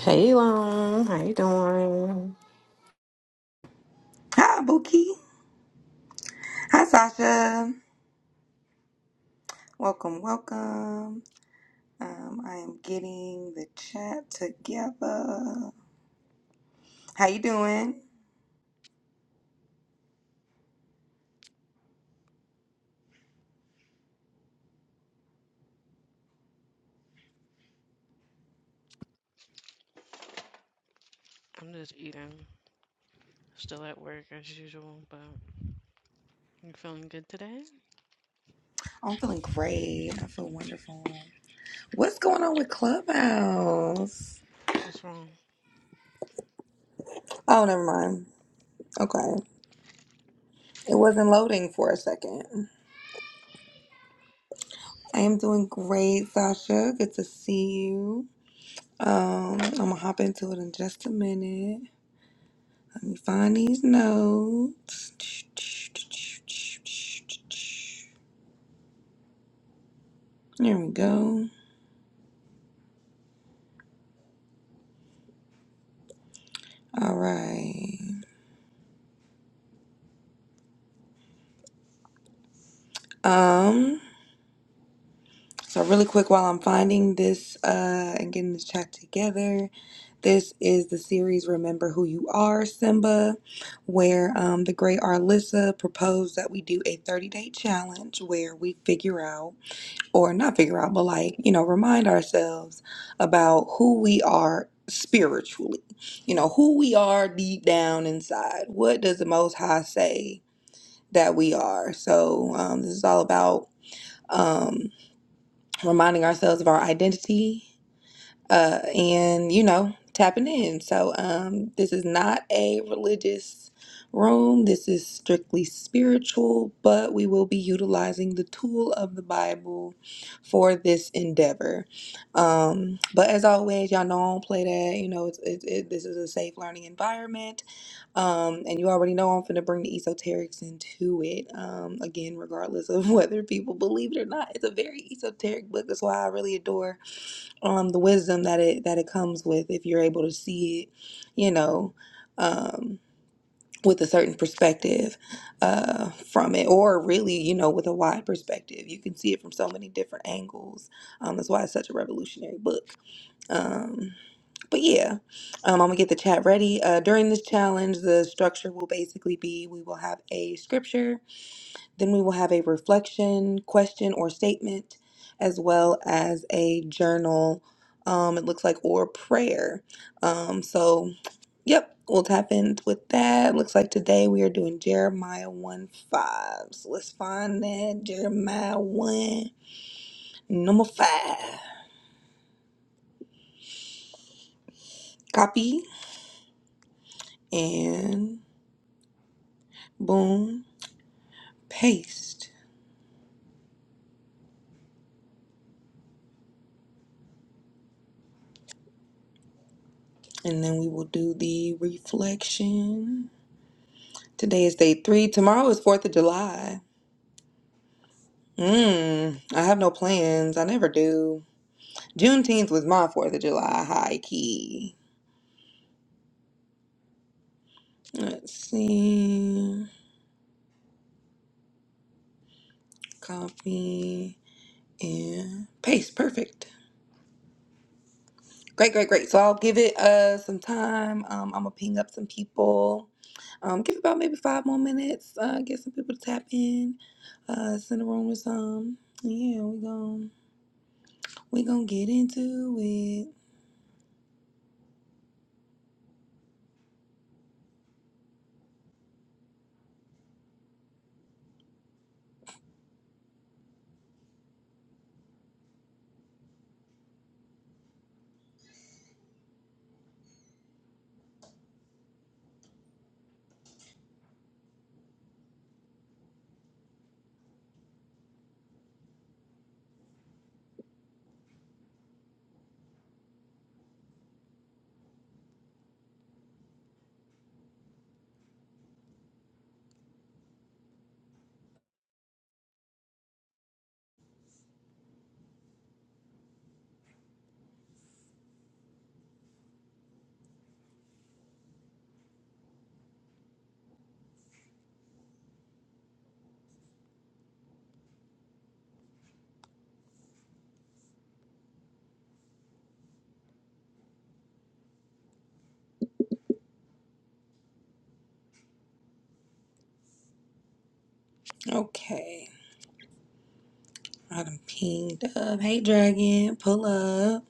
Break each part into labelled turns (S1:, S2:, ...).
S1: Hey, Long. How you doing?
S2: Hi, Buki. Hi, Sasha. Welcome, welcome. Um, I am getting the chat together. How you doing? I'm feeling great. I feel wonderful. What's going on with Clubhouse? Oh, never mind. Okay. It wasn't loading for a second. I am doing great, Sasha. Good to see you. Um, I'm gonna hop into it in just a minute. Let me find these notes. There we go. All right. Um. So really quick, while I'm finding this uh and getting this chat together, this is the series "Remember Who You Are, Simba," where um the great Arlissa proposed that we do a 30 day challenge where we figure out or not figure out, but like, you know, remind ourselves about who we are spiritually. You know, who we are deep down inside. What does the Most High say that we are? So, um, this is all about um, reminding ourselves of our identity uh, and you know tapping in so um, this is not a religious room this is strictly spiritual but we will be utilizing the tool of the bible for this endeavor um, but as always y'all know i don't play that you know it's, it's it, this is a safe learning environment um, and you already know i'm going to bring the esoterics into it um, again regardless of whether people believe it or not it's a very esoteric book that's why i really adore um the wisdom that it that it comes with if you're able to see it you know um with a certain perspective uh from it or really you know with a wide perspective you can see it from so many different angles um that's why it's such a revolutionary book um but yeah um, i'm gonna get the chat ready uh during this challenge the structure will basically be we will have a scripture then we will have a reflection question or statement, as well as a journal. Um, it looks like or prayer. Um, so yep, we'll tap in with that. Looks like today we are doing Jeremiah one five. So let's find that Jeremiah one number five. Copy and boom paste, and then we will do the reflection. Today is day three. Tomorrow is Fourth of July. Mm, I have no plans. I never do. Juneteenth was my 4th of July high key. Let's see. Copy and paste. Perfect. Great, great, great. So I'll give it uh some time. Um, I'm gonna ping up some people. Um, give it about maybe five more minutes. Uh, get some people to tap in. Uh, send a room with some. Yeah, we gon' we gonna get into it. Okay. I done pinged up. Hey, Dragon, pull up.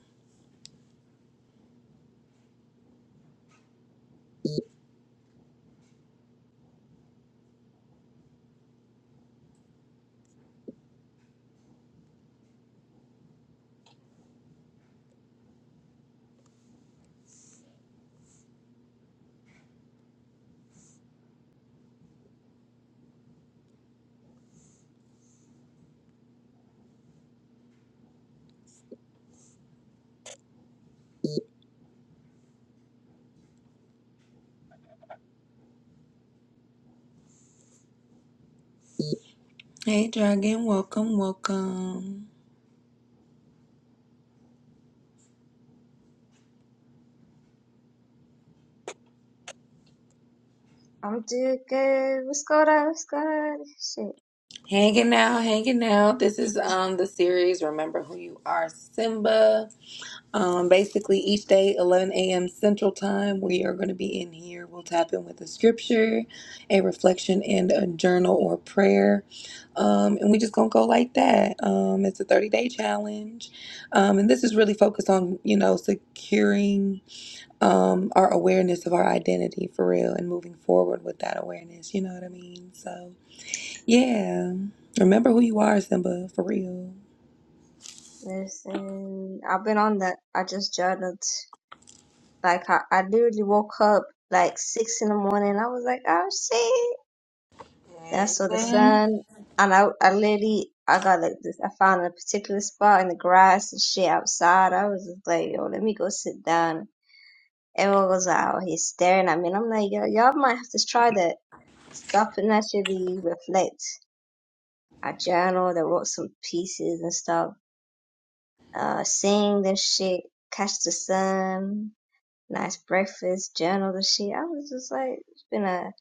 S2: Hey, Dragon, welcome, welcome.
S3: I'm doing good. What's going on? What's going on? Shit.
S2: Hanging out, hanging out. This is um the series Remember Who You Are Simba. Um basically each day 11 a.m. Central Time, we are going to be in here. We'll tap in with a scripture, a reflection and a journal or prayer. Um and we just going to go like that. Um it's a 30-day challenge. Um and this is really focused on, you know, securing um, our awareness of our identity for real and moving forward with that awareness. You know what I mean? So, yeah. Remember who you are, Simba, for real.
S3: Listen, I've been on that. I just journaled. Like, I, I literally woke up like six in the morning. I was like, oh shit. Then I saw the
S2: Mhm.
S3: sun. And I, I literally, I got like this. I found a particular spot in the grass and shit outside. I was just like, yo, let me go sit down. Everyone was out here staring at me. And I'm like, yo, y'all might have to try that. Stop and actually reflect. I journaled. I wrote some pieces and stuff uh, sing this shit, catch the sun, nice breakfast, journal the shit. I was just like, it's been a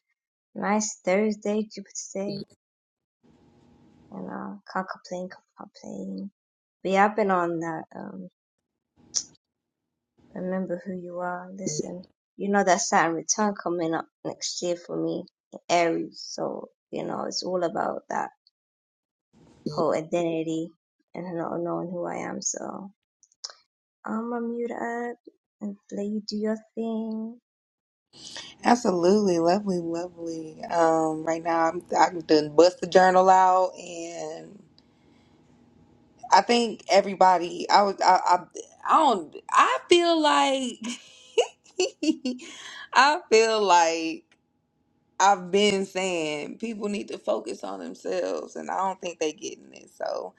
S3: nice Thursday, Jupiter day, and uh, can't complain, can't complain. But yeah, I've been on that. Um, remember who you are. Listen, you know that Saturn return coming up next year for me in Aries. So you know it's all about that whole identity and not knowing who I am. So I'm gonna mute up and let you do your thing.
S2: Absolutely, lovely, lovely. Um, right now, I'm I done bust the journal out, and I think everybody. I was. I. I, I don't. I feel like. I feel like. I've been saying people need to focus on themselves, and I don't think they getting it. So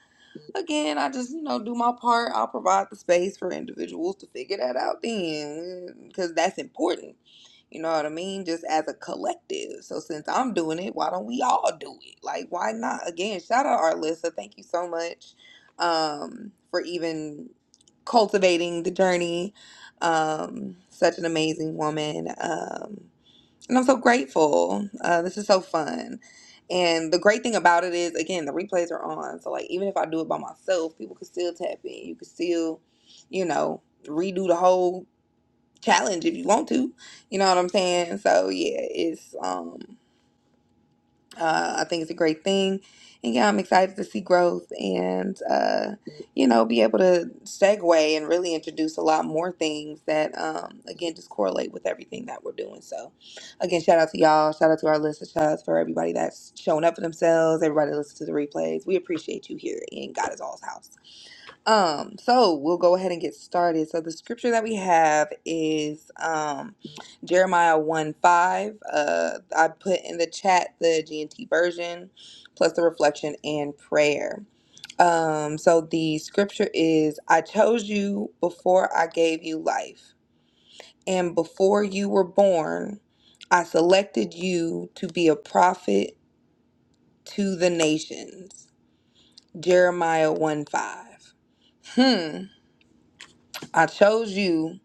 S2: again, I just you know do my part. I'll provide the space for individuals to figure that out then, because that's important. You know what I mean? Just as a collective. So since I'm doing it, why don't we all do it? Like why not? Again, shout out Arlissa. Thank you so much um, for even cultivating the journey. Um, such an amazing woman. Um, and I'm so grateful. Uh, this is so fun. And the great thing about it is, again, the replays are on. So, like, even if I do it by myself, people can still tap in. You can still, you know, redo the whole challenge if you want to. You know what I'm saying? So, yeah, it's. um uh, I think it's a great thing. And yeah, I'm excited to see growth and, uh, you know, be able to segue and really introduce a lot more things that, um, again, just correlate with everything that we're doing. So, again, shout out to y'all. Shout out to our listeners. Shout out for everybody that's showing up for themselves, everybody that listens to the replays. We appreciate you here in God is All's house. Um, so we'll go ahead and get started. So the scripture that we have is um Jeremiah 1 5. Uh I put in the chat the GNT version plus the reflection and prayer. Um, so the scripture is I chose you before I gave you life, and before you were born, I selected you to be a prophet to the nations. Jeremiah 1 5. Hmm. I chose you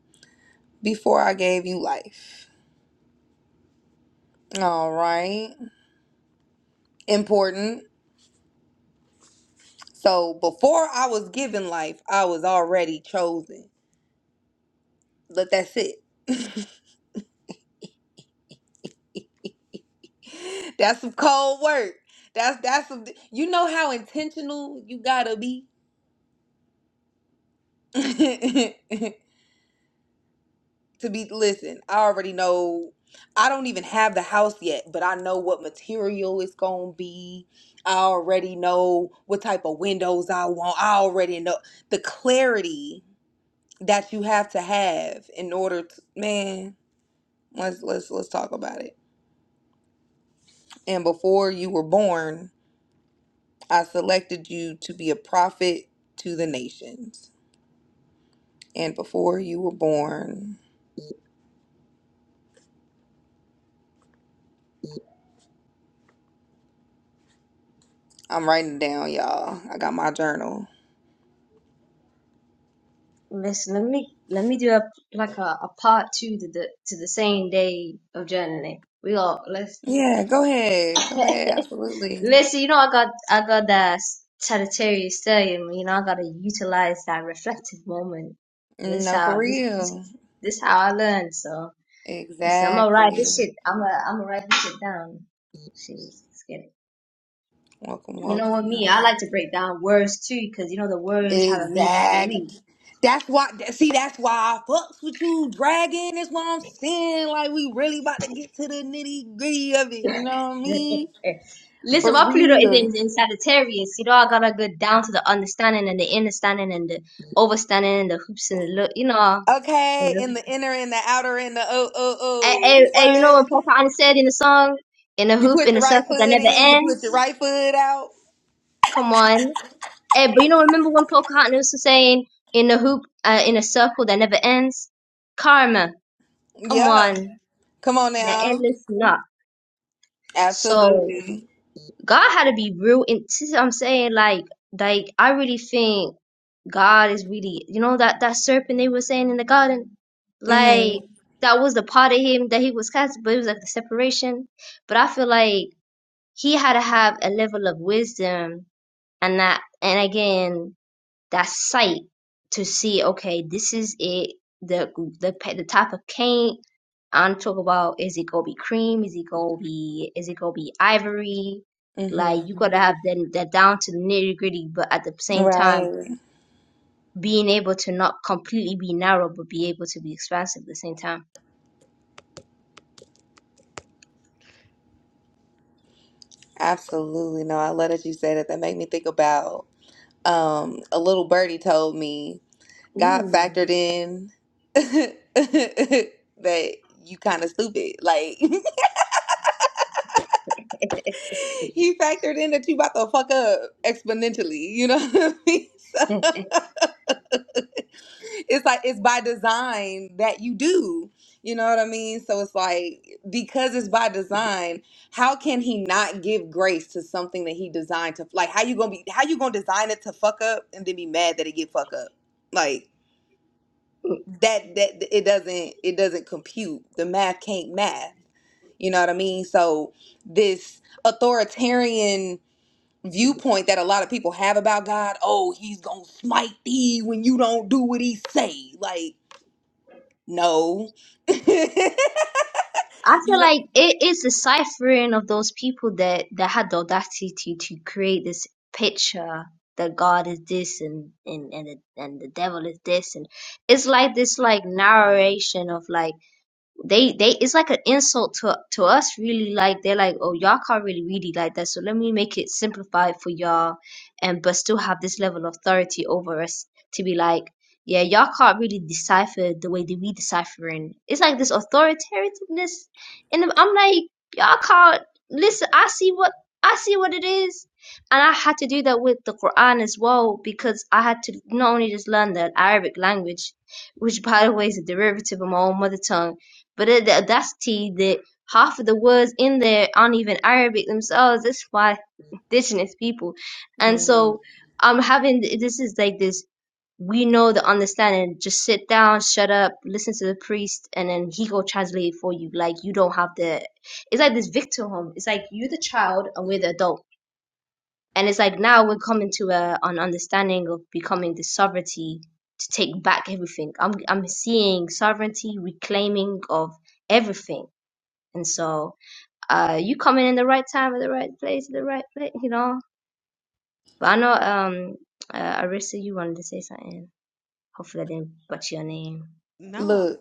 S2: before I gave you life. All right. Important. So before I was given life, I was already chosen. But that's it. that's some cold work. That's that's some, you know how intentional you gotta be to be listen, I already know I don't even have the house yet, but I know what material it's gonna be. I already know what type of windows I want. I already know the clarity that you have to have in order to man let's let's let's talk about it and before you were born i selected you to be a prophet to the nations and before you were born i'm writing it down y'all i got my journal
S3: Listen, let me let me do a like a, a part two to the to the same day of journaling. We all let's
S2: yeah go ahead go ahead absolutely
S3: listen. You know, I got I got that Sagittarius stellium. You know, I gotta utilize that reflective moment. This
S2: no for
S3: how this this,
S2: real
S3: this how I learned. So listen, I'm gonna write
S2: exactly
S3: this shit. I'm gonna I'm gonna write this shit down. Shit, let's get it.
S2: welcome
S3: You know
S2: welcome
S3: what me? I
S2: y'all
S3: like to break down words too, because you know the words have a meaning in
S2: exact
S3: me.
S2: That's why. See, that's why I fucks with you, dragon. That's what I'm saying. Like we really about to get to the nitty gritty of it. You know what I mean?
S3: Listen,
S2: For
S3: my Pluto is in,
S2: real.
S3: in Sagittarius. You know, I gotta get down to the understanding and the understanding and the overstanding and the hoops and the look. You know, and,
S2: Okay, in
S3: the-
S2: the inner and the outer and the oh oh
S3: and, and-
S2: oh.
S3: and you know what
S2: What?
S3: Pocahontas said in the song, in a
S2: You
S3: hoop,
S2: put
S3: in a
S2: your right
S3: circle that
S2: foot
S3: never
S2: in. You put your
S3: ends.
S2: right foot out.
S3: Come on, and, but you know, remember when Pocahontas was saying, in a hoop, uh, in a circle that never ends. Karma, come on,
S2: Yeah. Come on
S3: the
S2: now.
S3: endless knot. So
S2: Absolutely.
S3: God had to be real. In, this is what I'm saying like, like I really think. God is really, you know, that that serpent they were saying in the garden, like
S2: Mhm.
S3: that was the part of him that he was cast, but it was like the separation. But I feel like he had to have a level of wisdom and that, and again, that sight to see, okay, this is it. The the pa- the type of paint I'm talking about is it gonna be cream? Is it gonna be is it gonna be ivory? Like you
S2: Mhm.
S3: gotta have that that down to the nitty gritty, but at the same time
S2: Right.
S3: being able to not completely be narrow but be able to be expansive at the same time.
S2: Absolutely. No, I love that you said that. That made me think about um a little birdie told me God
S3: Ooh.
S2: factored in that you kind of stupid. Like he factored in that you about to fuck up exponentially. You know what I mean? So it's like it's by design that you do. You know what I mean? So it's like because it's by design, how can he not give grace to something that he designed to like how you gonna be how you gonna design it to fuck up and then be mad that it get fuck up? Like. that that it doesn't it doesn't compute. The math can't math. You know what I mean? So this authoritarian viewpoint that a lot of people have about God, oh, he's gonna smite thee when you don't do what he say. Like, no. you
S3: I feel
S2: know,
S3: like it is the ciphering of those people that, that had the audacity to create this picture that God is this and and and the, and the devil is this and it's like this like narration of like they they it's like an insult to to us really like they're like oh y'all can't really read it like that so let me make it simplified for y'all and but still have this level of authority over us to be like yeah y'all can't really decipher the way that we deciphering it's like this authoritativeness and i'm I'm like y'all can't listen i see what i see what it is and i had to do that with the quran as well because i had to not only just learn the arabic language which by the way is a derivative of my own mother tongue but at the audacity that half of the words in there aren't even Arabic themselves. That's why indigenous people. And
S2: Mm.
S3: so I'm having this is like this. We know the understanding. Just sit down, shut up, listen to the priest, and then he go translate it for you. Like you don't have the. It's like this victimhood. It's like you're the child and we're the adult. And it's like now we're coming to a, an understanding of becoming the sovereignty to take back everything. I'm I'm seeing sovereignty reclaiming of everything and so, uh, you coming in the right time at the right place at the right place, you know. But I know, um, uh, Arissa, you wanted to say something. Hopefully, I didn't butcher your name.
S2: look.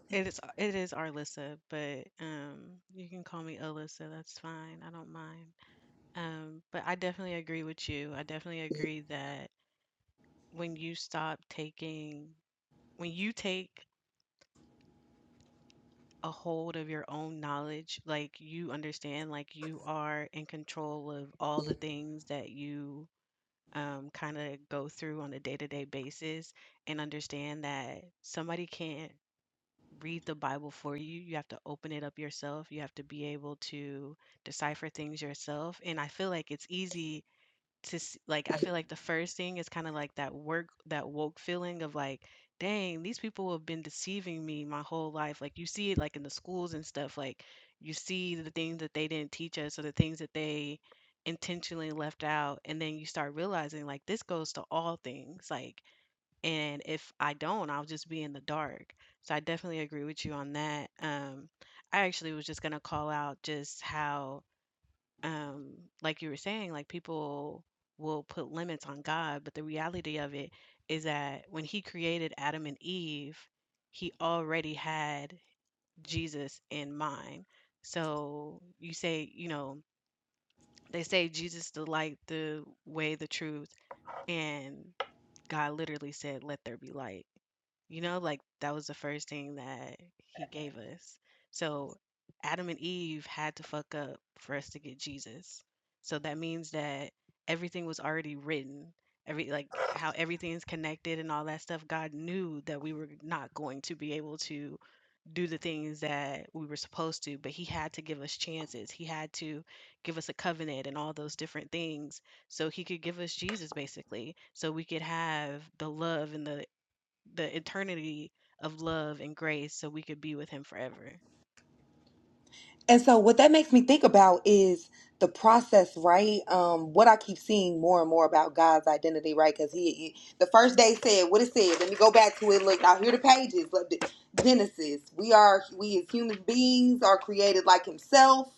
S2: And so what that makes me think about is the process, right? Um, what I keep seeing more and more about God's identity, right? Because he, he- the first day said what it said. Let me go back to it. Look, I hear the pages. Look, the- Genesis. We are we as human beings are created like Himself.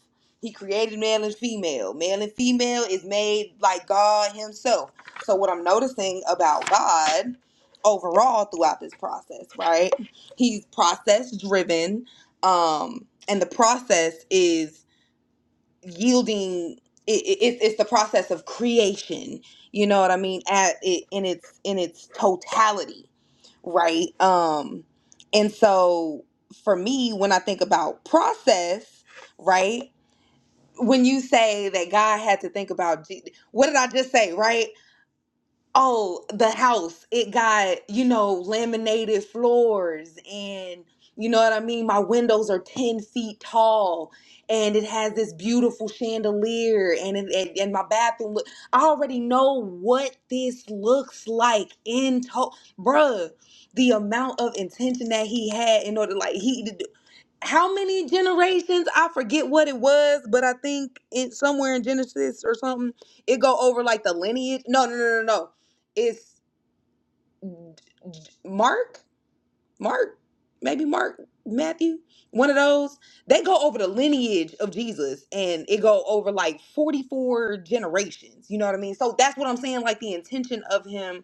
S2: He created male and female. Male and female is made like God Himself. So what I'm noticing about God overall throughout this process, right? He's process driven um and the process is yielding it, it, it's it's the process of creation you know what i mean at it in its in its totality right um and so for me when i think about process right when you say that god had to think about Je- what did i just say right Oh, the house. It got, you know, laminated floors and you know what I mean? My windows are 10 feet tall and it has this beautiful chandelier and it, and, and my bathroom look I already know what this looks like in to bruh. The amount of intention that he had in order like he did how many generations i forget what it was but i think it somewhere in genesis or something it go over like the lineage no no no no no it's mark mark maybe mark matthew one of those they go over the lineage of jesus and it go over like 44 generations you know what i mean so that's what i'm saying like the intention of him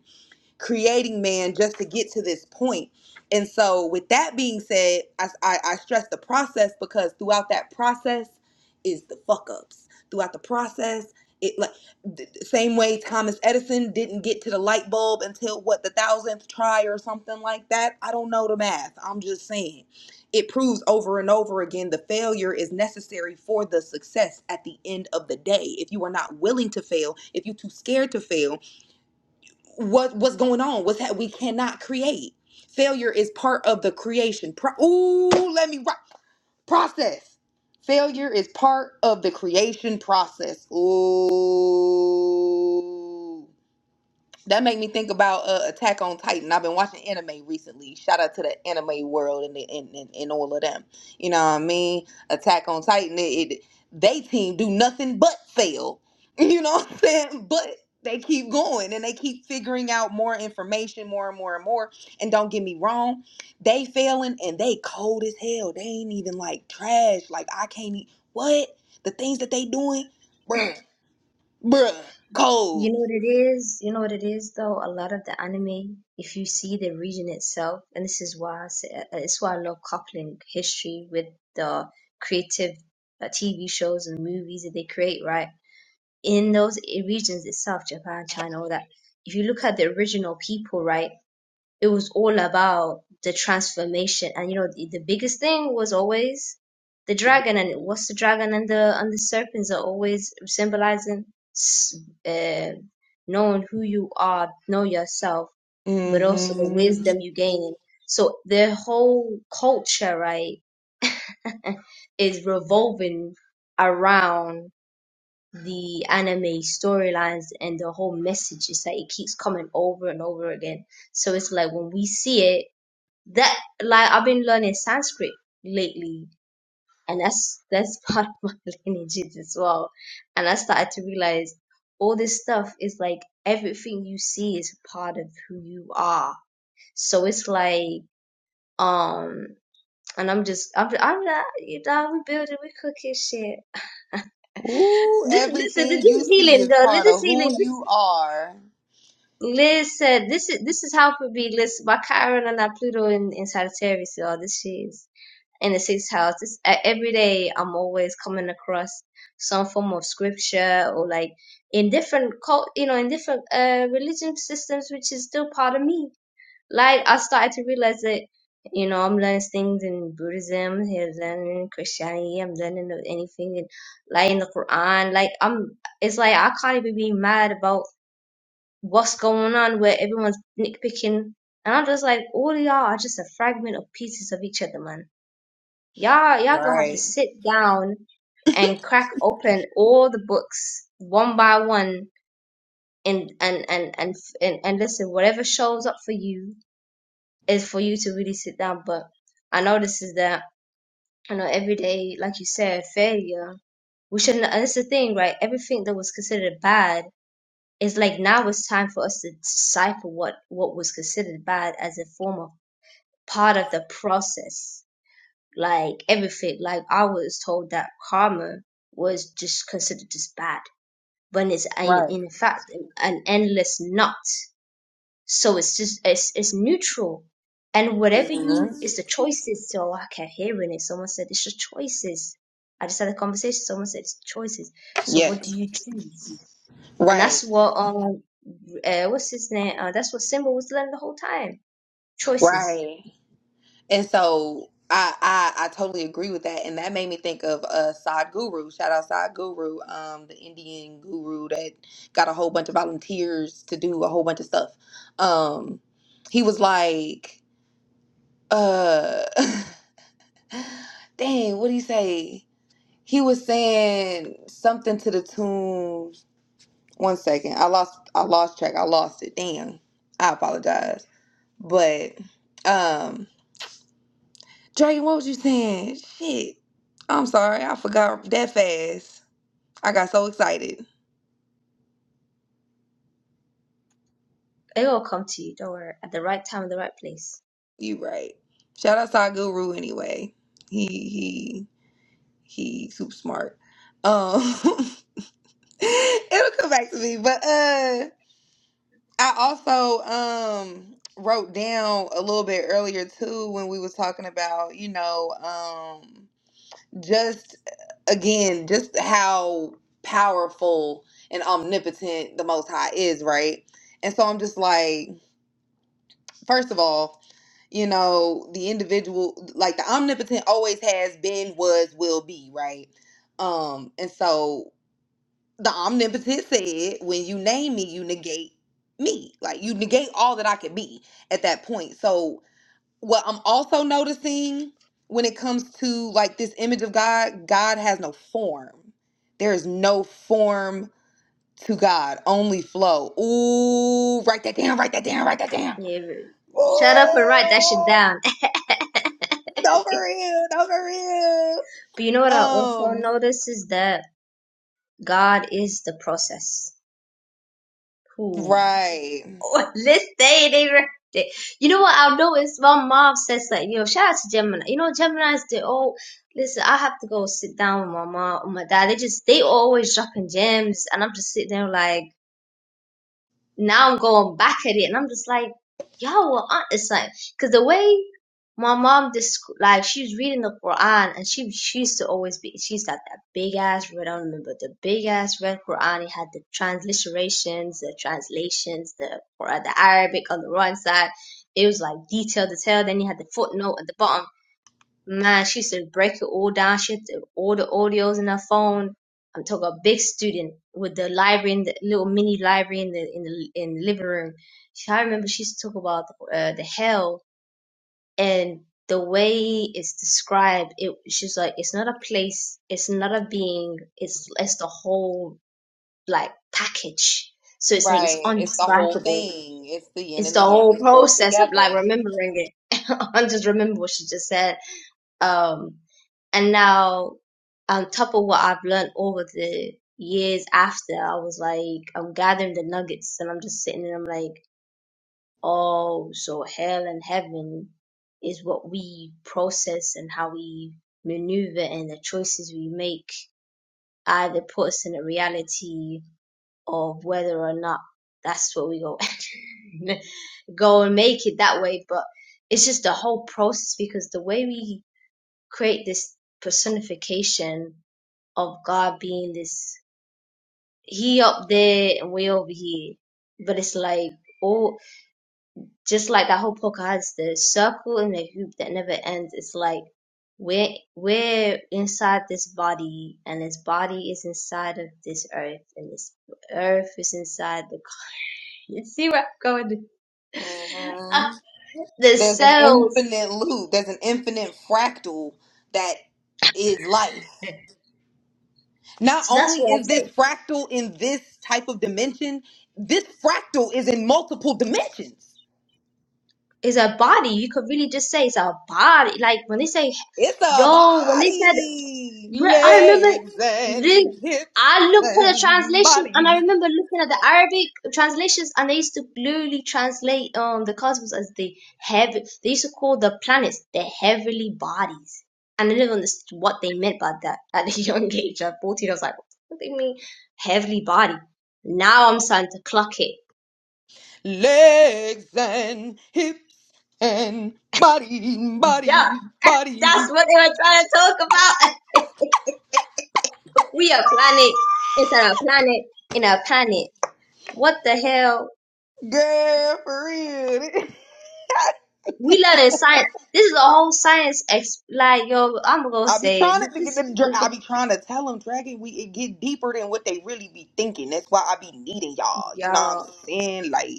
S2: creating man just to get to this point. And so, with that being said, I, I, I stress the process because throughout that process is the fuck ups. Throughout the process, it like th- same way Thomas Edison didn't get to the light bulb until what the thousandth try or something like that. I don't know the math. I'm just saying. It proves over and over again the failure is necessary for the success at the end of the day. If you are not willing to fail, if you're too scared to fail, what what's going on what's that we cannot create failure is part of the creation Pro- ooh let me ri- process failure is part of the creation process ooh that made me think about uh, Attack on Titan. I've been watching anime recently. Shout out to the anime world and the, and, and, and all of them. You know what I mean? Attack on Titan. It, it they team do nothing but fail. You know what I'm saying? But they keep going and they keep figuring out more information, more and more and more. And don't get me wrong, they failing and they cold as hell. They ain't even like trash. Like I can't. e- What the things that they doing, bruh, bruh,
S3: You
S2: cold.
S3: know what it is? You know what it is, though? A lot of the anime, if you see the region itself, and this is why I say, uh, it's why I love coupling history with the creative uh, TV shows and movies that they create, right? In those i- regions itself, Japan, China, all that. If you look at the original people, right? it was all about the transformation and you know the, the biggest thing was always the dragon and what's the dragon and the and the serpents are always symbolizing s- uh, knowing who you are know yourself but
S2: mm
S3: also the
S2: hmm
S3: wisdom you gain so the whole culture right is revolving around the anime storylines and the whole message it's like it keeps coming over and over again so it's like when we see it that like I've been learning Sanskrit lately, and that's that's part of my lineages as well. And I started to realize all this stuff is like everything you see is part of who you are. So it's like um, and I'm just I'm I'm not you know we building we cooking shit.
S2: Ooh,
S3: This listen this
S2: everything you
S3: is
S2: see is
S3: healing though. This
S2: part
S3: is
S2: of who
S3: healing. This
S2: you are.
S3: listen this is this is helping me. Listen, my Chiron and that Pluto in in Sagittarius. All this shit is in the sixth house. It's, e- every day I'm always coming across some form of scripture or like in different cult, you know, in different uh, religion systems, which is still part of me. Like I started to realize that, you know, I'm learning things in Buddhism, here learning in Christianity, I'm learning of anything in, like in the Quran. Like I'm, it's like I can't even be mad about what's going on where everyone's nitpicking. And I'm just like, all y'all are just a fragment of pieces of each other, man Y'all, y'all gonna have to
S2: Right.
S3: sit down and crack open all the books one by one and and and and and, and listen whatever shows up for you is for you to really sit down but i know this is that you know every day like you said failure we shouldn't and it's the thing right everything that was considered bad is like now it's time for us to decipher what what was considered bad as a form of part of the process like everything. Like I was told that karma was just considered just bad when it's in,
S2: Right.
S3: in fact an endless knot. So it's just it's it's neutral, and whatever
S2: hmm
S3: you it's the choices. So I kept hearing it. Someone said it's just choices. I just had a conversation. Someone said it's choices. So what do
S2: Yes.
S3: you choose? And
S2: Right.
S3: that's what um uh, what's his name? Uh, that's what Simba was learning the whole time. Choices.
S2: Right. And so I, I I totally agree with that, and that made me think of uh Sadhguru. Shout out Sadhguru, um, the Indian guru that got a whole bunch of volunteers to do a whole bunch of stuff. Um, he was like, uh, dang, what did he say? He was saying something to the tune One second. I lost I lost track. I lost it. Damn. I apologize. But um Dragon, what was you saying? Shit. I'm sorry, I forgot that fast. I got so excited.
S3: It'll all come to you. Don't worry. At the right time, at the right place.
S2: You right. Shout out to our guru anyway. He he he super smart. Um it'll come back to me. But uh I also um wrote down a little bit earlier too when we was talking about, you know, um just uh, again, just how powerful and omnipotent the Most High is, right? And so I'm just like, first of all, you know, the individual, like the omnipotent always has been, was, will be, right? Um, and so the omnipotent said, when you name me, you negate me. Like you negate all that I could be at that point. So what I'm also noticing when it comes to like this image of God, God has no form. There is no form to God, only flow. Ooh, write that down, write that down, write that down.
S3: Yeah, shut up and write that shit
S2: Ooh,
S3: down.
S2: no for real, no for real.
S3: But you know what I also
S2: Um,
S3: notice is that God is the process. Who
S2: right,
S3: Oh, let's say they were- it. You know what I noticed? My mom says like, you know, shout out to Gemini. You know, Gemini's they all listen, I have to go sit down with my mom or my dad. They just they always dropping gems and I'm just sitting there like now I'm going back at it, and I'm just like, y'all were It's like, cause the way my mom just like she was reading the Quran, and she she used to always be she's got that big ass red. I don't remember the big ass red Quran. It had the transliterations, the translations, the Quran, the Arabic on the right side. It was like detailed detail. Then you had the footnote at the bottom. Man, she used to break it all down. She had to- all the audios in her phone. I'm talking a big student with the library in the little mini library in the in the in the living room. She, I remember she used to talk about uh, the hell and the way it's described. It she's like it's not a place, it's not a being, it's it's the whole like package. So it's like it's
S2: right. It's the whole
S3: undescribable.
S2: thing. It's the yin
S3: It's
S2: and
S3: the
S2: the yang
S3: whole
S2: all
S3: process of like
S2: together.
S3: remembering it. I just remember what she just said um, and now, on top of what I've learned over the years after, I was like, I'm gathering the nuggets and I'm just sitting and I'm like, oh, so hell and heaven is what we process and how we maneuver and the choices we make either put us in a reality of whether or not that's what we go go and make it that way. But it's just the whole process because the way we create this personification of God being this he up there and we over here. But it's like oh just like that whole Pocahontas, the circle and the hoop that never ends, it's like we're we're inside this body and this body is inside of this earth and this earth is inside the you see where I'm going?
S2: hmm
S3: Ah, the
S2: There's an
S3: cells.
S2: infinite loop. There's an infinite fractal that is life. Not
S3: So that's
S2: only
S3: what I'm
S2: is
S3: saying.
S2: this fractal in this type of dimension, this fractal is in multiple dimensions.
S3: It's a body. You could really just say it's a body. Like when they say,
S2: It's a
S3: yo, when they said,
S2: body,
S3: re- I remember,
S2: legs
S3: they,
S2: and hips
S3: I looked at the
S2: and
S3: translation and I
S2: body,
S3: remember looking at the Arabic translations and they used to literally translate um the cosmos as the heavy. They used to call the planets the heavenly bodies. And I never understood what they meant by that at a young age. At 14, I was like, what do they mean heavenly body? Now I'm starting to clock it
S2: legs and hips and body,
S3: Yeah,
S2: body,
S3: that's
S2: body.
S3: what they were trying to talk about. we a planet inside a planet in a planet. What the hell?
S2: Girl, for real.
S3: We learning science. This is a whole science. Ex- like yo, I'm gonna
S2: I be
S3: say
S2: trying
S3: this.
S2: to get them. dra-
S3: this, this
S2: I
S3: is-
S2: be trying to tell them, Dragon, we it get deeper than what they really be thinking. That's why I be needing y'all. You know what I'm
S3: y'all,
S2: saying? Like.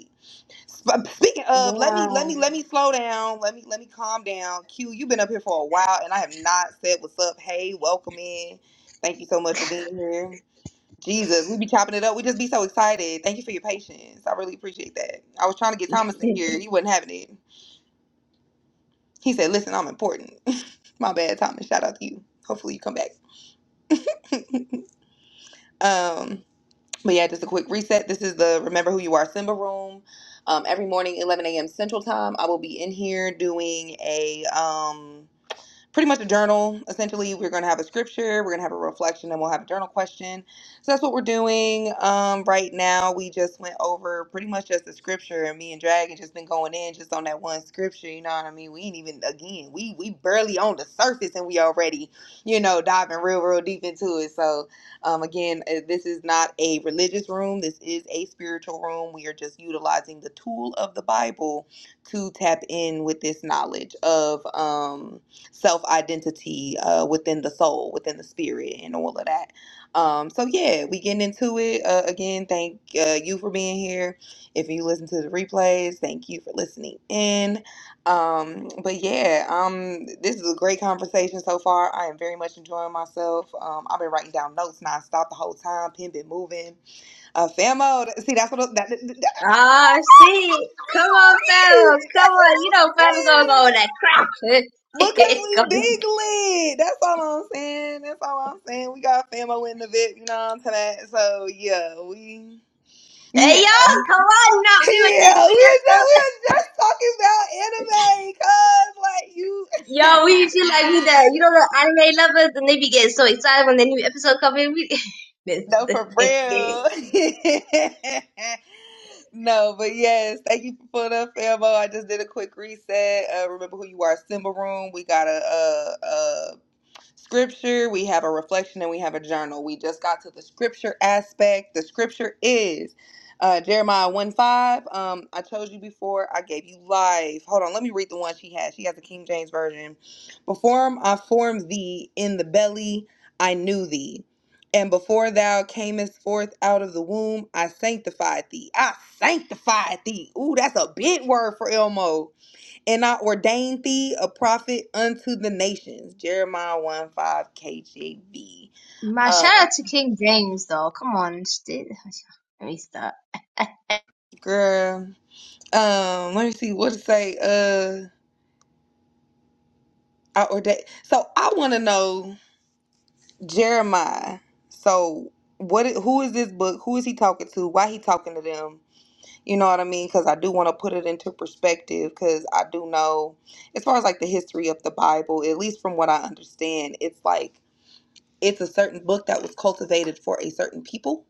S2: Sp- Speaking of, let me let
S3: wow.
S2: me let me slow down. Let me let me calm down. Q, you've been up here for a while, and I have not said what's up. Hey, welcome in. Thank you so much for being here. Jesus, we be chopping it up. We just be so excited. Thank you for your patience. I really appreciate that. I was trying to get Thomas in here. He wasn't having it. He said, "Listen, I'm important." My bad, Thomas. Shout out to you. Hopefully, you come back. Um, but yeah, just a quick reset. This is the Remember Who You Are Simba room. Um, every morning, 11 a.m. Central Time, I will be in here doing a um pretty much a journal. Essentially, we're going to have a scripture, we're going to have a reflection, and we'll have a journal question. So that's what we're doing um, right now. We just went over pretty much just the scripture, and me and Dragon just been going in just on that one scripture. You know what I mean? We ain't even again. We we barely on the surface, and we already you know diving real real deep into it. So um, again, uh, this is not a religious room. This is a spiritual room. We are just utilizing the tool of the Bible to tap in with this knowledge of. Um, self identity uh, within the soul, within the spirit, and all of that. Um, so yeah, we getting into it uh, again. Thank uh, you for being here. If you listen to the replays, thank you for listening in. Um, but yeah, um, this is a great conversation so far. I am very much enjoying myself. Um, I've been writing down notes nonstop the whole time. Pen been moving. Uh, Famo, th- see that's what I- that, that, that- that's what
S3: Ah, shit.
S2: I'm
S3: Come on,
S2: saying.
S3: Fable. Come
S2: That's
S3: on. You
S2: what I'm
S3: know, Fable gonna
S2: saying.
S3: go on that crack.
S2: Because we
S3: come on.
S2: big lit. That's all I'm saying. That's all I'm saying. We got famo in the VIP, you know what I'm saying? So yeah, we
S3: hey,
S2: Yeah.
S3: y'all. Come on now. We were
S2: Yeah,
S3: just,
S2: we
S3: we
S2: were
S3: just
S2: just, we were just talking about anime, cuz like you
S3: Yo, we feel like we the you know the anime lovers and they be getting so excited when the new episode come in. We Miss-
S2: No for real. no, but yes, thank you for the famo. I just did a quick reset. Uh remember who you are, Simba Room. We got a scripture, we have a reflection, and we have a journal. We just got to the scripture aspect. The scripture is uh, Jeremiah 1 5. Um, I told you before, I gave you life. Hold on, let me read the one she has. She has the King James Version. Before I formed thee in the belly, I knew thee. And before thou camest forth out of the womb, I sanctified thee. I sanctified thee. Ooh, that's a big word for Elmo and I ordained thee a prophet unto the nations. Jeremiah 1 5 KJV.
S3: my
S2: Uh,
S3: shout out to King James though. Come on, sh- let me stop.
S2: girl, um, let me see what to say. Uh, I ordained. So I want to know Jeremiah. So what? i- Who is this book? Who is he talking to? Why he talking to them? You know what I mean? Because I do want to put it into perspective. Because I do know, as far as like the history of the Bible, at least from what I understand, it's like it's a certain book that was cultivated for a certain people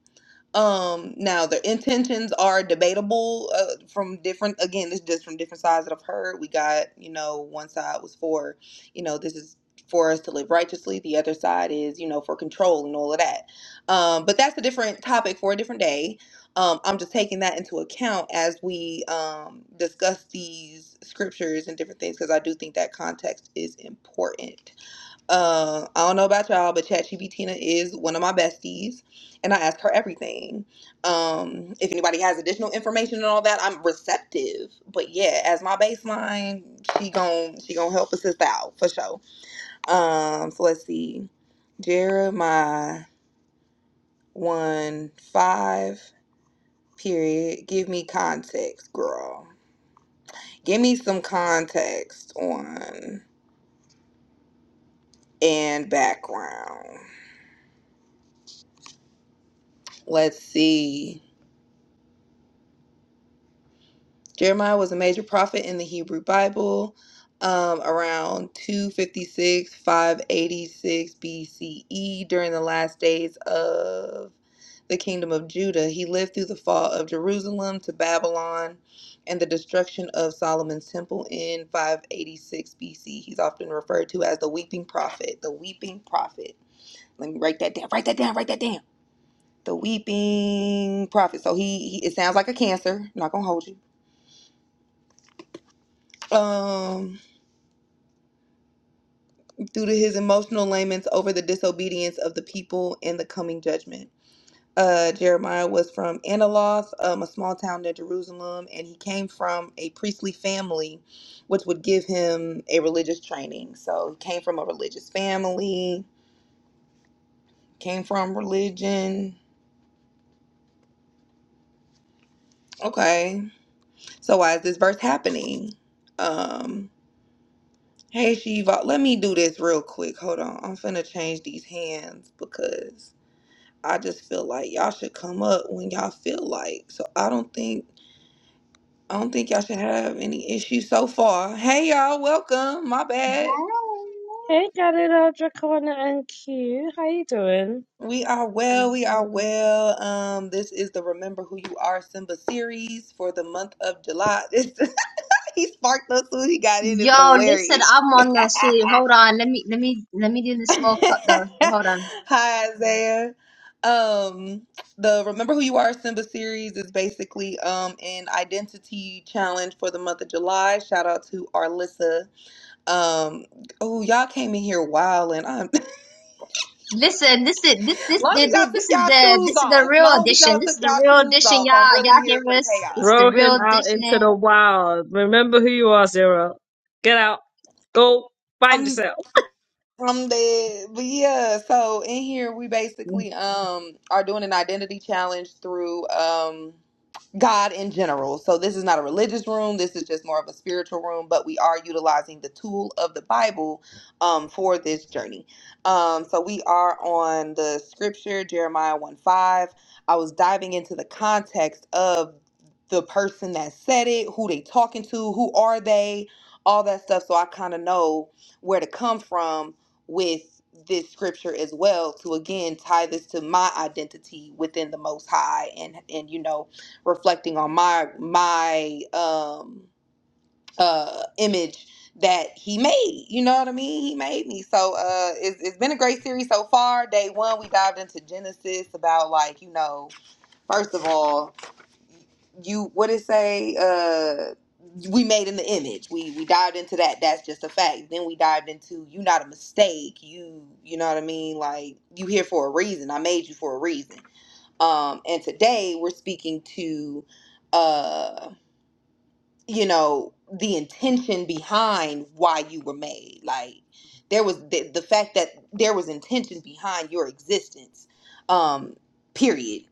S2: Um, now the intentions are debatable uh, from different. Again, it's just from different sides that I've heard. We got you know one side was for, you know, this is for us to live righteously. The other side is you know for control and all of that. Um, but that's a different topic for a different day. Um, I'm just taking that into account as we um discuss these scriptures and different things because I do think that context is important. Uh, I don't know about y'all, but ChatGPT is one of my besties, and I ask her everything. Um, if anybody has additional information and all that, I'm receptive. But yeah, as my baseline, she gon' she gon' help assist out for sure. Um, so let's see, Jeremiah one five period. Give me context, girl. Give me some context on and background. Let's see. Jeremiah was a major prophet in the Hebrew Bible um, around 256, 586 BCE during the last days of the kingdom of Judah. He lived through the fall of Jerusalem to Babylon and the destruction of Solomon's temple in 586 BC. He's often referred to as the weeping prophet. The weeping prophet. Let me write that down. Write that down. Write that down. The weeping prophet. So he, he it sounds like a cancer. I'm not gonna hold you. Um due to his emotional laments over the disobedience of the people and the coming judgment. Uh, Jeremiah was from Anathoth, um, a small town near Jerusalem, and he came from a priestly family, which would give him a religious training. So he came from a religious family, came from religion. Okay, so why is this verse happening? Um, hey Shiva, let me do this real quick. Hold on, I'm finna change these hands because I just feel like y'all should come up when y'all feel like. So I don't think I don't think y'all should have any issues so far. Hey y'all, welcome. My bad.
S4: Hey, got it out, Dracona and Q. How you doing?
S2: We are well, we are well. Um, this is the Remember Who You Are Simba series for the month of July. This he sparked us when he got in. It's
S3: Yo, listen,
S2: hilarious.
S3: I'm on that shit. Hold on, let me let me let me do the small cut though. Hold on.
S2: Hi, Isaiah. Um, the Remember Who You Are Simba series is basically um an identity challenge for the month of July. Shout out to Arlissa. Um, oh, y'all came in here wilding. I'm
S3: Listen, this is this this
S2: long
S3: this this
S2: as y'all took
S3: is
S2: y'all
S3: the this
S2: shoes
S3: is the
S2: off.
S3: real
S2: Long as y'all
S3: edition. This
S2: took
S3: is the
S2: y'all
S3: real
S2: shoes
S3: edition,
S2: off, I'm
S3: y'all. Y'all
S2: really
S3: hear
S2: here for the
S3: us? This
S2: chaos.
S3: is the
S4: Throw
S3: real
S4: him out into the
S3: edition.
S4: wild. Remember who you are, Zero. Get out. Go find yourself.
S2: I'm dead. But yeah, so in here we basically um are doing an identity challenge through um God in general. So this is not a religious room, this is just more of a spiritual room, but we are utilizing the tool of the Bible um for this journey. Um so we are on the scripture Jeremiah 1 5. I was diving into the context of the person that said it, who they talking to, who are they, all that stuff. So I kind of know where to come from with this scripture as well to again tie this to my identity within the most high and and you know reflecting on my my um uh image that he made you know what i mean he made me so uh it's, it's been a great series so far day one we dived into genesis about like you know first of all you what it say uh we made in the image we we dived into that that's just a fact then we dived into you not a mistake you you know what i mean like you here for a reason i made you for a reason um and today we're speaking to uh you know the intention behind why you were made like there was the, the fact that there was intention behind your existence um period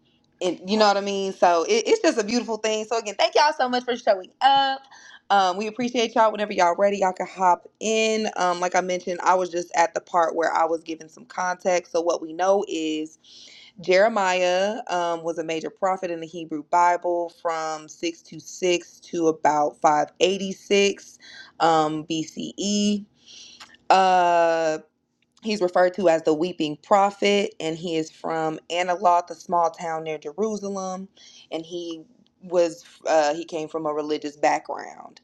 S2: and you know what i mean so it, it's just a beautiful thing so again thank y'all so much for showing up um we appreciate y'all whenever y'all ready y'all can hop in um like i mentioned i was just at the part where i was giving some context so what we know is Jeremiah um, was a major prophet in the Hebrew Bible from 626 to about 586 um, BCE. Uh, He's referred to as the Weeping Prophet, and he is from Analoth, a small town near Jerusalem. And he was uh, he came from a religious background.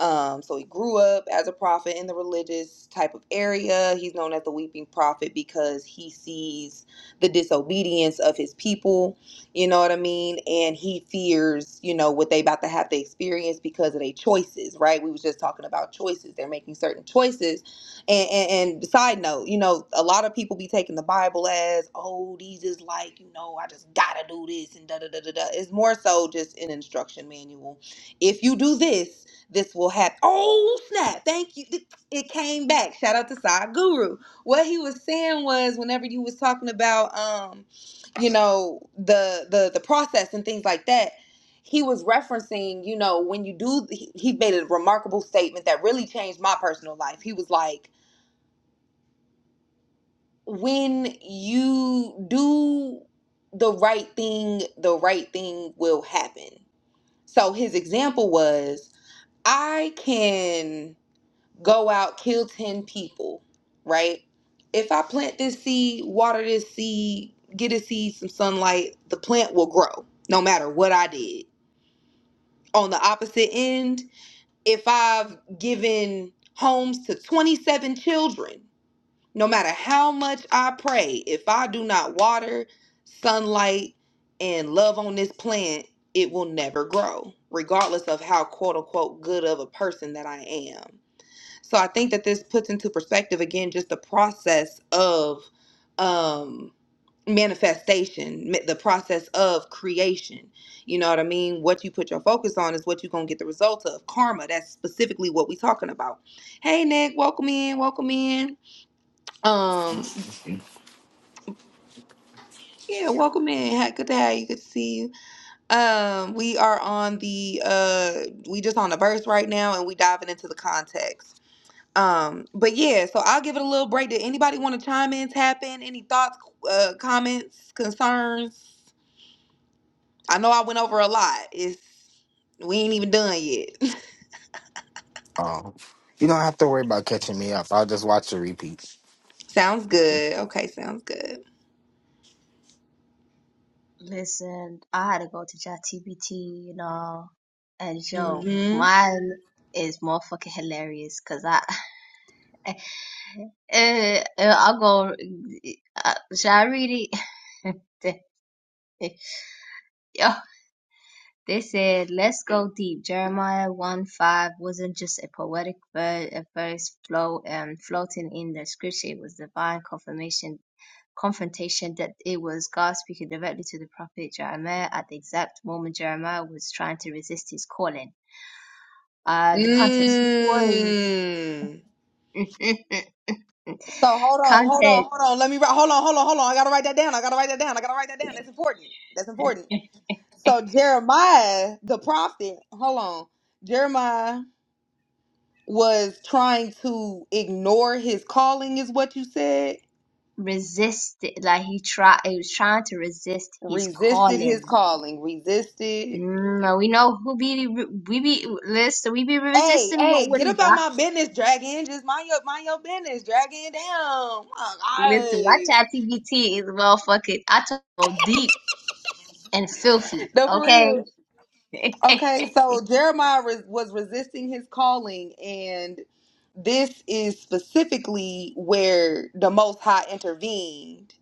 S2: Um, so he grew up as a prophet in the religious type of area. He's known as the Weeping Prophet because he sees the disobedience of his people. You know what I mean? And he fears, you know, what they about to have to experience because of their choices. Right? We was just talking about choices. They're making certain choices and, and, and side note, you know, a lot of people be taking the Bible as, oh, these is like, you know, I just gotta do this and da da da da da. It's more so just an instruction manual. If you do this, this will happen. Oh snap! Thank you. It it came back. Shout out to Side Guru. What he was saying was, whenever you was talking about, um, you know, the the the process and things like that, he was referencing, you know, when you do, he, he made a remarkable statement that really changed my personal life. He was like when you do the right thing, the right thing will happen. So his example was I can go out, kill 10 people, right? If I plant this seed, water this seed, get a seed some sunlight, the plant will grow no matter what I did. On the opposite end, if I've given homes to 27 children, no matter how much I pray, if I do not water, sunlight, and love on this plant, it will never grow, regardless of how quote unquote good of a person that I am. So I think that this puts into perspective again just the process of um manifestation, ma- the process of creation. You know what I mean? What you put your focus on is what you're gonna get the result of. Karma, that's specifically what we're talking about. Hey Nick, welcome in, welcome in. Um Yeah, welcome in. Ha- Good to have you. Good to see you. Um, we are on the uh, we just on the verse right now, and we diving into the context. Um, but yeah, so I'll give it a little break. Did anybody want to chime in, tap in, any thoughts, uh, comments, concerns? I know I went over a lot. It's we ain't even done yet.
S5: Um, you don't have to worry about catching me up. I'll just watch the repeats.
S2: sounds good. Okay, sounds good.
S3: Listen, I had to go to ChatGPT, you know, and yo,
S2: Mm-hmm.
S3: mine is motherfucking hilarious because I, eh, eh, I'll go, uh, shall I read it? Yo, they said, let's go deep. Jeremiah 1 5 wasn't just a poetic ver- a verse flow, um, floating in the scripture, it was divine confirmation confrontation that it was God speaking directly to the prophet Jeremiah at the exact moment Jeremiah was trying to resist his calling. Uh, the context was
S2: Mmm. So hold on, hold on,
S3: content
S2: hold on. Let me write. Hold on, hold on, hold on. I gotta write that down. I gotta write that down. I gotta write that down. That's important. That's important. So Jeremiah, the prophet, hold on. Jeremiah was trying to ignore his calling, is what you said.
S3: resisted, like he tried, he was trying to resist his
S2: Resisted his
S3: calling.
S2: calling. Resisted.
S3: Mm, we know who be we be listen we be
S2: Hey,
S3: resisting what
S2: hey, get up
S3: wouldn't
S2: out
S3: God
S2: my business, dragon. Just mind your mind your business, dragon. Down.
S3: listen my
S2: Oh,
S3: chat
S2: God.
S3: TBT is well fucking I talk deep and filthy
S2: No, for
S3: okay
S2: real. Okay, so Jeremiah res- was resisting his calling, and This is specifically where the Most High intervened,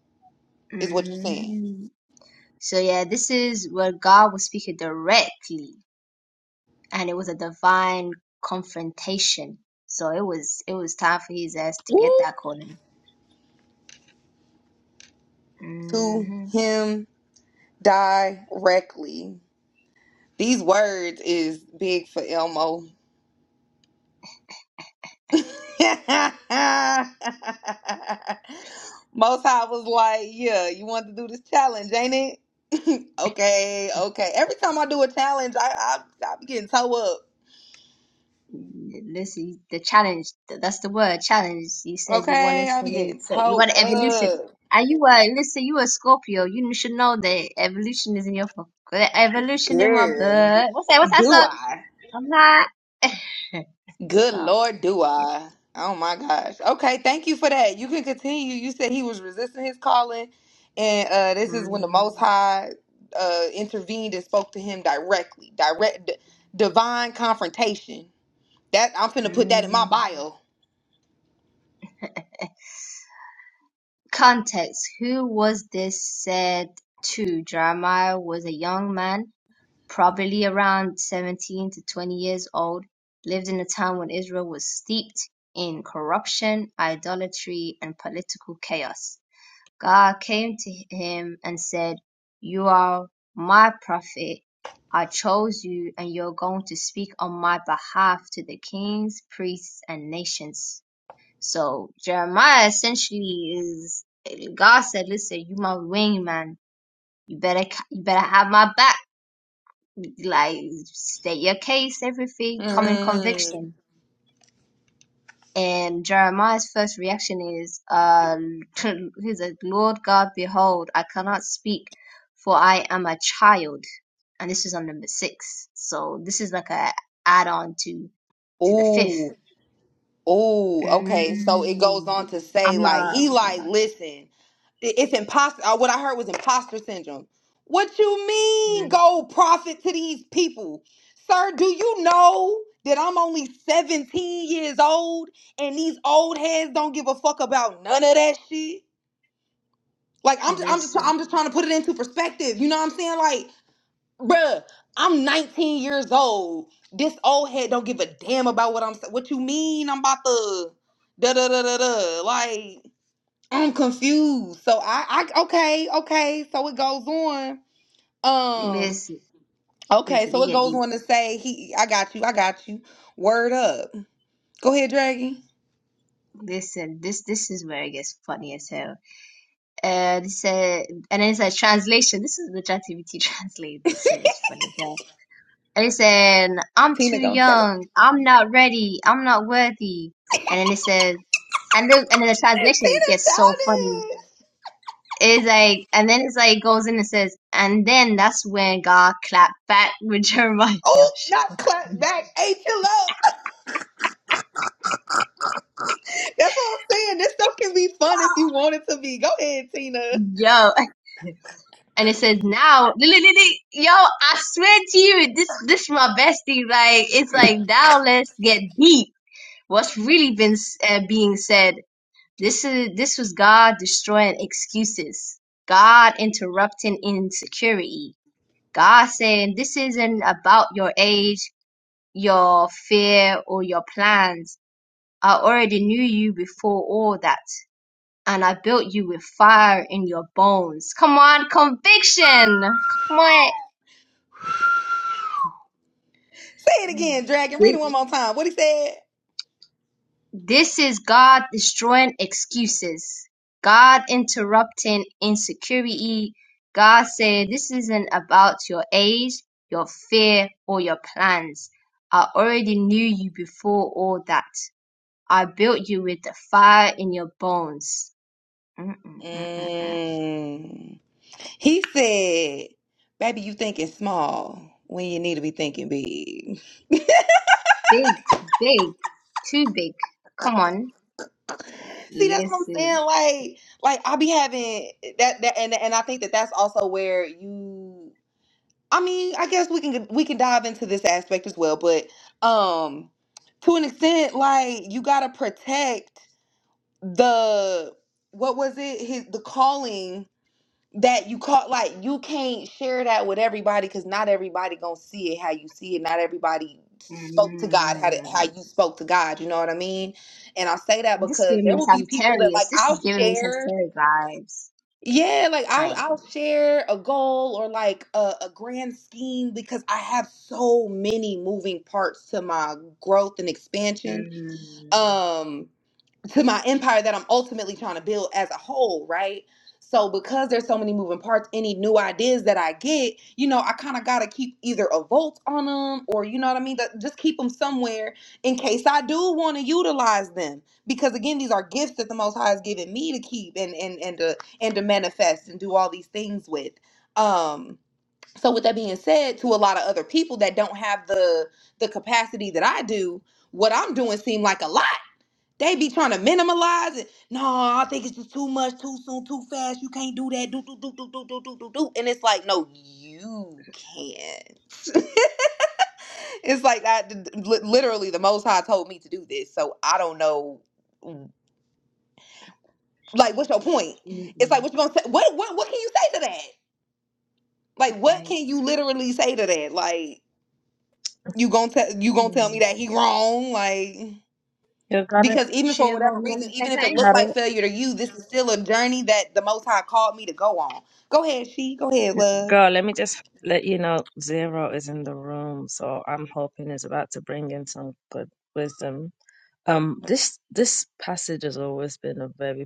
S2: is what you're saying.
S3: hmm So yeah, this is where God was speaking directly, and it was a divine confrontation. So it was it was time for his ass to
S2: Woo!
S3: get that calling.
S2: To
S3: hmm
S2: him directly. These words is big for Elmo. Most High was like, "Yeah, you want to do this challenge, ain't it?" okay, okay. Every time I do a challenge, I I, I be getting toe up.
S3: Listen, the challenge th- that's the word challenge. You said you wanted
S2: Okay, I be
S3: something,
S2: getting
S3: so you
S2: toe
S3: want evolution,
S2: up,
S3: and you were listen, you were Scorpio. You should know that evolution is in your fu- evolution in my
S2: girl.
S3: blood. What's that? What's that
S2: Do
S3: song?
S2: I?
S3: I'm not.
S2: Good
S3: Stop.
S2: Lord, do
S3: Yeah.
S2: I. Oh my gosh. Okay, thank you for that. You can continue. You said he was resisting his calling, and uh, this is when the
S3: mm
S2: Most High uh, intervened and spoke to him directly. Direct, d- divine confrontation. That I'm finna put that in my
S3: mm.
S2: bio.
S3: Context: Who was this said to? Jeremiah was a young man, probably around 17 to 20 years old, lived in a time when Israel was steeped in corruption, idolatry, and political chaos. God came to him and said, You are my prophet. I chose you, and you're going to speak on my behalf to the kings, priests, and nations. So Jeremiah essentially is God said, "Listen, you my wingman. You better, you better have my back. Like state your case, everything. Come in
S2: Mm.
S3: conviction." And Jeremiah's first reaction is, "Uh, he's like, Lord God, behold, I cannot speak, for I am a child." And this is on number six. So this is like a add-on to to the fifth.
S2: Ooh. Oh, okay. So it goes
S3: Mm.
S2: on to say,
S3: I'm
S2: like,
S3: a
S2: he
S3: hold
S2: like,
S3: on.
S2: listen, i- it's imposter. uh, What I heard was imposter syndrome. What you mean,
S3: Mm,
S2: go profit to these people, sir? Do you know that I'm only 17 years old, and these old heads don't give a fuck about none of that shit? Like, I'm, I'm just,
S3: Listen.
S2: I'm just trying to put it into perspective. You know what I'm saying? Like, Bruh, I'm 19 years old. This old head don't give a damn about what I'm saying. What you mean I'm about to da da da da da. Like, I'm confused. So I I okay, okay. So it goes on. Um,
S3: Listen,
S2: okay,
S3: listen, it
S2: so it
S3: get
S2: goes
S3: deep.
S2: on to say he I got you, I got you. Word up. Go ahead, Dragon.
S3: Listen, this this is where it gets funny as hell. Uh, it said, and it's a translation. This is the ChatGPT translate. This shit is funny as hell. And it said, "I'm too
S2: Tina gonna tell it.
S3: young. I'm not ready. I'm not worthy." And then it says, and then and then the translation it
S2: Tina
S3: gets so funny.
S2: childish.
S3: It's like, and then it's like goes in and says, and then that's when God clapped back with Jeremiah. Yo,
S2: Oh,
S3: shit,
S2: not
S3: my God.
S2: clap back. Ain't you love? That's what I'm saying. This stuff can be fun if you want it to be. Go ahead, Tina.
S3: yo. And it says now, li- li- li- li- yo, I swear to you, this this my bestie. Like it's like now, let's get deep. What's really been s- uh, being said? This is this was God destroying excuses. God interrupting insecurity. God saying this isn't about your age, your fear, or your plans. I already knew you before all that, and I built you with fire in your bones. Come on, conviction. Come on.
S2: Say it again, Dragon. Read it
S3: Thi-
S2: one more time. What he said?
S3: This is God destroying excuses, God interrupting insecurity. God said, This isn't about your age, your fear, or your plans. I already knew you before all that. I built you with the fire in your bones. Mm-mm-mm-mm-mm.
S2: Mm. He said, "Baby, you thinking small when you need to be thinking big."
S3: Big, big, too big. Come on,
S2: See, that's what I'm
S3: listen.
S2: saying. Like, like I be having that, that, and and I think that that's also where you. I mean, I guess we can we can dive into this aspect as well, but um, to an extent, like you gotta protect the what was it? His the calling that you caught like you can't share that with everybody because not everybody gonna see it how you see it not everybody spoke to god how to, how
S3: Mm.
S2: you spoke to god you know what i mean and i say that
S3: This is
S2: because
S3: giving
S2: there
S3: me
S2: will be people that like
S3: Sagittarius. This is
S2: i'll
S3: giving me
S2: share
S3: Sagittarius vibes.
S2: yeah like i'll,
S3: I
S2: I'll share a goal or like a, a grand scheme because i have so many moving parts to my growth and expansion
S3: Mm,
S2: um to my empire that I'm ultimately trying to build as a whole, right? So because there's so many moving parts, any new ideas that I get, you know, I kind of gotta keep either a vault on them or you know what I mean, that- just keep them somewhere in case I do want to utilize them. Because again, these are gifts that the Most High has given me to keep and and and to and to manifest and do all these things with. Um, so with that being said, to a lot of other people that don't have the the capacity that I do, what I'm doing seem like a lot they be trying to minimalize it. No, I think it's just too much, too soon, too fast. You can't do that. Do do do do do do do do do. And it's like, no, you can't. it's like that. Literally, the Most High told me to do this, so I don't know. Like, what's your point? It's like,
S3: mm,
S2: what you gonna say? What what what can you say to that? Like, what
S3: right?
S2: can you literally say to that? Like, you gonna tell you gonna tell me
S3: mm.
S2: that he wrong? Like.
S4: You got it.
S2: Because even for
S3: Shiva,
S2: whatever
S3: you want
S2: reason,
S3: to say
S2: even if it
S3: something?
S2: looked
S4: Got
S2: like failure to you, this is still a journey that the Most High called me to go on. Go ahead, she. Go ahead,
S4: it.
S2: love.
S4: Girl, let me just let you know Zero is in the room, so I'm hoping is about to bring in some good wisdom. Um, this this passage has always been a very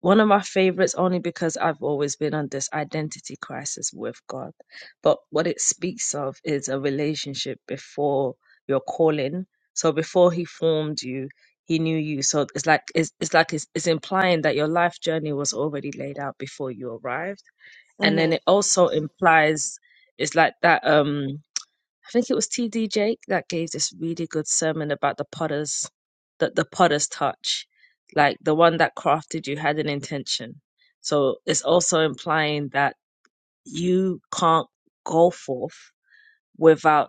S4: One of my favorites, only because I've always been on this identity crisis with God. But what it speaks of is a relationship before your calling. So before He formed you, He knew you. So it's like it's, it's like it's, it's implying that your life journey was already laid out before you arrived. And
S2: hmm
S4: then it also implies it's like that. Um, I think it was TD Jake that gave this really good sermon about the potter's the, the potter's touch. Like the one that crafted you had an intention. So it's also implying that you can't go forth without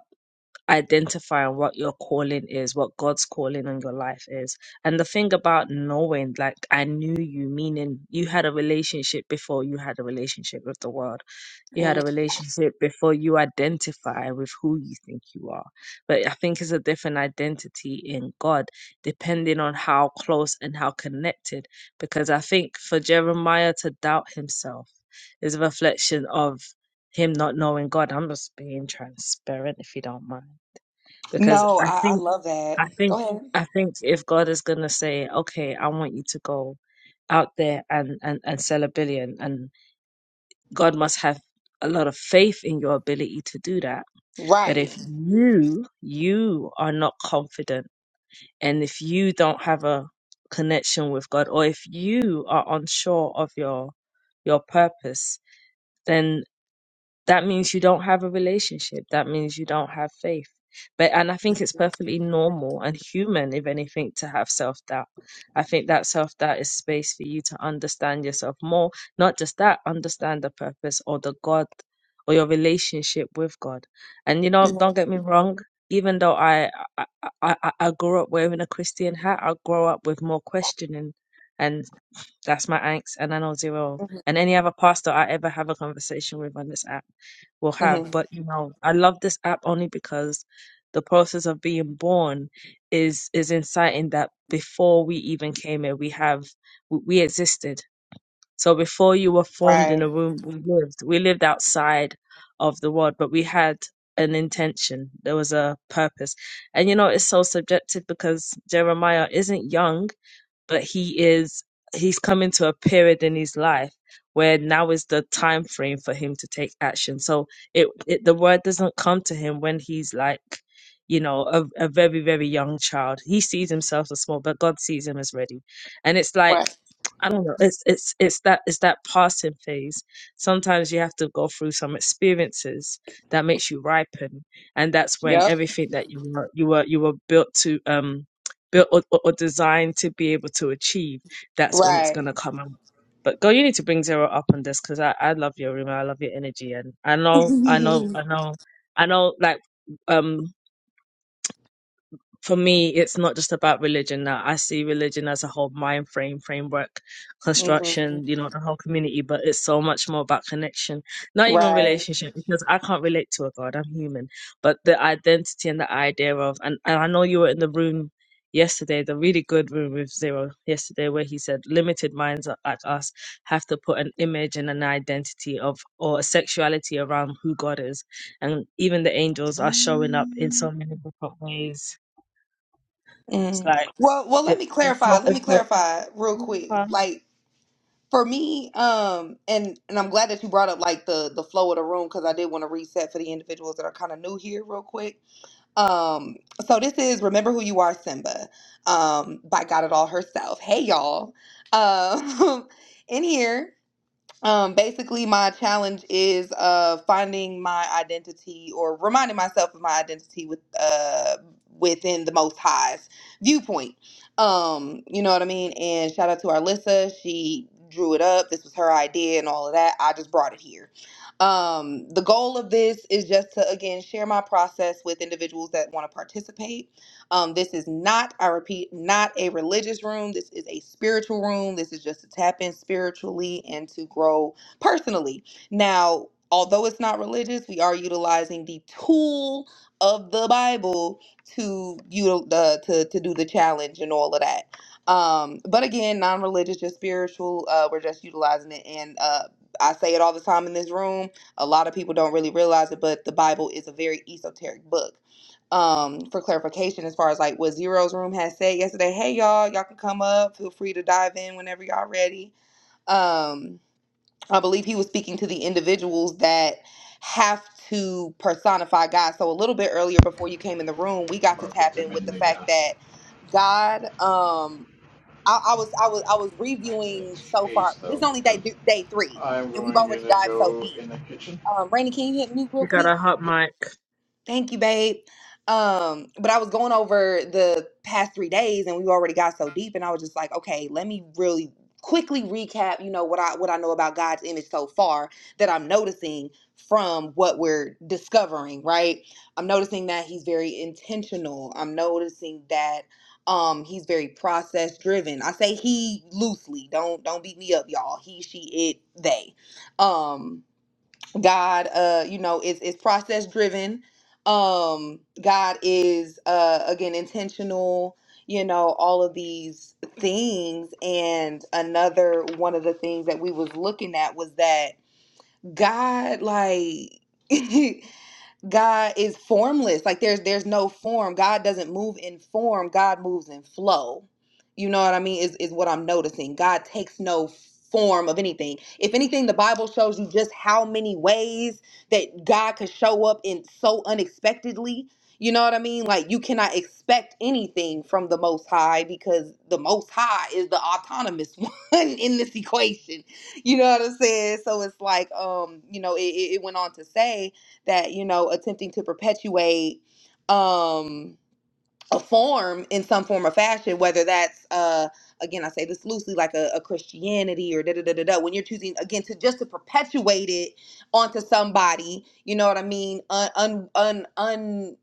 S4: Identifying what your calling is, what God's calling on your life is. And the thing about knowing, like, I knew you, meaning you had a relationship before you had a relationship with the world. You had
S2: hmm
S4: a relationship before you identify with who you think you are. But I think it's a different identity in God, depending on how close and how connected. Because I think for Jeremiah to doubt himself is a reflection of him not knowing God. I'm just being transparent if you don't mind because
S2: No,
S4: I
S2: I, I
S4: think
S2: love that.
S4: I think
S2: Go ahead.
S4: I think if God is gonna say, okay, I want you to go out there and and and sell a billion, and God must have a lot of faith in your ability to do that. But
S2: Right.
S4: if you you are not confident, and if you don't have a connection with God, or if you are unsure of your your purpose, then that means you don't have a relationship that means you don't have faith but and i think it's perfectly normal and human if anything to have self-doubt i think that self-doubt is space for you to understand yourself more not just that understand the purpose or the god or your relationship with god and you know
S2: hmm
S4: don't get me wrong even though i i i, I I grew up wearing a christian hat i grow up with more questioning and that's my angst and i know zero
S2: hmm
S4: and any other pastor i ever have a conversation with on this app will have.
S2: hmm
S4: But you know, I love this app only because the process of being born is is inciting that before we even came here, we have we we existed. So before you were formed in a
S2: Right.
S4: womb, we lived. We lived outside of the world, but we had an intention. There was a purpose, and you know, it's so subjective because Jeremiah isn't young but he is he's coming to a period in his life where now is the time frame for him to take action so it, it the word doesn't come to him when he's like you know a, a very very young child he sees himself as small but god sees him as ready and it's like
S2: Right.
S4: i don't know it's it's it's that it's that passing phase sometimes you have to go through some experiences that makes you ripen and that's when
S2: Yep.
S4: everything that you were you were you were built to um built or, or, or designed to be able to achieve, that's when it's going
S2: Right.
S4: to come out. But girl, you need to bring Zero up on this because I, I love your room. I love your energy. And I know, I know,
S2: hmm
S4: I know, I know, like, um, for me, it's not just about religion now. I see religion as a whole mind frame, framework, construction, you know, the whole community, but it's so much more about connection, not even
S2: Right.
S4: relationship, because I can't relate to a God, I'm human. But the identity and the idea of, and, and I know you were in the room yesterday, the really good room with Zero yesterday, where he said limited minds are- like us have to put an image and an identity of, or a sexuality around who God is. And even the angels are showing up in so many different ways it's
S2: hmm
S4: like
S2: Well, well, let
S4: it's
S2: me
S4: it's
S2: clarify.
S4: not
S2: Let me
S4: it's not
S2: clarify real quick.
S4: fun.
S2: Like For me, um, and and I'm glad that you brought up like the the flow of the room because I did want to reset for the individuals that are kind of new here real quick. Um, so this is "Remember Who You Are, Simba" um, by Got It All herself. Hey y'all, um, in here um, basically, my challenge is uh, finding my identity or reminding myself of my identity with uh, within the Most High's viewpoint. Um, you know what I mean? And shout out to Arlissa. She drew it up. This was her idea and all of that. I just brought it here. Um, the goal of this is just to, again, share my process with individuals that want to participate um, this is not, I repeat, not a religious room. This is a spiritual room. This is just to tap in spiritually and to grow personally. Now, although it's not religious, we are utilizing the tool of the Bible to you know, to to do the challenge and all of that. Um, but again, non-religious, just spiritual. Uh, we're just utilizing it, and uh, I say it all the time in this room. A lot of people don't really realize it, but the Bible is a very esoteric book um for clarification as far as like what zero's room had said yesterday hey y'all y'all can come up feel free to dive in whenever y'all ready um i believe he was speaking to the individuals that have to personify god so a little bit earlier before you came in the room we
S6: I'm
S2: got to
S6: gonna put
S2: tap
S6: them
S2: in with
S6: in
S2: the
S6: the, uh,
S2: fact that god um i, I was i was i was
S6: in
S2: reviewing
S6: the
S2: so far
S6: case
S2: this is
S6: though,
S2: only day
S6: because
S2: day three
S6: I'm
S2: and we've
S6: going
S2: already
S6: to
S2: dived so
S6: go
S2: deep
S6: in the kitchen
S2: um rainy can you hit mute real
S4: you got
S2: quick
S4: a hot mic.
S2: Thank you, babe. Um, but I was going over the past three days and we already got so deep and I was just like, okay, let me really quickly recap, you know, what I what I know about God's image so far that I'm noticing from what we're discovering, right? I'm noticing that he's very intentional. I'm noticing that um he's very process driven. I say he loosely. Don't don't beat me up, y'all. He, she, it, they. Um God, uh, you know, is is process driven. Um, God is uh again intentional, you know, all of these things. And another one of the things that we was looking at was that God like God is formless. Like there's there's no form. God doesn't move in form. God moves in flow. You know what I mean? Is is what I'm noticing. God takes no form of anything. If anything, the Bible shows you just how many ways that God could show up in so unexpectedly. You know what I mean? Like you cannot expect anything from the most high because the most high is the autonomous one in this equation. You know what I'm saying? So it's like um, you know, it, it it went on to say that you know attempting to perpetuate um a form in some form or fashion whether that's uh again i say this loosely like a, a christianity or da da da da da when you're choosing again to just to perpetuate it onto somebody you know what i mean un un un, un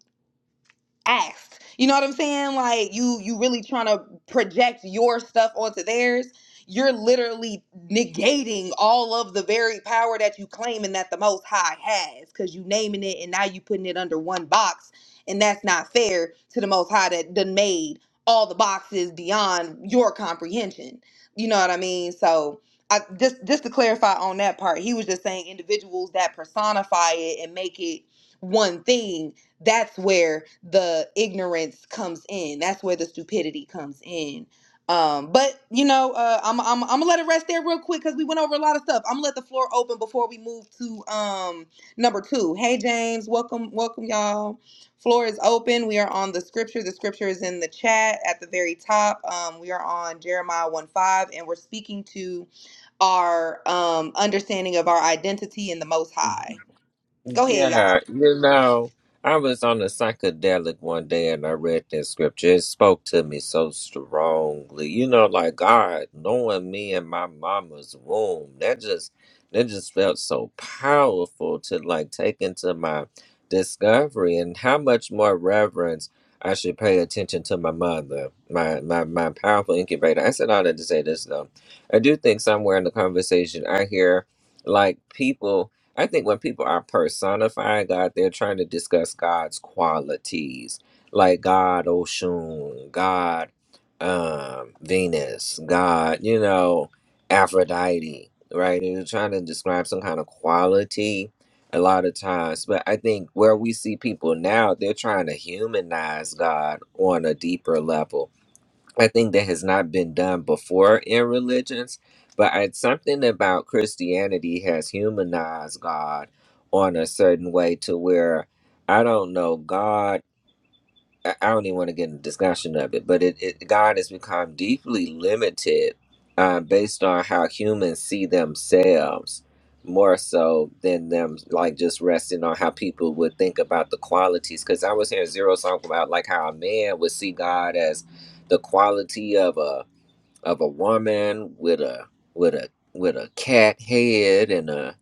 S2: asked. You know what I'm saying? Like you you really trying to project your stuff onto theirs. You're literally negating all of the very power that you claiming that the most high has because you naming it and now you putting it under one box. And that's not fair to the most high that done made all the boxes beyond your comprehension. You know what I mean? So I just just to clarify on that part, he was just saying individuals that personify it and make it one thing that's where the ignorance comes in. That's where the stupidity comes in. Um, but you know, uh, I'm, I'm, I'm gonna let it rest there real quick because we went over a lot of stuff. I'm gonna let the floor open before we move to um number two. Hey James, welcome, welcome y'all. Floor is open. We are on the scripture. The scripture is in the chat at the very top. Um, we are on Jeremiah one five, and we're speaking to our um understanding of our identity in the Most High. Go ahead,
S7: Yeah, you know, I was on a psychedelic one day and I read that scripture. It spoke to me so strongly. You know, like God knowing me in my mama's womb. That just that just felt so powerful to like take into my discovery and how much more reverence I should pay attention to my mother, my my, my powerful incubator. I said all that to say this though. I do think somewhere in the conversation I hear like people I think when people are personifying God, they're trying to discuss God's qualities, like God Oshun, God um, Venus, God, you know, Aphrodite, right? They're trying to describe some kind of quality a lot of times. But I think where we see people now, they're trying to humanize God on a deeper level I think that has not been done before in religions, but I, something about Christianity has humanized God on a certain way to where I don't know God. I I don't even want to get into discussion of it, but it, it God has become deeply limited uh, based on how humans see themselves more so than them like just resting on how people would think about the qualities. Because I was hearing Zero talk about like how a man would see God as the quality of a of a woman with a with a with a cat head and a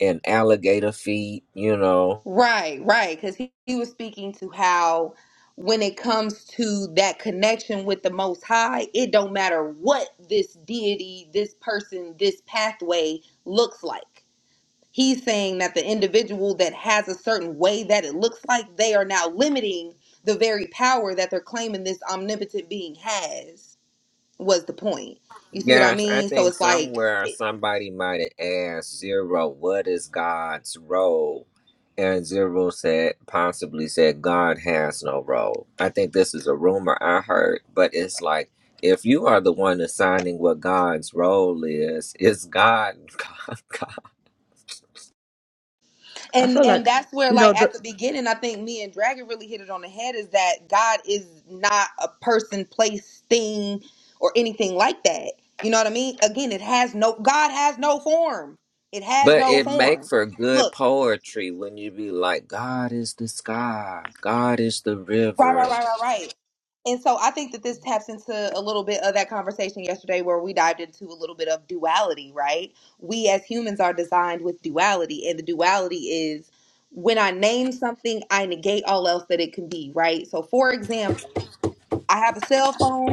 S7: and alligator feet, you know,
S2: Right, right. Because he, he was speaking to how when it comes to that connection with the Most High, it don't matter what this deity, this person, this pathway looks like. He's saying that the individual that has a certain way that it looks like, they are now limiting the very power that they're claiming this omnipotent being has, was the point. You see what I
S7: Yes, I
S2: mean? So
S7: think
S2: it's like.
S7: somewhere somebody might have asked Zero, what is God's role? And Zero said, possibly said, God has no role. I think this is a rumor I heard, but it's like, if you are the one assigning what God's role is, it's God, God, God.
S4: I
S2: and
S4: feel
S2: and
S4: like
S2: that's where
S4: you know
S2: like
S4: the
S2: at the beginning i think me and dragon really hit it on the head is that god is not a person place thing or anything like that you know what i mean again it has no god has no form it has
S7: But
S2: no
S7: it make
S2: form
S7: for
S2: look.
S7: good poetry when you be like, God is the sky, God is the
S2: Right,
S7: river.
S2: right, right, right, right. And so I think that this taps into a little bit of that conversation yesterday where we dived into a little bit of duality, right? We as humans are designed with duality, and the duality is when I name something, I negate all else that it can be, right? So, for example, I have a cell phone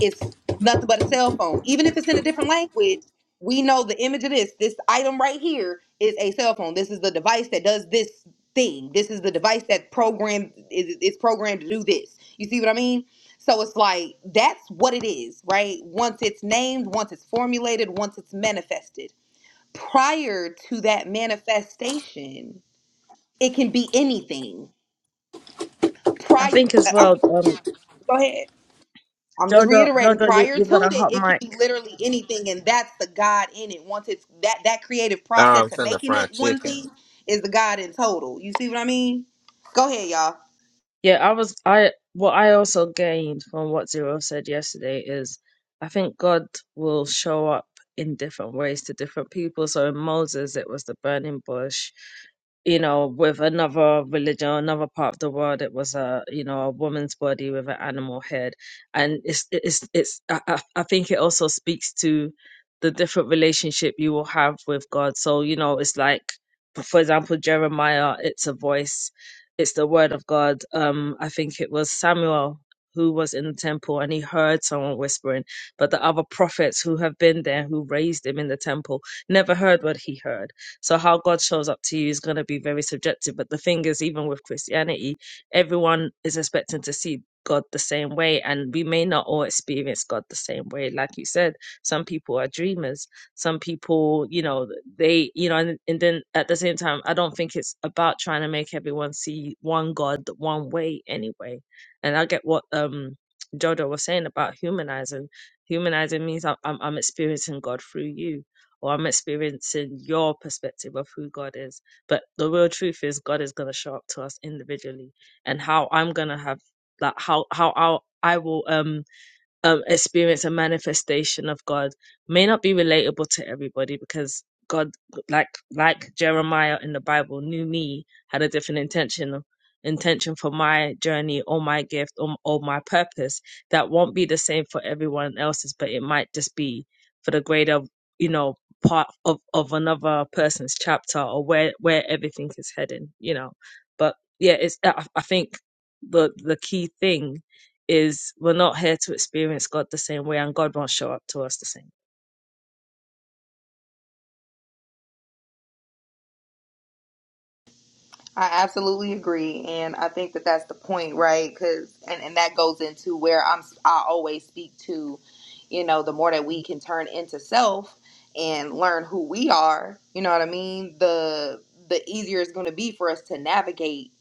S2: it's nothing but a cell phone. Even if it's in a different language, we know the image of this. This item right here is a cell phone. This is the device that does this thing. This is the device that programmed is is programmed to do this. You see what I mean? So it's like that's what it is, right? Once it's named, once it's formulated, once it's manifested. Prior to that manifestation, it can be anything.
S4: I
S2: Prior,
S4: think as
S2: I, I'm,
S4: well,
S2: go
S4: um
S2: ahead. I'm just
S4: Jojo
S2: reiterating.
S4: Jojo you,
S2: Prior
S4: you've got
S2: to
S4: a
S2: it,
S4: hot
S2: it could
S4: mic
S2: be literally anything, and that's the God in it. Once it's that that creative
S7: Oh, I'm
S2: process of
S7: finna
S2: making
S7: fry
S2: it one
S7: chicken.
S2: thing is the God in total. You see what I mean? Go ahead, y'all.
S4: Yeah, I was I what I also gained from what Zero said yesterday is I think God will show up in different ways to different people. So in Moses it was the burning bush, you know, with another religion, another part of the world it was a you know, a woman's body with an animal head. And it's it's it's I, I I think it also speaks to the different relationship you will have with God. So, you know, it's like for example Jeremiah, it's a voice it's the word of God. Um, I think it was Samuel who was in the temple and he heard someone whispering, but the other prophets who have been there, who raised him in the temple, never heard what he heard. So how God shows up to you is going to be very subjective. But the thing is, even with Christianity, everyone is expecting to see God the same way, and we may not all experience God the same way. Like you said, some people are dreamers some people, you know, they, you know, and, and then at the same time, I don't think it's about trying to make everyone see one God one way anyway. And I get what um Jodo was saying about humanizing. Humanizing means I'm, I'm, I'm experiencing God through you, or I'm experiencing your perspective of who God is. But the real truth is, God is going to show up to us individually, and how I'm going to have that, how how I'll, I will um um, experience a manifestation of God may not be relatable to everybody because God, like like Jeremiah in the Bible, knew me had a different intention intention for my journey or my gift or, or my purpose that won't be the same for everyone else's, but it might just be for the greater, you know, part of of another person's chapter or where where everything is heading, you know. But yeah, it's I, I think the the key thing is we're not here to experience God the same way, and God won't show up to us the same.
S2: I absolutely agree, and I think that that's the point, right? Because and and that goes into where I'm. I always speak to, you know, the more that we can turn into self and learn who we are. You know what I mean? The the easier it's going to be for us to navigate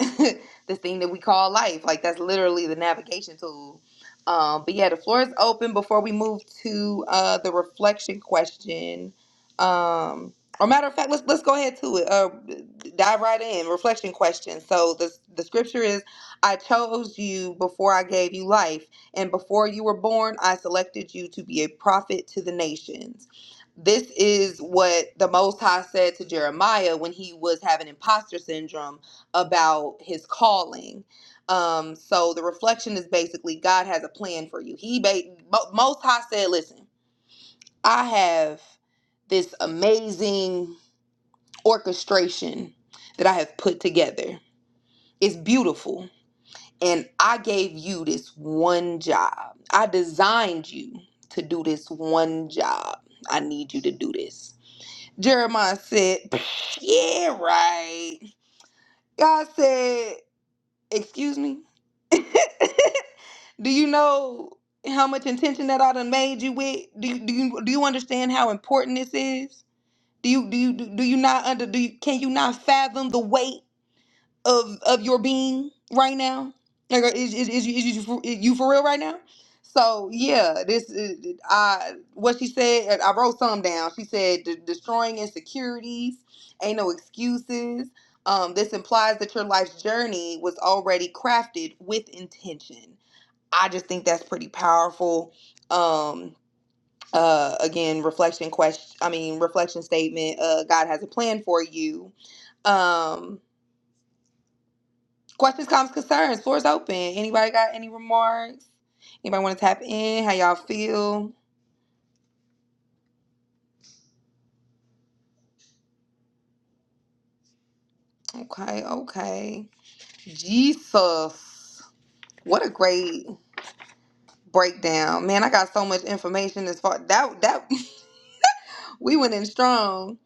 S2: this thing that we call life. Like that's literally the navigation tool. Um, but yeah, the floor is open before we move to uh, the reflection question. Um, or matter of fact, let's let's go ahead to it. Uh, dive right in. Reflection question. So the the scripture is, "I chose you before I gave you life, and before you were born, I selected you to be a prophet to the nations." This is what the Most High said to Jeremiah when he was having imposter syndrome about his calling. Um, so the reflection is basically God has a plan for you. He ba- Mo- most high said, "Listen, I have this amazing orchestration that I have put together. It's beautiful, and I gave you this one job. I designed you to do this one job. I need you to do this." Jeremiah said, "Psh, "Yeah, right." God said, "Excuse me." Do you know how much intention that I done made you with? Do you do you do you understand how important this is? Do you do you do you not under do you, can you not fathom the weight of of your being right now? Like uh, is is, is, you, is you for- you for real right now? So yeah, this is I what she said. I wrote some down. She said "De- destroying insecurities ain't no excuses. Um, this implies that your life's journey was already crafted with intention I just think that's pretty powerful. Um, uh, again, reflection question. I mean, reflection statement. Uh, God has a plan for you. Um, questions, comments, concerns. Floor's open. Anybody got any remarks? Anybody want to tap in? How y'all feel? Okay, okay. Jesus, what a great breakdown, man! I got so much information as far that that we went in strong.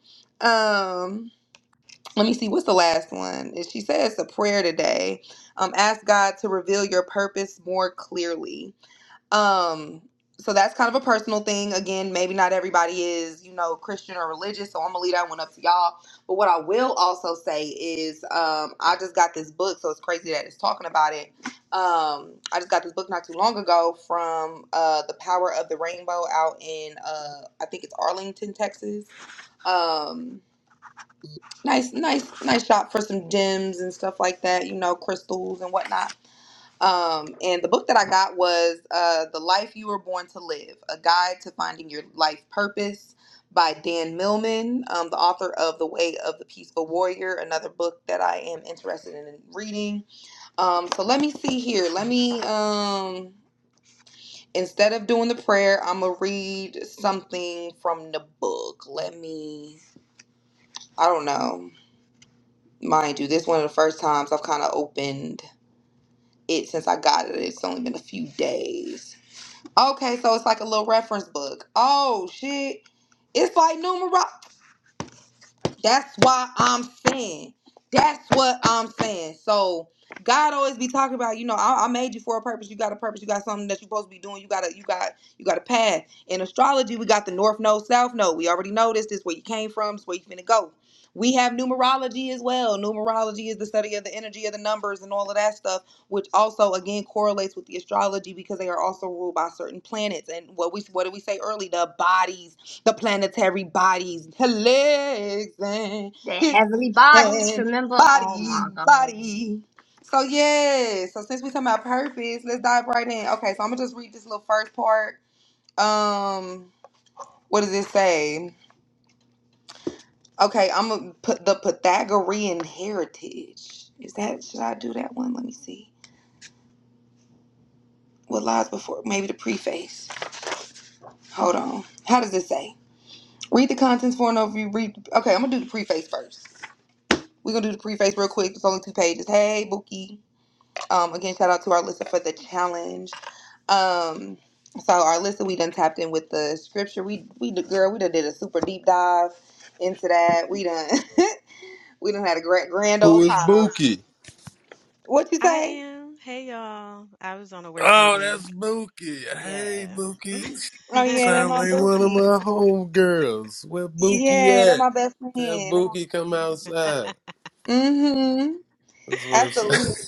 S2: Um, let me see what's the last one she says a prayer today um ask god to reveal your purpose more clearly um so that's kind of a personal thing again maybe not everybody is you know christian or religious so i'm gonna leave that one up to y'all but what i will also say is um i just got this book so it's crazy that it's talking about it um i just got this book not too long ago from uh the power of the rainbow out in uh i think it's arlington texas um nice nice nice shop for some gems and stuff like that you know crystals and whatnot um and the book that i got was uh the life you were born to live a guide to finding your life purpose by dan millman um, the author of the way of the peaceful warrior another book that i am interested in reading um so let me see here let me um instead of doing the prayer i'm gonna read something from the book let me i don't know Mind you, this one of the first times I've kind of opened it since I got it. It's only been a few days. Okay, so it's like a little reference book. Oh shit. It's like numerology. That's why I'm saying. That's what I'm saying. So God always be talking about, you know, I, I made you for a purpose. You got a purpose. You got something that you're supposed to be doing. You got a you got you got a path. In astrology, we got the north node, south node. We already know this. This where you came from. This where you finna go. We have numerology as well. Numerology is the study of the energy of the numbers and all of that stuff, which also again correlates with the astrology because they are also ruled by certain planets and what we what did we say early? The bodies the planetary bodies, her legs and
S3: The
S2: hips
S3: heavenly bodies,
S2: and
S3: remember? Oh
S2: body,
S3: my God.
S2: body. So yeah, so since we talking about purpose, let's dive right in. Okay, so I'm gonna just read this little first part. Um, what does it say? Okay, I'm gonna put the Pythagorean heritage. Is that should I do that one? Let me see. What lies before? Maybe the preface. Hold on. How does it say? Read the contents for an overview. Read. Okay, I'm gonna do the preface first. We're gonna do the preface real quick. It's only two pages. Hey, Bookie. Um, again, shout out to our listener for the challenge. Um, so our listener, we done tapped in with the scripture. We we the girl, we done did a super deep dive into that. We done we done had a great grand
S8: Who
S2: old
S8: is
S2: time.
S8: Buki?
S2: What you say?
S8: Oh, that's Bookie. Hey, Bookie.
S2: Oh yeah, they're
S8: Sound
S2: my
S8: like one of
S2: Bookie.
S8: my homegirls. Where Bookie
S2: Yeah, they're
S8: at?
S2: my best friend.
S8: Tell
S2: They're my
S8: Bookie come
S2: Bookie.
S8: outside.
S2: Mm-hmm.
S8: That's what I'm saying.
S2: Absolutely.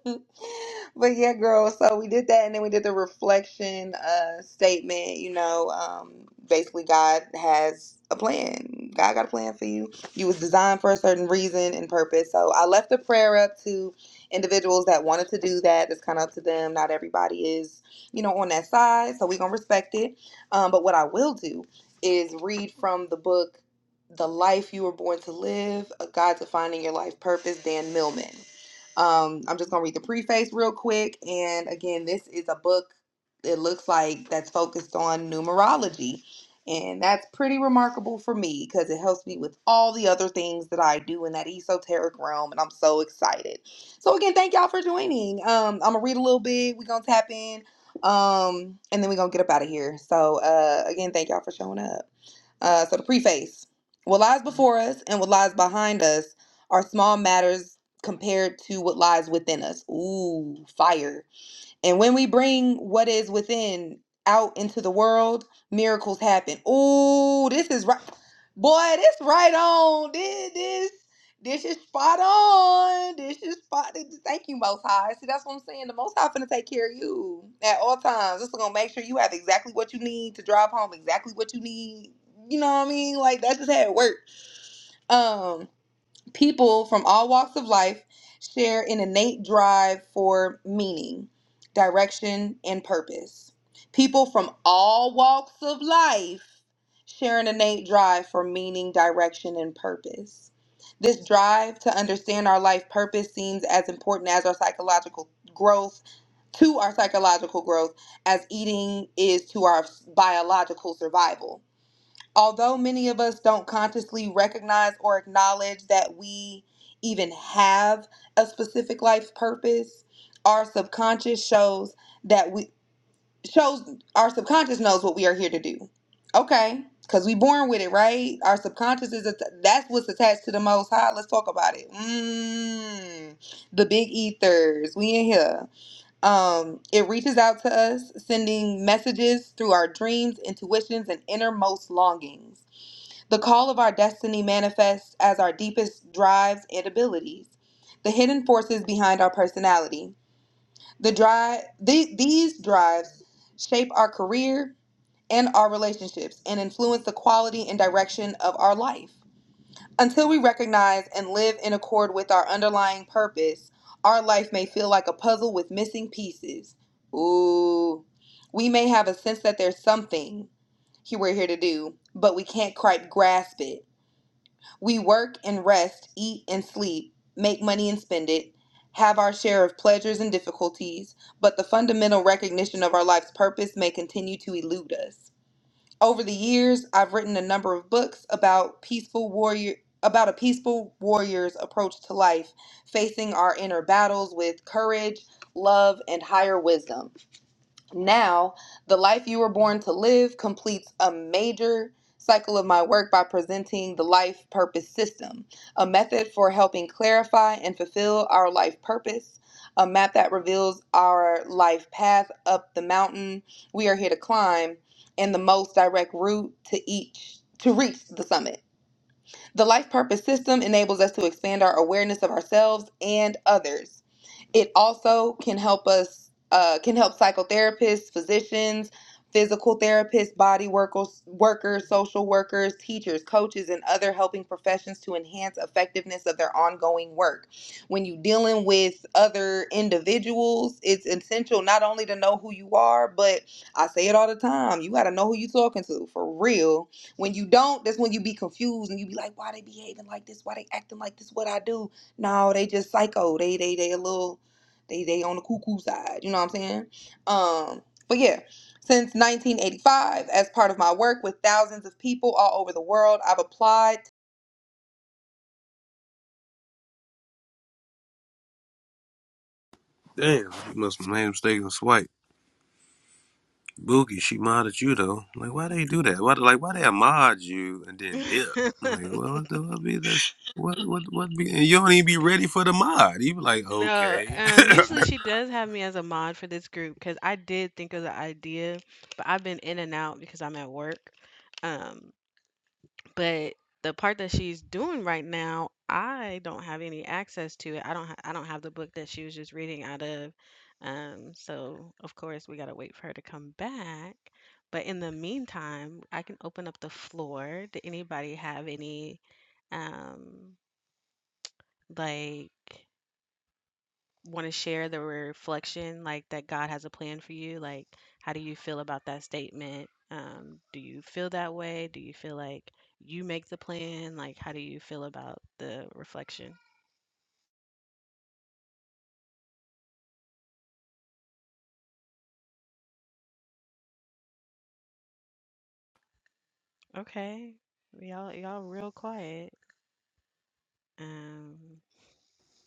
S2: but yeah, girl. So we did that, and then we did the reflection uh, statement. You know, um, basically, God has a plan. God got a plan for you. You was designed for a certain reason and purpose. So I left the prayer up to individuals that wanted to do that. It's kind of up to them. Not everybody is, you know, on that side. So we gonna respect it. Um, but what I will do is read from the book. The life you were born to live, a guide to finding your life purpose, Dan Millman. Um, I'm just gonna read the preface real quick. And again, this is a book. It looks like that's focused on numerology, and that's pretty remarkable for me because it helps me with all the other things that I do in that esoteric realm, and I'm so excited. So again, thank y'all for joining. Um, I'm gonna read a little bit. We're gonna tap in, um, and then we're gonna get up out of here. So uh, again, thank y'all for showing up. Uh, so the preface. What lies before us and what lies behind us are small matters compared to what lies within us. Ooh, fire. And when we bring what is within out into the world, miracles happen. Ooh, this is right. Boy, this right on. This, this, this is spot on. This is spot. Thank you, Most High. See, that's what I'm saying. The Most High finna take care of you at all times. This is gonna make sure you have exactly what you need to drive home, exactly what you need. You know what I mean? Like that's just how it works. Um, People from all walks of life share an innate drive for meaning, direction, and purpose. People from all walks of life share an innate drive for meaning, direction, and purpose. This drive to understand our life purpose seems as important as our psychological growth to our psychological growth as eating is to our biological survival although many of us don't consciously recognize or acknowledge that we even have a specific life purpose, our subconscious shows that we shows our subconscious knows what we are here to do. Okay, because we born with it, right? Our subconscious is that's what's attached to the Most High. Let's talk about it. Mm, the big ethers, we in here. Um, it reaches out to us, sending messages through our dreams, intuitions, and innermost longings. The call of our destiny manifests as our deepest drives and abilities, the hidden forces behind our personality. The drive, the, these drives shape our career and our relationships and influence the quality and direction of our life. Until we recognize and live in accord with our underlying purpose, our life may feel like a puzzle with missing pieces. Ooh. We may have a sense that there's something he- we're here to do, but we can't quite grasp it we work and rest, eat and sleep, make money and spend it, have our share of pleasures and difficulties, but the fundamental recognition of our life's purpose may continue to elude us. Over the years, I've written a number of books about peaceful warrior about a peaceful warrior's approach to life, facing our inner battles with courage, love, and higher wisdom. Now, the life you were born to live completes a major cycle of my work by presenting the life purpose system, a method for helping clarify and fulfill our life purpose, a map that reveals our life path up the mountain we are here to climb and the most direct route to each to reach the summit. The life purpose system enables us to expand our awareness of ourselves and others it also can help us, uh, can help psychotherapists, physicians, physical therapists, body workers, workers, social workers, teachers, coaches, and other helping professions to enhance effectiveness of their ongoing work. When you're dealing with other individuals, it's essential not only to know who you are, but I say it all the time, you got to know who you're talking to for real. When you don't, that's when you be confused and you be like, why they behaving like this? Why they acting like this? What I do? No, they just psycho. They they they a little they they on the cuckoo side, you know what I'm saying? Um, but yeah, since 1985, as part of my work with thousands of people all over the world, I've applied.
S8: Damn, he must have made a mistake and swipe. Bookie, she modded you though. Like, why they do that? Why, like, why they mod you and then dip? Like, well, what the what be the what what what be? And you don't even be ready for the mod. You be like, okay,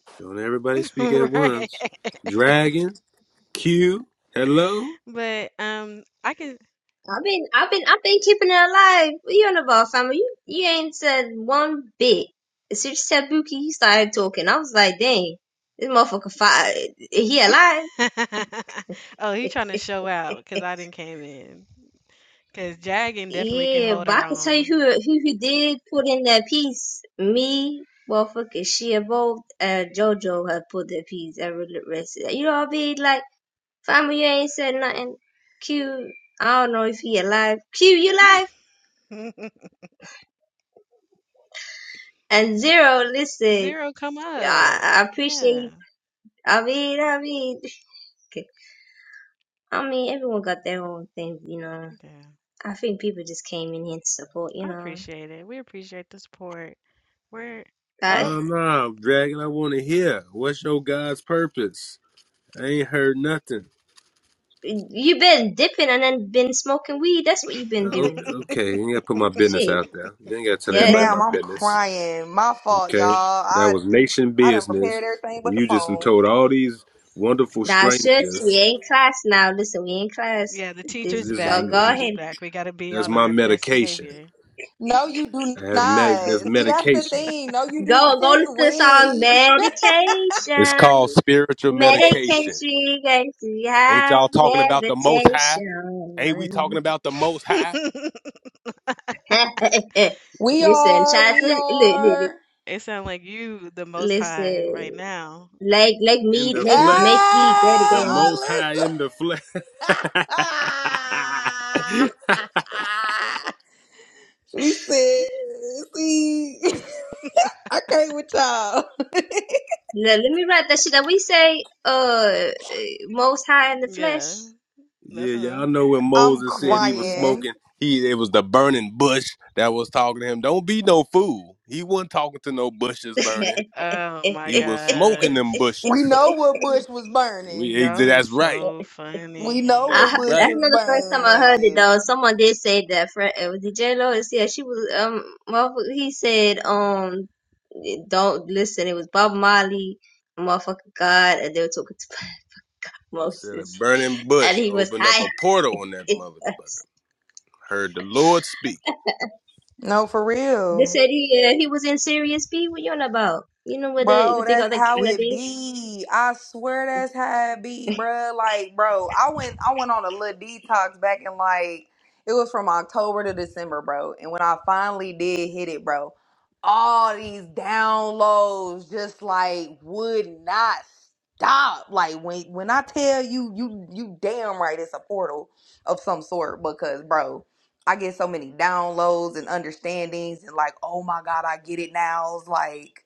S8: don't everybody speak at once. Dragon. Q, hello?
S3: I've been, I've been, I've been keeping it alive. What You know about summer. You, you ain't said one bit. As soon as you said Buki, he started talking. I was like, dang, this motherfucker, fi- he alive. Yeah, but I can tell you who who, who did put in that piece. Me, motherfucker, she involved. uh, JoJo had put that piece. I really rest. You know what I mean? Like, family, you ain't said nothing. Q, I don't know if he alive. Q, you alive? And Zero, listen, I, I appreciate you. I mean, I mean, I mean, everyone got their own thing, you know. I think people just came in here to support, you know. I,
S8: No, no, Dragon, I want to hear. What's your God's purpose? I ain't heard nothing.
S3: you've been dipping and then been smoking weed. That's what you've been
S8: Oh,
S3: doing.
S8: Okay, you ain't got to put my business
S3: Shit.
S8: out there. You ain't got to tell
S3: Yeah.
S8: everybody
S2: Now
S8: my
S3: th-
S2: I'm
S8: business.
S2: crying. My fault, y'all.
S8: Okay? That
S2: I
S8: was nation
S2: I done
S8: business.
S2: prepared everything but
S8: And
S2: the
S8: you just done
S2: phone.
S8: told all these wonderful
S3: Nah, shucks. We
S8: strangers,
S3: ain't class now. Listen, we ain't class. This
S8: this is,
S3: go go ahead.
S8: that's my medication.
S2: No, you do
S8: I have medic,
S2: not.
S8: that's
S2: See, that's the
S8: medication.
S2: thing. No, you do.
S3: Go go
S2: Since
S3: listen to the
S2: when?
S3: song
S8: It's
S3: Medication.
S8: called spiritual medication.
S3: Medication gets me
S8: Ain't
S3: high
S8: y'all talking about the most high?
S3: levitation.
S8: Ain't we talking about the most high?
S2: We
S3: listen,
S2: are.
S3: child,
S2: We
S3: look, look, look,
S2: are.
S3: listen, like, like
S8: in
S3: me,
S8: the
S3: like, make
S8: flesh,
S3: me great
S8: the
S3: again.
S8: Most High in the flesh.
S2: Ah, Alyssa. She said, see, I can't with y'all.
S3: Let, let me write that shit that we say, uh, most high in the flesh.
S8: yeah, y'all know when
S2: I'm
S8: Moses
S3: Look,
S8: said he was
S3: I'm ready.
S2: crying.
S8: smoking, he it was the burning bush that was talking to him. Don't be no fool. He wasn't talking to no bushes burning.
S3: I,
S8: He was smoking them
S2: We
S8: bushes.
S2: know what bush was
S8: We
S2: burning.
S8: ex- that's right.
S2: We know
S8: That's
S2: what
S3: heard-
S2: bush
S3: that's
S8: right.
S2: was
S3: not the first time I heard it
S2: burning.
S3: though. Someone did say that. Fre- It was DJ Lois. Yeah, she was. Um, motherfucker, he said, um, don't listen. It was Bob Marley, motherfucker God, and they were talking to
S8: Instead of
S3: Moses,
S8: burning
S3: and
S8: bush,
S3: he was
S8: opened up
S3: high.
S8: a portal on that motherfucker.
S3: they
S8: Heard the Lord speak.
S2: No, for real.
S3: said he uh, he was in serious B. What you on about? You know what they
S2: Bro,
S3: what they
S2: that's
S3: got the
S2: how it
S3: cannabis?
S2: be. I swear that's how it be, bro. Like, bro, I went I went on a little detox back in like it was from October to December, bro. And when I finally did hit it, bro, all these downloads just like would not stop. Like when when I tell you you you damn right it's a portal of some sort because bro, I get so many downloads and understandings and like, oh my god, I get it now. It's like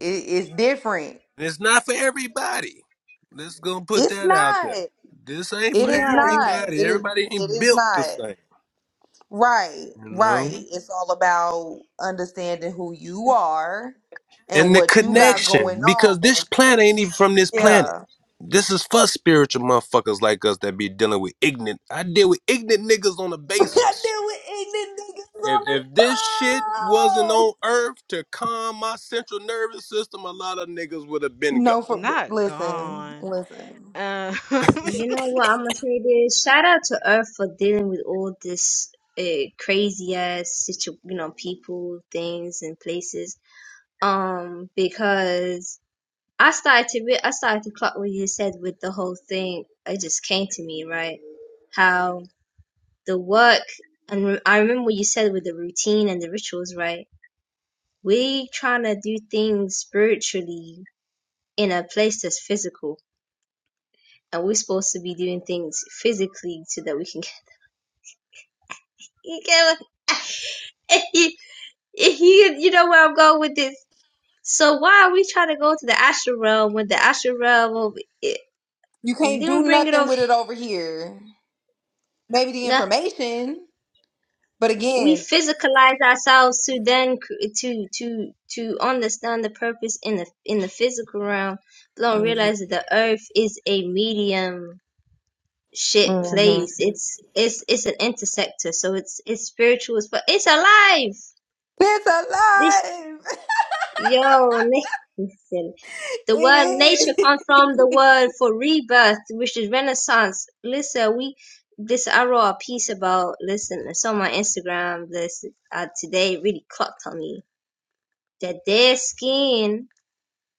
S2: it, it's different.
S8: And It's not for everybody. Let's go to put
S2: It's
S8: that out
S2: not.
S8: there. This ain't
S2: It
S8: for
S3: You know
S2: is
S3: how I
S2: not.
S3: know.
S8: everybody.
S2: It is
S8: Everybody
S2: it
S8: ain't
S2: is
S8: built the
S2: not.
S8: same,
S2: Right.
S8: you
S2: Right.
S8: know.
S2: It's all about understanding who you are and
S8: And the
S2: what you
S3: Mm.
S2: got going
S8: connection, because this
S2: on.
S8: planet ain't even from this planet.
S2: Yeah.
S8: This is for spiritual motherfuckers like us that be dealing with ignorant. I deal with ignorant niggas on a
S2: I
S8: basis.
S2: deal with ignorant niggas
S8: If if this shit wasn't
S2: all the time.
S8: on Earth to calm my central nervous system, a lot of niggas would have been
S2: No
S8: gone.
S2: for listen, listen.
S3: You know what I'm gonna say this? Shout out to Earth for dealing with all this uh, crazy ass situ, you know, people, things, and places. Um, because I started to re- I started to clock what you said with the whole thing. It just came to me, right? How the work and re- I remember what you said with the routine and the rituals, right? We trying to do things spiritually in a place that's physical, and we're supposed to be doing things physically so that we can. you get what you, you know where I'm going with this. So why are we trying to go to the astral realm when the astral realm of it,
S2: You can't
S3: then
S2: do
S3: we bring it
S2: nothing
S3: over?
S2: with it over here. Maybe the
S3: the-
S2: information, but
S3: We
S2: again,
S3: physicalize ourselves to then cr- to to to understand the purpose in the in the physical realm. But don't
S2: hmm
S3: realize that the earth is a medium shit
S2: hmm
S3: place. It's it's it's an intersector, so it's it's spiritual, but it's alive.
S2: it's
S3: This.
S2: alive.
S3: Yo, listen. The word
S2: It
S3: nature
S2: is.
S3: comes from the word for rebirth, which is renaissance. Listen, we this I wrote a piece about listen, it's on my Instagram this uh, today it really clocked on me that their skin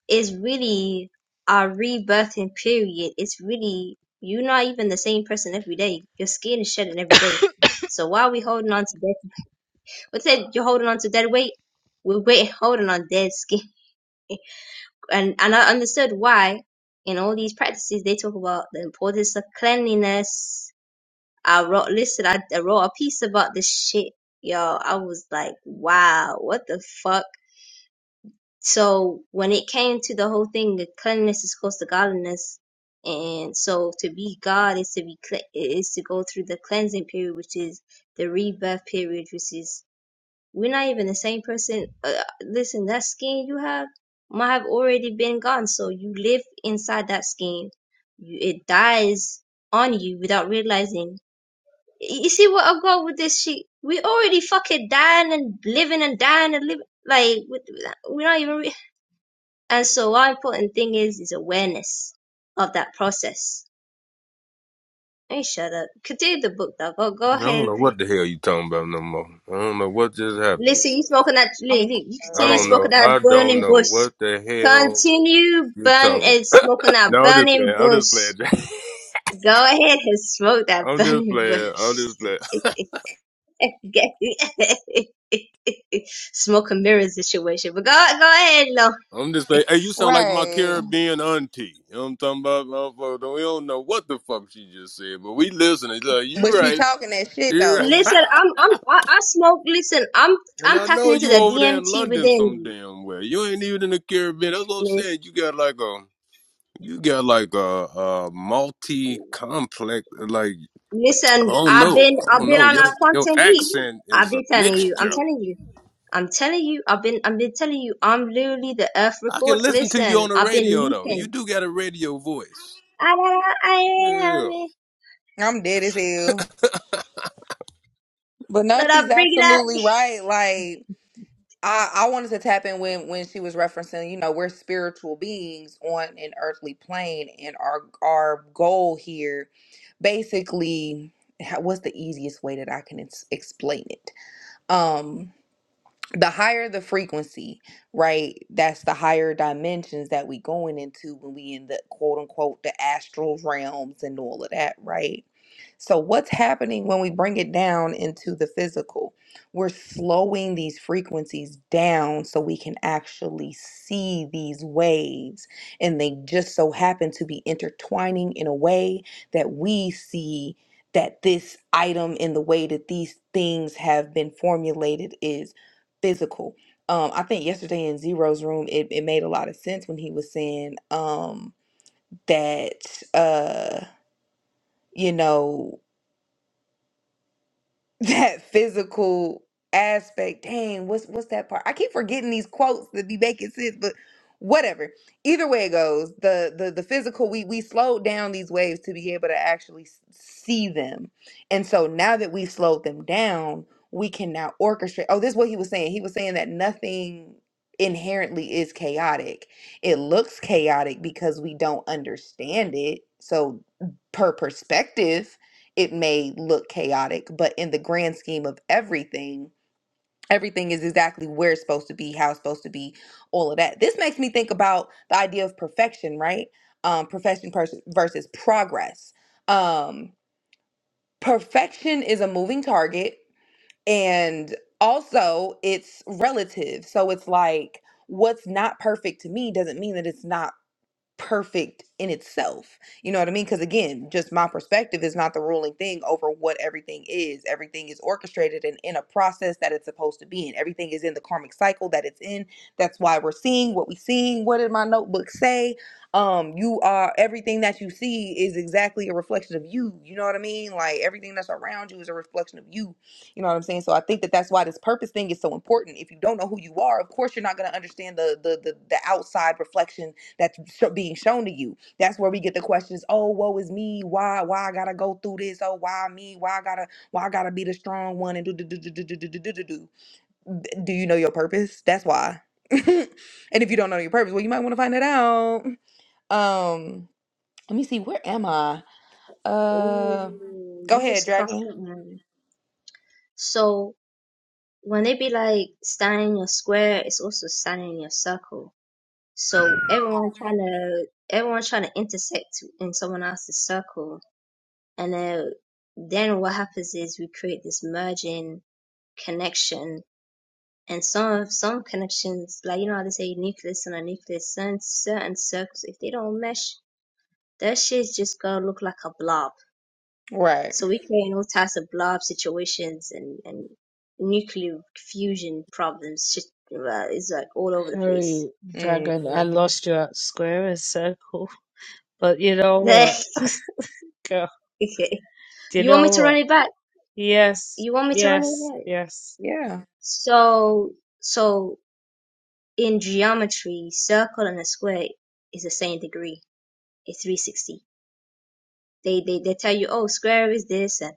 S3: is really our rebirthing period. It's really you're not even the same person every day. Your skin is shedding every day. So why are we holding on to dead? What's that? You're holding on to dead weight. We're wait, holding on dead skin. and and I understood why in all these practices they talk about the importance of cleanliness. I wrote listen, I, I wrote a piece about this shit, y'all. I was like, wow, what the fuck? So when it came to the whole thing, the cleanliness is close to godliness, and so to be God is to be cle- is to go through the cleansing period, which is the rebirth period, which is we're not even the same person. Uh, listen, that skin you have might have already been gone. So you live inside that skin. You, it dies on you without realizing. You see what I've got with this shit? We already fucking dying and living and dying and living. Like, we're not even. Re- and so, one important thing is is awareness of that process. Hey, shut up. Continue the book, though. Go, go
S8: I
S3: ahead.
S8: don't know what the hell you talking about no more. I don't know what just happened.
S3: Listen, spoken at
S2: I'm
S3: listen,
S8: I don't
S2: right.
S8: know.
S3: spoken at
S8: I don't
S3: burning
S8: know
S3: bush.
S8: what the hell
S3: Continue
S8: you
S3: burn
S8: talking.
S3: It's smoking at
S8: No, I'm just
S3: burning
S8: playing. I'm just
S3: bush.
S8: playing. Jack.
S3: Go ahead and smoke that
S8: I'm just
S3: burning bush.
S8: playing. I'm just playing.
S3: smoke and mirror situation. But go go ahead, Lo.
S8: I'm just playing. Hey, you sound like my
S2: Right.
S8: Caribbean auntie. You know what I'm talking about, motherfucker? Don't- We don't know what the fuck she just said, but we listening. Look, you
S2: But she
S8: right.
S2: talking that shit
S8: You
S2: though.
S3: Listen,
S8: right.
S3: I'm I'm I, I smoke. Listen, I'm
S8: and
S3: I'm
S8: I
S3: tapping
S8: know
S3: into
S8: you
S3: the
S8: over there in
S3: DMT
S8: London
S3: within
S8: some
S3: you.
S8: damn way. You ain't even in the Caribbean. That's what I'm
S3: Lis-
S8: saying. You got like a you got like a, a multi complex like
S3: Listen,
S8: Oh
S3: I've
S8: no,
S3: been I've
S8: oh
S3: been
S8: no,
S3: on
S8: your
S3: a
S8: your
S3: quantum leap.
S8: accent
S3: I've
S8: is a
S3: been telling you. I'm
S8: mixture.
S3: telling you. I'm telling you, I've been I've been telling you, I'm literally the earth
S8: I can
S3: record.
S8: listen to you
S3: Listen,
S8: on the
S3: I've been
S8: radio though. You
S3: leaping.
S8: do got a radio voice.
S3: I do I
S8: Yeah.
S2: I'm dead as hell. But no, she's
S3: bring it up.
S2: absolutely right. Like I, I wanted to tap in when when she was referencing, you know, we're spiritual beings on an earthly plane, and our our goal here, basically, how- what's the easiest way that I can ex- explain it? Um, the higher the frequency, right? That's the higher dimensions that we going into when we in the quote unquote the astral realms and all of that, right? So what's happening when we bring it down into the physical? We're slowing these frequencies down so we can actually see these waves and they just so happen to be intertwining in a way that we see that this item in the way that these things have been formulated is physical. Um, I think yesterday in Zero's room, it, it made a lot of sense when he was saying um, that, uh, you know, that physical aspect. Dang, what's what's that part? I keep forgetting these quotes that be making sense, but whatever. Either way it goes, the the the physical we we slowed down these waves to be able to actually s- see them, and so now that we slowed them down, we can now orchestrate. Oh, this is what he was saying. He was saying that nothing inherently is chaotic. It looks chaotic because we don't understand it. So per perspective it may look chaotic, but in the grand scheme of everything, everything is exactly where it's supposed to be, how it's supposed to be, all of that. This makes me think about the idea of perfection, right? Um, perfection pers- versus progress. Um, perfection is a moving target, and also it's relative. So it's like what's not perfect to me doesn't mean that it's not perfect in itself. You know what I mean? Because again, just my perspective is not the ruling thing over what everything is. Everything is orchestrated and in a process that it's supposed to be in. Everything is in the karmic cycle that it's in. That's why we're seeing what we're seeing. What did my notebook say? Um, you are everything that you see is exactly a reflection of you. You know what I mean? Like everything that's around you is a reflection of you. You know what I'm saying? So I think that that's why this purpose thing is so important. If you don't know who you are, of course you're not going to understand the the the, the outside reflections that's sho- being shown to you. That's where we get the questions. Oh, woe is me. Why? Why I gotta go through this? Oh, why me? Why I gotta? Why I gotta be the strong one? And do do do do do do do do do do. do. Do you know your purpose? That's why. and if you don't know your purpose, well, you might want to find it out. Um, let me see. Where am I?
S3: Oh,
S2: Uh, go
S3: you
S2: ahead,
S3: just clocked
S2: Dragon.
S3: it, man. So when they be like standing in your square, it's also standing in your circle. So everyone trying to everyone trying to intersect in someone else's circle, and then then what happens is we create this merging connection And some of some connections, like you know how they say nucleus and a nucleus, certain certain circles, if they don't mesh, that shit's just gonna look like a blob.
S2: Right.
S3: So we create all types of blob situations and and nuclear fusion problems. Shit uh, is like all over the place.
S4: Sorry, Dragon, I
S2: Mm,
S4: lost you at square and circle. But you know what? Girl,
S3: okay.
S4: do you
S3: You want me
S4: know
S3: to
S4: what?
S3: run it back?
S4: Yes,
S3: You want me to run
S4: yes,
S3: it back?
S4: yes.
S2: yeah.
S3: So so in geometry, circle and a square is the same degree. It's 360 They they they tell you, oh, square is this and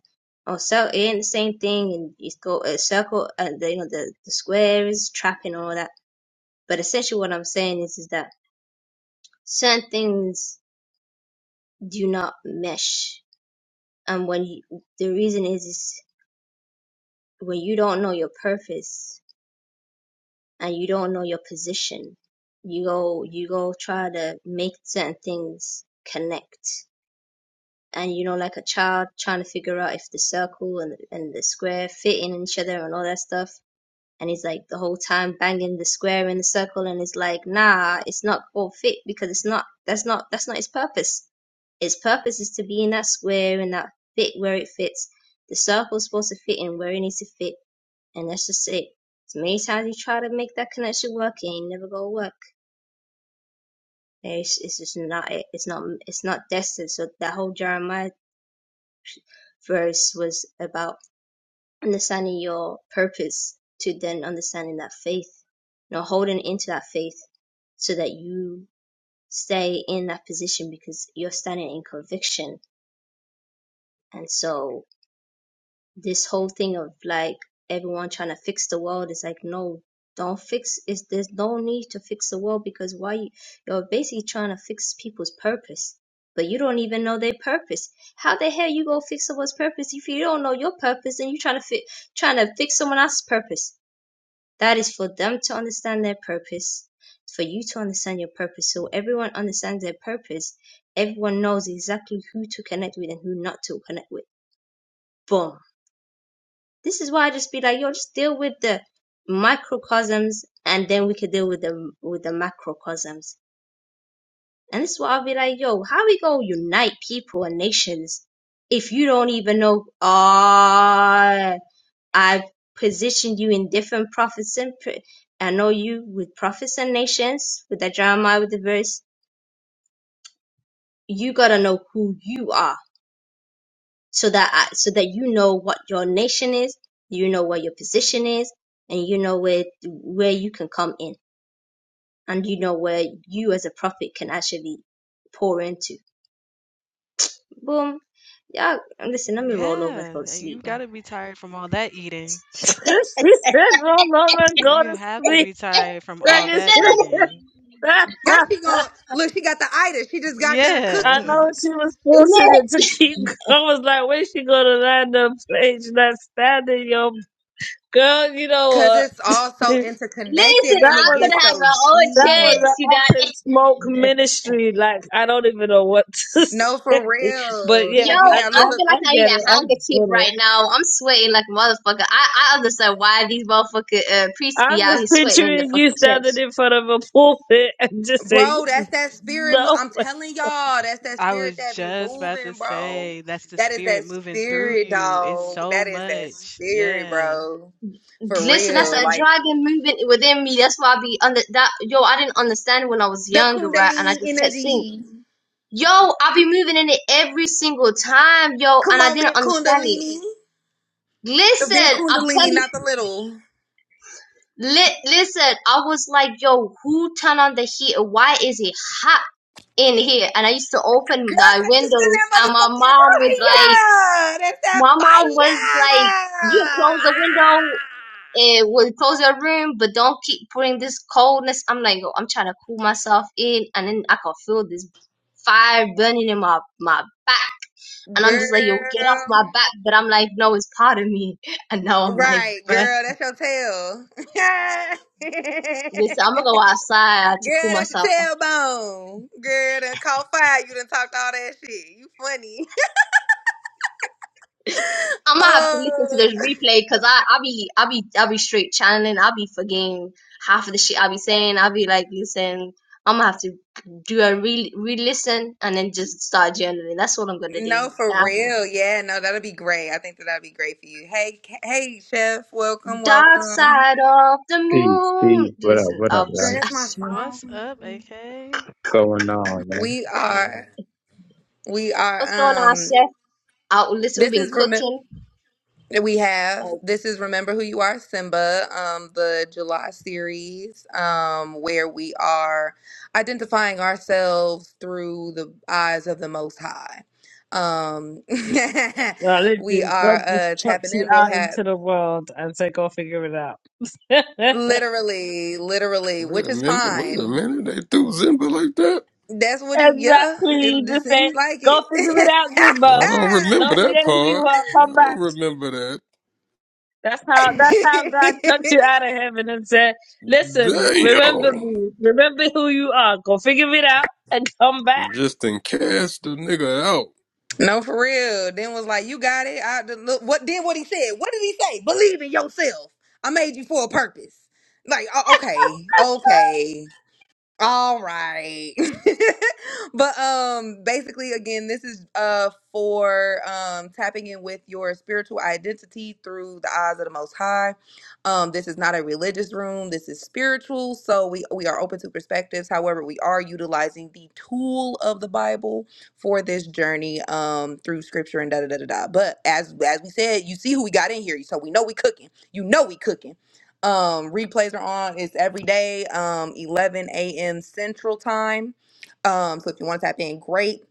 S3: oh, so in the same thing, and you go a circle, and the, you know the the square is trapping and all that. But essentially, what I'm saying is is that certain things do not mesh, and when you, the reason is is when you don't know your purpose and you don't know your position, you go you go try to make certain things connect and you know like a child trying to figure out if the circle and and the square fit in each other and all that stuff and he's like the whole time banging the square and the circle and it's like nah it's not all fit because it's not that's not that's not his purpose his purpose is to be in that square and that fit where it fits the circle's supposed to fit in where it needs to fit and that's just it as many times you try to make that connection work it ain't never gonna work it's, it's just not it it's not it's not destined so that whole jeremiah verse was about understanding your purpose to then understanding that faith, you know, holding into that faith so that you stay in that position because you're standing in conviction. And so this whole thing of like everyone trying to fix the world is like, no, don't fix is there's no need to fix the world because why you, you're basically trying to fix people's purpose. But you don't even know their purpose. How the hell you gonna fix someone's purpose if you don't know your purpose and you trying to fit trying to fix someone else's purpose? That is for them to understand their purpose, for you to understand your purpose. So everyone understands their purpose. Everyone knows exactly who to connect with and who not to connect with. Boom. This is why I just be like, yo, just deal with the microcosms and then we could deal with the with the macrocosms. And this is why I'll be like, yo, how we gonna unite people and nations if you don't even know ah I've positioned you in different prophets and pr- I know you with prophets and nations with that Jeremiah with the verse. You gotta know who you are so that I, so that you know what your nation is, you know where your position is, and you know where where you can come in, and you know where you as a prophet can actually pour into. Boom. Yeah, listen, let me roll over and go to sleep, man.
S4: she said, well, Lord, my God is me.
S3: no,
S4: Dragon,
S3: no,
S2: How she gonna look? She got the itis. She just got done
S4: I
S2: cooking.
S4: know she was forcing
S3: no.
S4: it to keep. I was like, where's she going to land her plane? She's not standing, yo. Girl, you
S2: Cause
S4: know
S2: it's all
S4: what?
S2: so interconnected
S3: Listen,
S4: that
S2: and
S3: I
S2: it
S4: was
S3: could
S2: gets
S3: have
S2: so
S3: my own
S4: That was
S2: deep.
S3: chance, you
S4: an
S3: know.
S4: up in smoke ministry. Like I don't even know what to
S2: No, for
S4: say, but
S2: real.
S3: Yo,
S4: yeah,
S2: Check
S4: I
S2: me out.
S3: I
S2: Look,
S4: I,
S2: look.
S3: feel like
S4: I
S3: I need a
S4: get it. I
S3: handkerchief
S4: get it.
S3: right now. I'm sweating like a motherfucker. I, I understand why these motherfucker uh, priests be
S4: I'm
S3: out here
S4: just
S3: sweating in the
S4: picturing
S3: fucking
S4: you standing
S3: church.
S4: in front of a pulpit and just saying,
S2: Bro, that's that spirit. mo-
S4: "No,
S2: I'm
S4: way."
S2: telling y'all, that's that spirit that be moving, bro. That is that spirit, dog. That is that spirit, bro. For
S3: Listen, that's
S2: real.
S3: a
S2: Like
S3: dragon moving within me. That's why I be under that. Yo, I didn't understand when I was
S2: the
S3: younger, right? And I
S2: Kundalini
S3: just kept saying,
S2: energy.
S3: yo, I be moving in it every single time, yo,
S2: Come
S3: and I
S2: on, big
S3: didn't understand it.
S2: Kundalini. The big
S3: Listen, I'm
S2: Kundalini,
S3: telling
S2: not the little.
S3: Li- listen, I was like, yo, who turned on the heat? Why is it hot in here? And I used to open
S2: Girl,
S3: the
S2: cause you spin
S3: windows,
S2: that
S3: and my
S2: motherfucking
S3: mom was like,
S2: fire. That's that
S3: my mom was like,
S2: fire.
S3: you
S2: Ah.
S3: close the window, it will close your room, but don't keep putting this coldness. I'm like, yo, I'm trying to cool myself in, and then I can feel this fire burning in my my back, and I'm just like, yo, get off
S2: Girl.
S3: my back. But I'm like, no, it's part of me, and now I'm like,
S2: Right,
S3: but.
S2: girl, that's your tail.
S3: Listen, I'm gonna go outside to cool
S2: girl, that's
S3: myself
S2: your tailbone. Girl, done caught fire. You done talked all that shit. You funny.
S3: I'm gonna have to
S2: uh,
S3: listen to this replay because I I be I be I be straight channeling. I be forgetting half of the shit I be saying. I be like, listen, I'm gonna have to do a re re listen and then just start journaling. That's what I'm gonna do.
S2: no, for
S3: Dark,
S2: real. Yeah, no, that'll be great. I think that that'll be great for you. Hey, K- hey, chef, welcome,
S3: dark
S2: welcome.
S3: side of the
S9: Peace,
S3: moon.
S9: peace. What up,
S3: Listen,
S9: what up,
S3: I'm
S2: Girl,
S9: y'all?
S2: that's my
S3: just,
S2: phone.
S9: Going on, man?
S2: We are. We
S3: what's going
S2: are.
S3: on,
S2: Um,
S3: chef? Oh, Listen, we've
S2: this
S3: been
S2: is remember.
S3: cooking.
S2: We have
S3: Oh,
S2: this is remember who you are, Simba. Um, the July series. Um, where we are identifying ourselves through the eyes of the Most High. Um,
S4: well,
S2: we
S4: listen,
S2: are
S4: God just
S2: uh tapping
S4: chucks you
S2: in. We'll
S4: out
S2: have
S4: into the world and say, go figure it out."
S2: literally, literally,
S8: Wait
S2: which
S8: a
S2: is
S8: minute, wait a
S2: fine.
S8: minute. They threw Zimba like that?
S2: That's what it. Yeah,
S4: exactly. You
S2: it, it
S4: just say,
S2: seems like
S4: "Go figure it out, Goomba.
S8: I don't remember
S4: Don't
S2: it.
S8: that
S4: forget who you
S8: part.
S4: are.
S8: I
S4: Come back."
S8: don't remember that.
S4: That's how that's how God took you out of heaven and said, Listen, remember
S8: Damn.
S4: me, remember who you are, go figure it out and come back.
S8: Just then cast the nigga out.
S2: No, for real. Then was like, you got it. I the- look, what then? What he said? What did he say? Believe in yourself. I made you for a purpose. Like, o- okay, okay. All right. but um basically again this is uh for um tapping in with your spiritual identity through the eyes of the most high. Um this is not a religious room. This is spiritual. So we we are open to perspectives. However, we are utilizing the tool of the Bible for this journey um through scripture and da da da da da. But as as we said, you see who we got in here. So we know we cooking. You know we cooking. Um, replays are on. It's every day, um, 11 a.m. Central Time. Um, so if you want to tap in, great.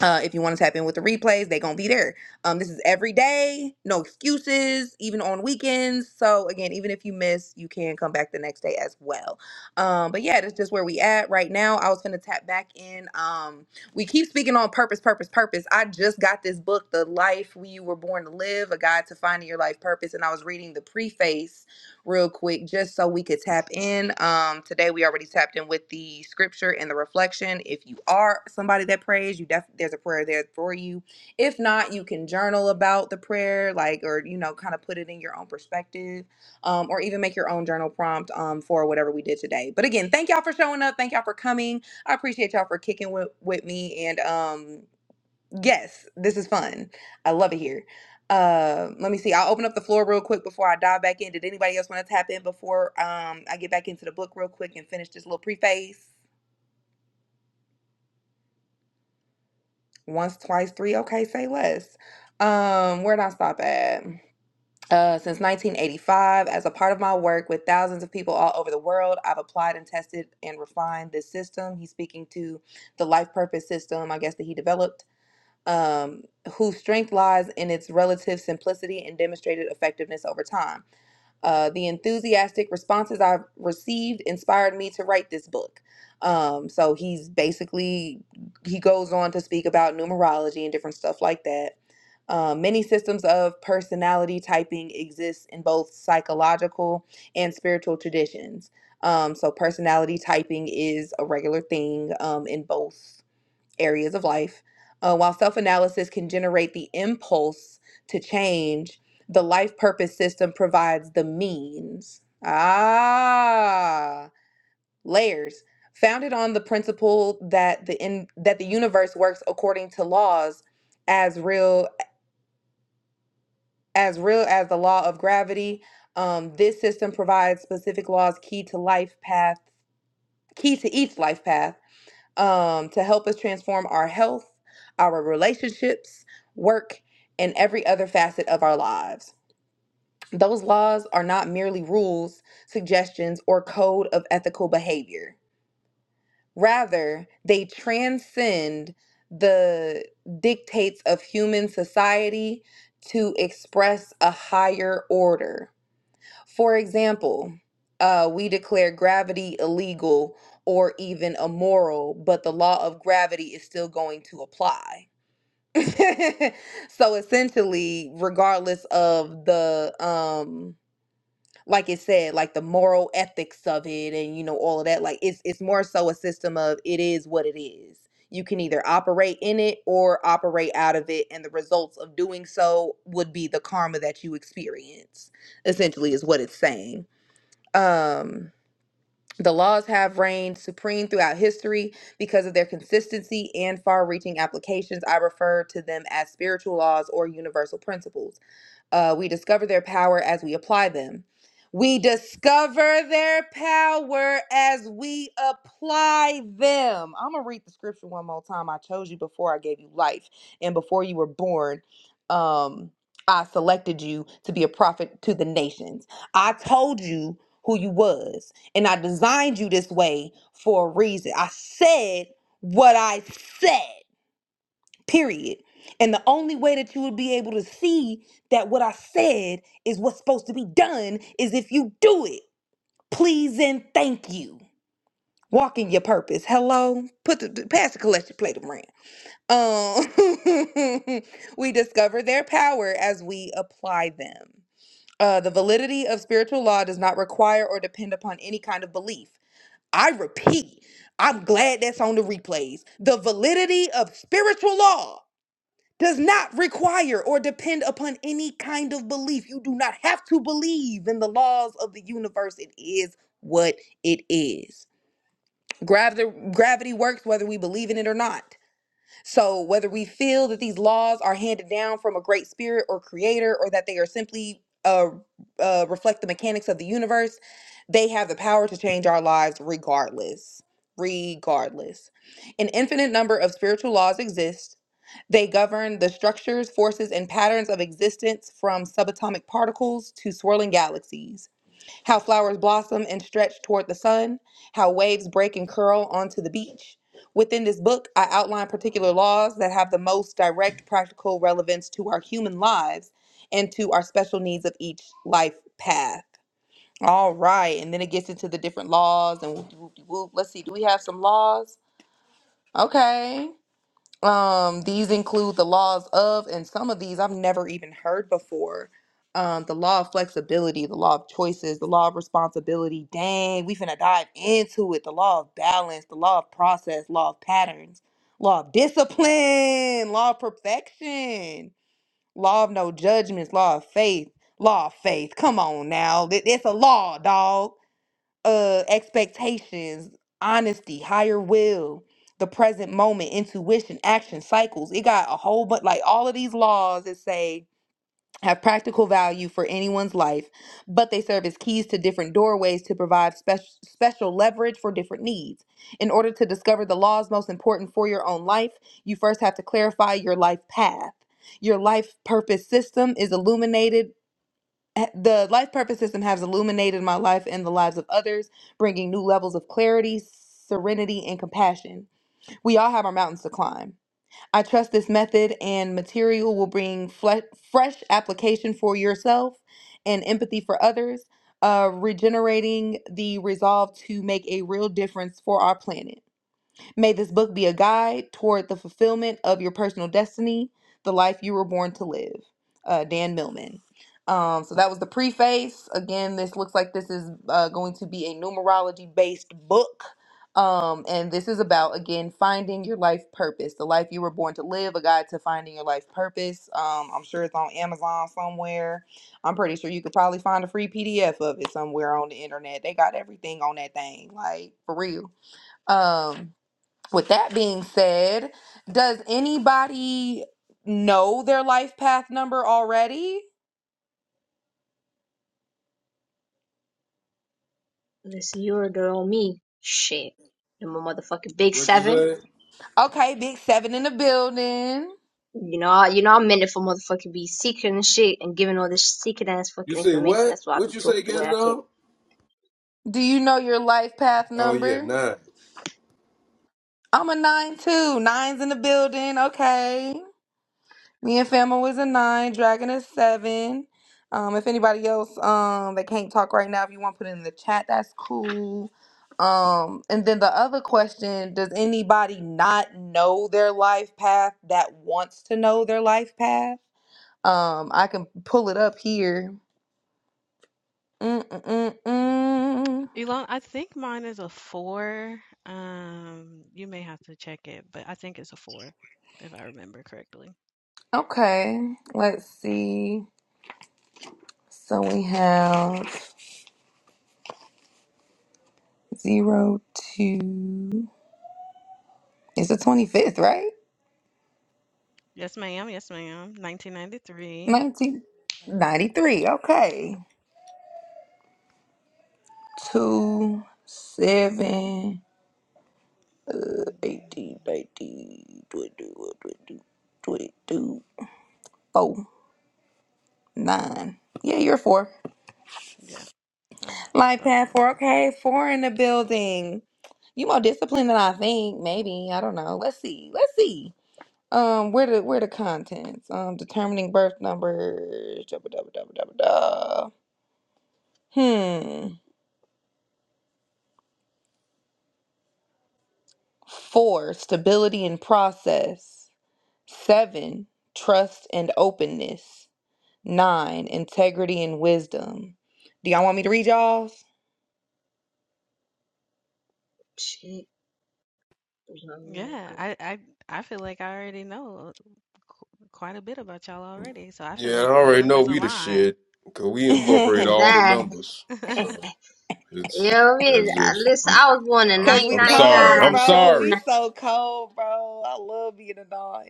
S2: Uh, if you want to tap in with the replays, they're gonna be there. Um, this is every day, no excuses, even on weekends. So again, even if you miss, you can come back the next day as well. Um, but yeah, that's just where we at right now. I was gonna tap back in. Um, we keep speaking on purpose, purpose, purpose. I just got this book, The Life We Were Born to Live, A Guide to Finding Your Life Purpose, and I was reading the preface real quick just so we could tap in. Um, today we already tapped in with the scripture and the reflection. If you are somebody that prays, you def- there's a prayer there for you. If not, you can journal about the prayer, like or you know, kind of put it in your own perspective, um, or even make your own journal prompt um, for whatever we did today. But again, thank y'all for showing up. Thank y'all for coming. I appreciate y'all for kicking with, with me and um Yes, this is fun. I love it here. Uh, let me see. I'll open up the floor real quick before I dive back in. Did anybody else want to tap in before um I get back into the book real quick and finish this little preface? Once, twice, three. Okay, say less. Um, where'd I stop at? Uh, since 1985, as a part of my work with thousands of people all over the world, I've applied and tested and refined this system. He's speaking to the life purpose system, I guess, that he developed um, whose strength lies in its relative simplicity and demonstrated effectiveness over time. Uh, the enthusiastic responses I've received inspired me to write this book. Um, so he's basically, he goes on to speak about numerology and different stuff like that. Um, many systems of personality typing exist in both psychological and spiritual traditions. Um, so personality typing is a regular thing um, in both areas of life. Uh, while self analysis can generate the impulse to change, the life purpose system provides the means. Ah, layers. Founded on the principle that the in, that the universe works according to laws as real as real as the law of gravity, um, this system provides specific laws key to life path, key to each life path um, to help us transform our health, our relationships, work, and every other facet of our lives. Those laws are not merely rules, suggestions, or code of ethical behavior. Rather, they transcend the dictates of human society to express a higher order for example, uh, we declare gravity illegal or even immoral, but the law of gravity is still going to apply. so essentially, regardless of the um like it said, like the moral ethics of it and you know all of that, like it's it's more so a system of it is what it is. You can either operate in it or operate out of it, and the results of doing so would be the karma that you experience, essentially, is what it's saying um the laws have reigned supreme throughout history because of their consistency and far reaching applications. I refer to them as spiritual laws or universal principles. Uh, we discover their power as we apply them. We discover their power as we apply them. I'm going to read the scripture one more time. I chose you before I gave you life and before you were born. Um, I selected you to be a prophet to the nations. I told you who you was and I designed you this way for a reason. I said what I said period. And the only way that you would be able to see that what I said is what's supposed to be done is if you do it. Please and thank you. Walk in your purpose. Hello. Put the pass the collection plate around. Um, we discover their power as we apply them. Uh, the validity of spiritual law does not require or depend upon any kind of belief. I repeat, I'm glad that's on the replays. The validity of spiritual law does not require or depend upon any kind of belief. You do not have to believe in the laws of the universe. It is what it is. Gravity, gravity works whether we believe in it or not. So, whether we feel that these laws are handed down from a great spirit or creator, or that they are simply uh, uh, reflect the mechanics of the universe, they have the power to change our lives regardless. Regardless. An infinite number of spiritual laws exist they govern the structures, forces, and patterns of existence from subatomic particles to swirling galaxies, how flowers blossom and stretch toward the sun, how waves break and curl onto the beach. Within this book, I outline particular laws that have the most direct practical relevance to our human lives and to our special needs of each life path. All right, and then it gets into the different laws and whoop-de-whoop. let's see, do we have some laws? Okay. Um, these include the laws of, and some of these I've never even heard before. Um, the law of flexibility, the law of choices, the law of responsibility. Dang, we finna dive into it. The law of balance, the law of process, law of patterns, law of discipline, law of perfection, law of no judgments, law of faith, law of faith. Come on now, Th- it's a law, dog uh expectations, honesty, higher will, the present moment, intuition, action, cycles. It got a whole bunch like all of these laws that say have practical value for anyone's life, but they serve as keys to different doorways to provide special special leverage for different needs. In order to discover the laws most important for your own life, you first have to clarify your life path. Your life purpose system is illuminated the life purpose system has illuminated my life and the lives of others, bringing new levels of clarity, serenity, and compassion. We all have our mountains to climb. I trust this method and material will bring fle- fresh application for yourself and empathy for others, uh, regenerating the resolve to make a real difference for our planet. May this book be a guide toward the fulfillment of your personal destiny, the life you were born to live. Uh, Dan Millman. Um, so that was the preface. Again, this looks like this is uh, going to be a numerology based book. Um, and this is about, again, finding your life purpose, the life you were born to live, a guide to finding your life purpose. Um, I'm sure it's on Amazon somewhere. I'm pretty sure you could probably find a free PDF of it somewhere on the internet. They got everything on that thing, like for real. Um, with that being said, does anybody know their life path number already?
S3: listen, you're the girl, me. Shit, I'm a motherfucking big
S8: What you
S3: seven.
S8: say?
S2: Okay, big seven in the building.
S3: You know, you know, I'm meant for motherfucking be secret and shit and giving all this secret ass
S8: You
S3: fucking
S8: say
S3: information.
S8: what?
S3: That's why I
S8: What
S3: be
S8: you say,
S3: talking the way
S8: get it
S3: I talk.
S8: all?
S2: Do you know your life path
S8: Oh yeah,
S2: number?
S8: nine.
S2: I'm a nine too. Nine's in the building. Okay. Me and Fama was a nine, Dragon is seven. Um, if anybody else um that can't talk right now, if you want to put it in the chat, that's cool. Um, and then the other question: Does anybody not know their life path that wants to know their life path? Um, I can pull it up here. mm mm mm Okay, let's see. So we have zero two. It's the twenty fifth, right? 1993. Okay. 2, 7, eighteen, nineteen, twenty-one, twenty-two, twenty-two, four, nine. Yeah, you're 4. Life path 4. Okay, 4 in the building. You more disciplined than I think. Maybe. I don't know. Let's see. Let's see. Um, where the where the contents? Um, determining birth numbers. Da, ba, da, ba, da, ba, da, ba, da. Hmm. Four. Stability and process. Seven, trust and openness. Nine, integrity and wisdom. Do y'all want me to read y'all's?
S3: Shit. That, you know what
S8: Yeah, I already know we the shit. Cause we incorporate
S2: Cause
S8: all the numbers.
S3: I
S8: so. It's
S3: mean?
S8: that's
S3: Uh,
S8: just
S3: Listen,
S8: I'm
S3: I was born in
S8: I'm
S2: we
S8: I'm sorry.
S2: cold,
S8: I'm
S3: 1999, triple
S2: bro.
S8: sorry.
S2: We
S3: nine.
S2: so cold, bro. I love being a dog.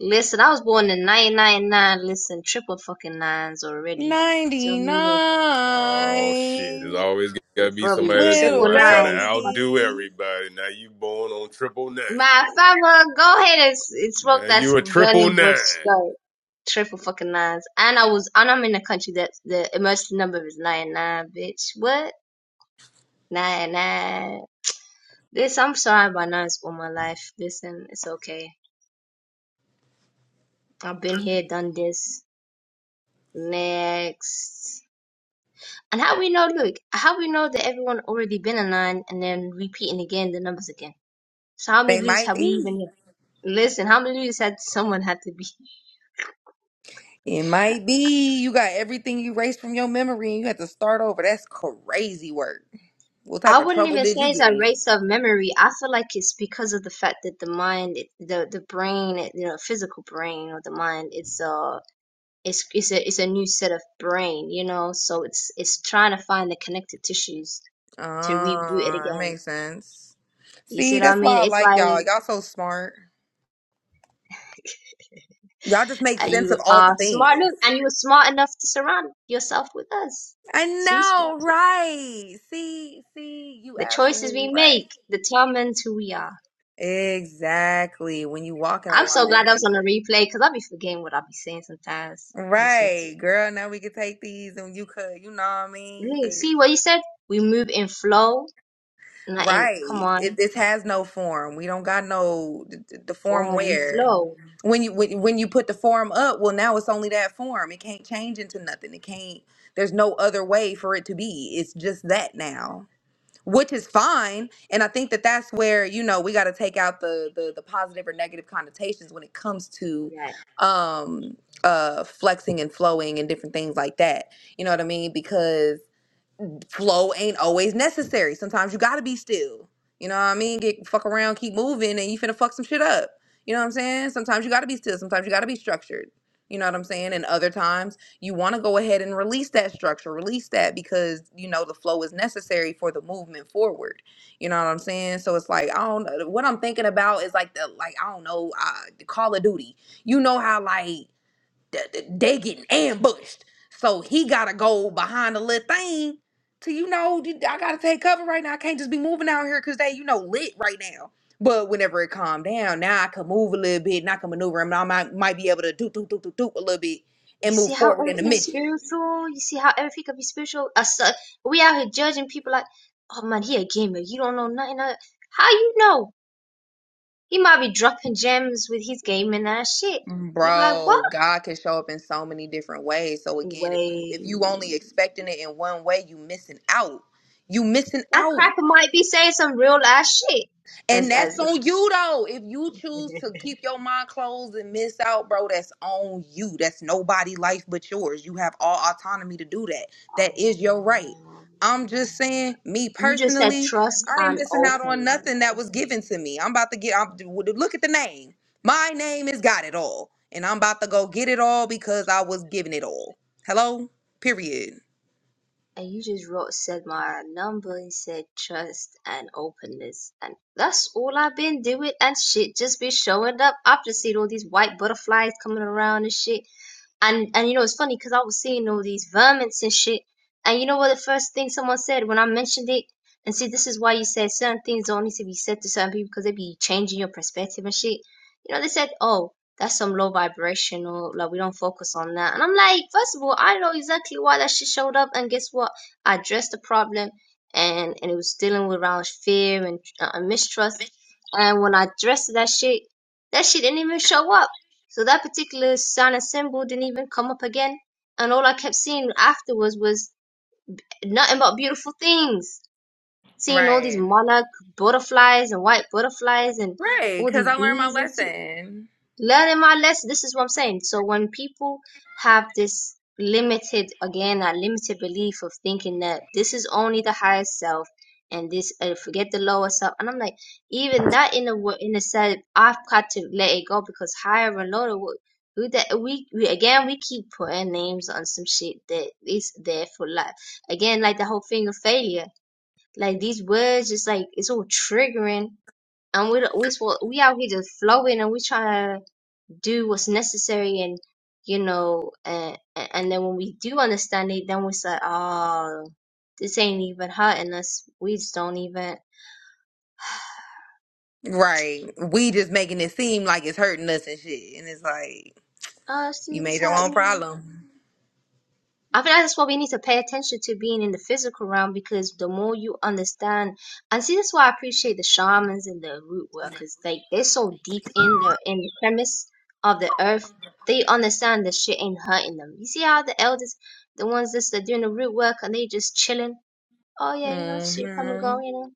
S3: Listen, I was born in 1999, listen, triple fucking nines already. You know what I mean?
S8: Oh shit! There's
S2: Ninety-nine,
S8: always gotta
S3: It's
S8: be
S3: Probably
S8: somebody that's doing.
S2: little
S3: triple
S8: I try to
S3: nines. Fuck-
S8: outdo
S2: baby.
S8: everybody. Now you born on triple nine.
S3: My father, go ahead and, s- and
S8: Now
S3: smoke that
S8: you a triple
S3: burning bush,
S8: nine.
S3: though. triple fucking nines. And I was, and I'm in a country that the emergency number is nine nine, bitch. What? Nine nine. This, I'm sorry about nines all my life. Listen, it's okay. I've been here, done this. Next. And how we know, look, how we know that everyone already been a nine and then repeating again the numbers again. So how
S2: They
S3: many loops
S2: might
S3: have we
S2: be.
S3: even, listen, how many loops had someone had to be?
S2: It might be. You got everything you erased from your memory, and you have to start over. That's crazy work. What type
S3: I
S2: of
S3: wouldn't
S2: trouble
S3: even
S2: did
S3: say
S2: you
S3: it's
S2: get
S3: a
S2: in?
S3: race of memory. I feel like it's because of the fact that the mind, the the brain, you know, physical brain or the mind, it's a it's it's a it's a new set of brain, you know. So it's it's trying to find the connective tissues to reboot it
S2: Ah, it
S3: again.
S2: makes sense.
S3: You see
S2: See,
S3: what I
S2: that's
S3: mean?
S2: why I
S3: It's
S2: like
S3: like
S2: y'all. Y'all so smart. Y'all just make
S3: uh,
S2: sense
S3: you
S2: of all the
S3: are
S2: things.
S3: smart look, and you were smart enough to surround yourself with us,
S2: I
S3: so you smart
S2: know,
S3: too.
S2: right? See, see, you
S3: The choices
S2: absolutely
S3: we
S2: right.
S3: make determines who we are.
S2: Exactly. When you walk in
S3: I'm so glad that was
S2: alignment.
S3: on the replay because I'll be forgetting what I'll be saying sometimes. I just need to.
S2: Right, girl. Now we could take these and you could, you know what I mean? You
S3: Really,
S2: could.
S3: See what he said? We move in flow, not in come
S2: Right. It,
S3: on
S2: this has no form. We don't got no the, the form
S3: form. We
S2: where
S3: flow.
S2: when you when, when you put the form up, well now it's only that form. It can't change into nothing. It can't there's no other way for it to be. It's just that now. Which is fine, and I think that that's where you know we got to take out the, the the positive or negative connotations when it comes to
S3: Right.
S2: um uh flexing and flowing and different things like that. You know what I mean? Because flow ain't always necessary. Sometimes you gotta be still. You know what I mean? Get fuck around, keep moving, and you finna fuck some shit up. You know what I'm saying? Sometimes you gotta be still. Sometimes you gotta be structured. You know what I'm saying? And other times you wanna go ahead and release that structure, release that because you know the flow is necessary for the movement forward. You know what I'm saying? So it's like I don't know. What I'm thinking about is like the like I don't know, uh, Call of Duty. You know how like th- th- they getting ambushed. So he gotta go behind the little thing to you know d- I gotta take cover right now. I can't just be moving out here because they you know lit right now. But whenever it calmed down, now I can move a little bit and I can maneuver him. And I might, might be able to do do do do do a little bit
S3: You
S2: and
S3: see
S2: move
S3: how
S2: forward in the
S3: everything is
S2: mission.
S3: spiritual. You see how everything could be spiritual. Us, uh, we out here judging people like, oh man, he a gamer. You don't know nothing. Of, how you know? He might be dropping gems with his gaming ass shit. You be like, what?
S2: Bro, God can show up in so many different ways. So again, if you
S3: Wait,
S2: if you only expecting it in one way, you missing out. You missing
S3: that
S2: out.
S3: cracker might be saying some real ass shit.
S2: And
S3: As
S2: that's
S3: as if
S2: on you though. If you choose to keep your mind closed and miss out, bro, that's on you. That's nobody's life but yours. You have all autonomy to do that. That is your right.
S3: um,
S2: I'm just saying, me
S3: you just said
S2: personally,
S3: trust
S2: I ain't
S3: and
S2: missing out on
S3: openness.
S2: nothing that was given to me. I'm about to get. I'm, look at the name. My name is got it all, and I'm about to go get it all because I was given it all. Hello. Period.
S3: and you just wrote said my number you said trust and openness and that's all i've been doing and shit just be showing up i've just seen all these white butterflies coming around and shit and and you know it's funny because i was seeing all these vermins and shit and you know what the first thing someone said when i mentioned it and see this is why you said certain things don't need to be said to certain people because they be changing your perspective and shit you know they said oh that's some low vibrational like we don't focus on that and i'm like first of all i know exactly why that shit showed up and guess what i addressed the problem and and it was dealing with around fear and uh, mistrust and when i addressed that shit that shit didn't even show up so that particular sign and symbol didn't even come up again and all i kept seeing afterwards was nothing but beautiful things seeing all these
S2: Right.
S3: monarch butterflies and white butterflies and
S2: Right.
S3: all
S2: Because
S3: these
S2: I learned my
S3: bees and shit
S2: lesson.
S3: learning my lesson. This is what I'm saying. So when people have this limited, again, that limited belief of thinking that this is only the higher self and this, uh, forget the lower self. And I'm like, even that in a wo- in a sense, I've got to let it go because higher and lower. wo- We, that we, we again we keep putting names on some shit that is there for life. Again, like the whole thing of failure. Like these words, just like it's all triggering, and we we we out here just flowing, and we trying to do what's necessary and you know and and then when we do understand it then we say oh this ain't even hurting us we just don't even
S2: Right. We just making it seem like it's hurting us and shit. And it's like,
S3: oh
S2: you
S3: see this
S2: made your
S3: hurting
S2: own
S3: me
S2: problem.
S3: I feel like that's why we need to pay attention to being in the physical realm because the more you understand and see that's why I appreciate the shamans and the root workers like they're so deep in the in the premise of the earth they understand the shit ain't hurting them you see how the elders the ones that's doing the root work and they just chilling Oh yeah, you know, see from a
S2: hmm
S3: girl, you know,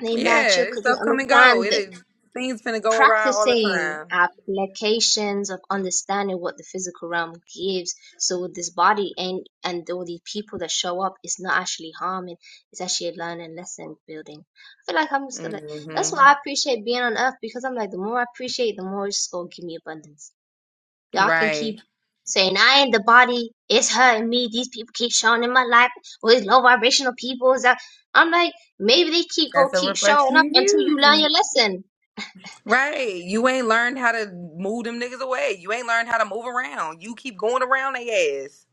S3: they match you
S2: Yeah, this
S3: because
S2: stuff
S3: they
S2: come and go.
S3: understand
S2: It
S3: that
S2: is, things finna go awry all the
S3: practicing
S2: time.
S3: applications of understanding what the physical realm gives. So with this body and and all these people that show up, it's not actually harming. It's actually a learning lesson building. I feel like I'm just gonna. That's
S2: hmm
S3: why I appreciate being on Earth because I'm like the more I appreciate, the more it's gonna give me abundance. Y'all can keep
S2: Right.
S3: saying I ain't the body, it's her and me. These people keep showing in my life with low vibrational people. Is that- I'm like, maybe they keep go
S2: That's a
S3: keep showing
S2: reflection of
S3: up until you learn
S2: you.
S3: your lesson.
S2: Right. You ain't learned how to move them niggas away. You ain't learned how to move around. You keep going around they ass.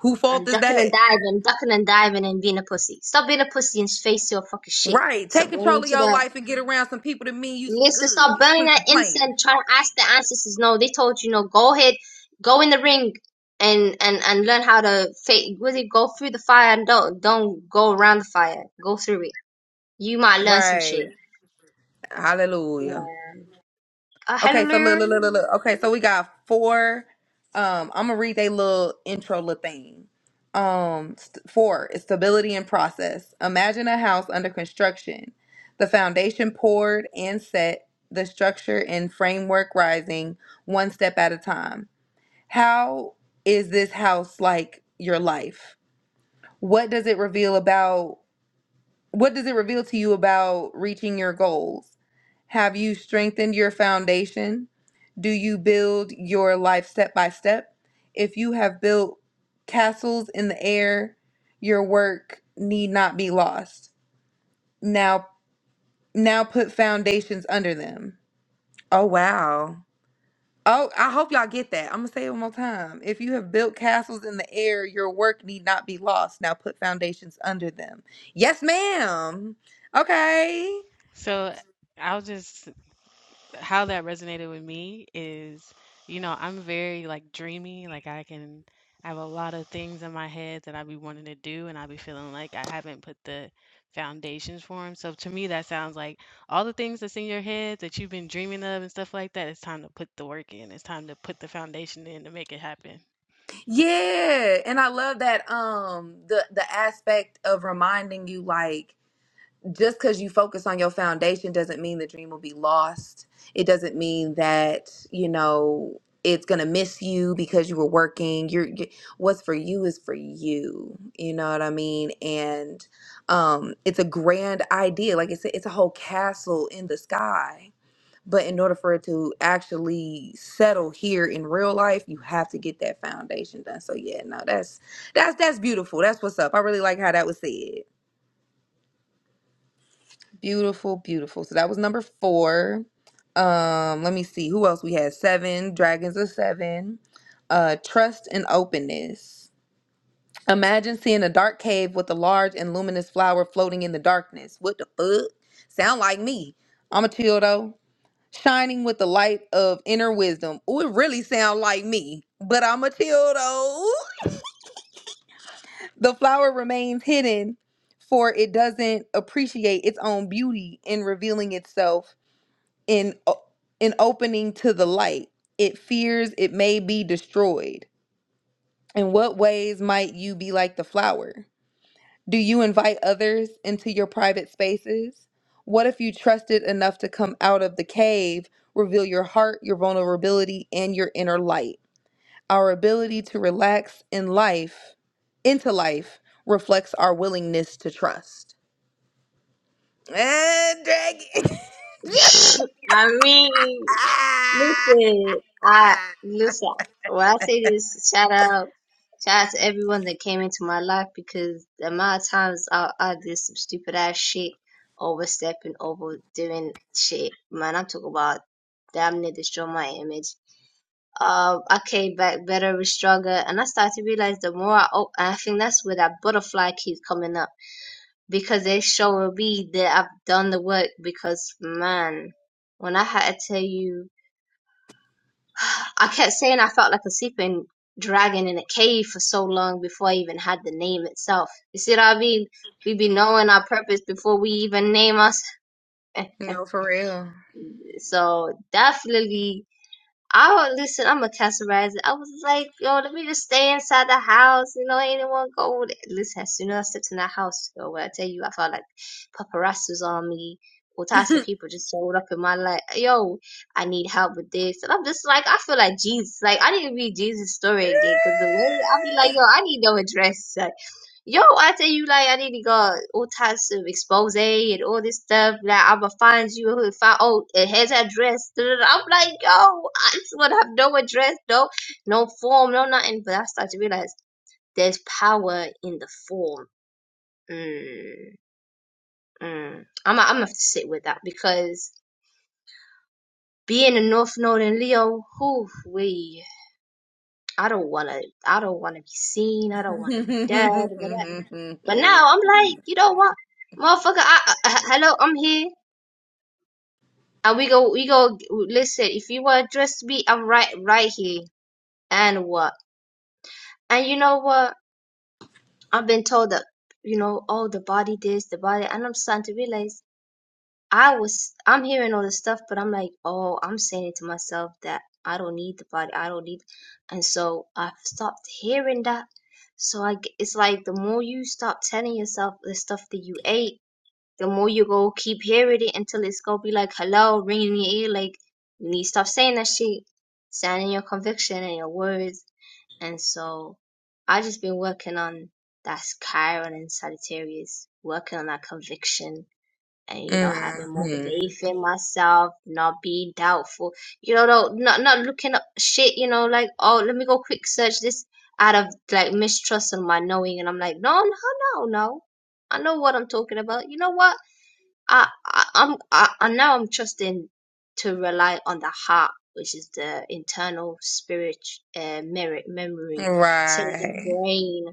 S2: Who
S3: I'm
S2: fault is
S3: ducking
S2: that?
S3: and diving, ducking and diving and being a pussy. Stop being a pussy and face your fucking shit.
S2: Right. Take
S3: Stop
S2: control
S3: running
S2: of
S3: to
S2: your
S3: that.
S2: life and get around some people that mean you some
S3: Listen, stop
S2: good.
S3: burning
S2: Quit
S3: that
S2: complaining.
S3: incense, trying to ask the ancestors. No, they told you, no, go ahead, go in the ring, and and and learn how to fa- really go through the fire and don't don't go around the fire. Go through it. You might learn some shit.
S2: Right.
S3: Yeah.
S2: Hallelujah.
S3: Uh,
S2: Okay, so look,
S3: hallelujah.
S2: look, look, look, look. Okay, so we got four. Um, I'm gonna read they little intro little thing. Um, st- four is stability and process. Imagine a house under construction, the foundation poured and set, the structure and framework rising one step at a time. How is this house like your life? What does it reveal about? What does it reveal to you about reaching your goals? Have you strengthened your foundation? Do you build your life step by step? If you have built castles in the air, your work need not be lost. Now now put foundations under them. Oh wow. Oh, I hope y'all get that. I'm gonna say it one more time. If you have built castles in the air, your work need not be lost. Now put foundations under them. Yes, ma'am. Okay. Yeah, and I love that um the the aspect of reminding you like just because you focus on your foundation doesn't mean the dream will be lost. It doesn't mean that, you know, it's going to miss you because you were working. You're you, what's for you is for you. You know what I mean? And um it's a grand idea. Like it's a, it's a whole castle in the sky but in order for it to actually settle here in real life, you have to get that foundation done. So yeah, no, that's that's that's beautiful. That's what's up. I really like how that was said. Beautiful, beautiful. So that was number four. Um, let me see who else we had. Seven dragons of seven. Uh, trust and openness. Imagine seeing a dark cave with a large and luminous flower floating in the darkness. What the fuck? Sound like me. I'm a chill though. shining with the light of inner wisdom. Ooh, it really sound like me, but I'm a chill though. the flower remains hidden, for it doesn't appreciate its own beauty in revealing itself in o- in opening to the light. It fears it may be destroyed. In what ways might you be like the flower? Do you invite others into your private spaces? What if you trusted enough to come out of the cave, reveal your heart, your vulnerability, and your inner light? Our ability to relax in life, into life, reflects our willingness to trust. Eh, Dragon.
S3: I mean, listen, I, listen, when I say this, shout out, shout out to everyone that came into my life because the amount of times I, I did some stupid ass shit, overstepping, over doing shit, man, I'm talking about damn near destroy my image. Uh, I came back better, stronger, and I started to realize the more I, op- I think that's where that butterfly keeps coming up because they showing me that I've done the work. Because man, when I had to tell you, I kept saying I felt like a sleeping dragon in a cave for so long before I even had the name itself. You see what I mean? We be knowing our purpose before we even name us.
S2: no, for real.
S3: So definitely. I would listen. I'm a categorizer. I was like, yo, let me just stay inside the house. You know, anyone go? there. Listen, as soon as I stepped in that house, yo, when I tell you, I felt like paparazzi was on me. All types of people just showed up in my life. Yo, I need help with this, and I'm just like, I feel like Jesus. Like I need to read Jesus' story again because the way I be like, yo, I need no address. Yo, I tell you, like I need to go all types of expose and all this stuff. Like I'ma find you, who- find oh, it has address. da, da, da. I'm like, yo, I just wanna have no address, no, no form, no nothing. But I start to realize there's power in the form. Mm, mm. I'm, I'm gonna have to sit with that because being a North Node in Leo, who we, I don't wanna, I don't wanna be seen. I don't wanna be
S2: Mhm.
S3: dead. But now I'm like, you know what, motherfucker? I, I, I- hello, I'm here, and we go, we go. Listen, if you want to address me, I'm right, right here. And what? And you know what? I've been told that, you know, oh, the body this, the body, and I'm starting to realize I was, I'm hearing all this stuff, but I'm like, oh, I'm saying it to myself that I don't need the body, I don't need, and so I've stopped hearing that. So I, g- it's like the more you stop telling yourself the stuff that you ate the more you go keep hearing it until it's gonna be like hello ringing in your ear like you need to stop saying that shit stand in your conviction and your words and so i just been working on that chiron and sagittarius working on that conviction and you know having more faith in myself not being doubtful you know no, not not looking up shit you know like oh let me go quick search this out of like mistrust and my knowing and i'm like no no no no i know what i'm talking about you know what I, I I'm I, I now I'm trusting to rely on the heart, which is the internal spirit uh, merit memory, instead of the
S2: Right.
S3: brain,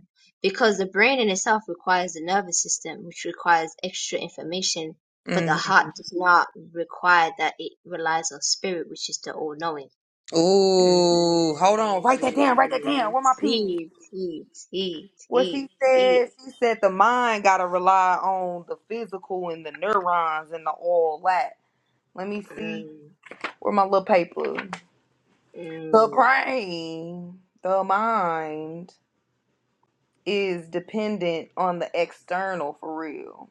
S3: because the brain in itself requires the nervous system, which requires extra information, but the
S2: Mm-hmm.
S3: heart does not require that. It relies on spirit, which is the all knowing.
S2: Ooh, hold on. Write that down. Write that down.
S3: Mm,
S2: Where my pen?
S3: tea, tea, tea,
S2: What
S3: tea,
S2: she
S3: tea.
S2: said, she said the mind got to rely on the physical and the neurons and the all that. Let me see
S3: Mm,
S2: where my little paper. The
S3: mm.
S2: brain, the mind is dependent on the external for real.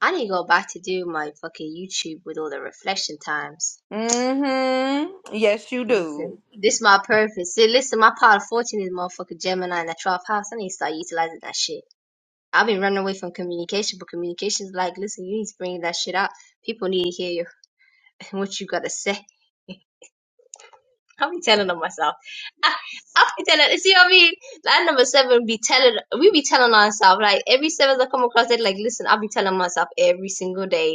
S3: I need to go back to do my fucking YouTube with all the reflection times.
S2: Mm-hmm. Yes, you do.
S3: Listen, this my purpose. See, listen, my part of fortune is motherfucking Gemini in the 12th house. I need to start utilizing that shit. I've been running away from communication, but communication's like, listen, you need to bring that shit out. People need to hear your, what you gotta say. I'll be telling on myself. I, I'll be telling, see what I mean? Line number seven be telling, we be telling ourselves, like, every seventh I come across it, like, listen, I'll be telling myself every single day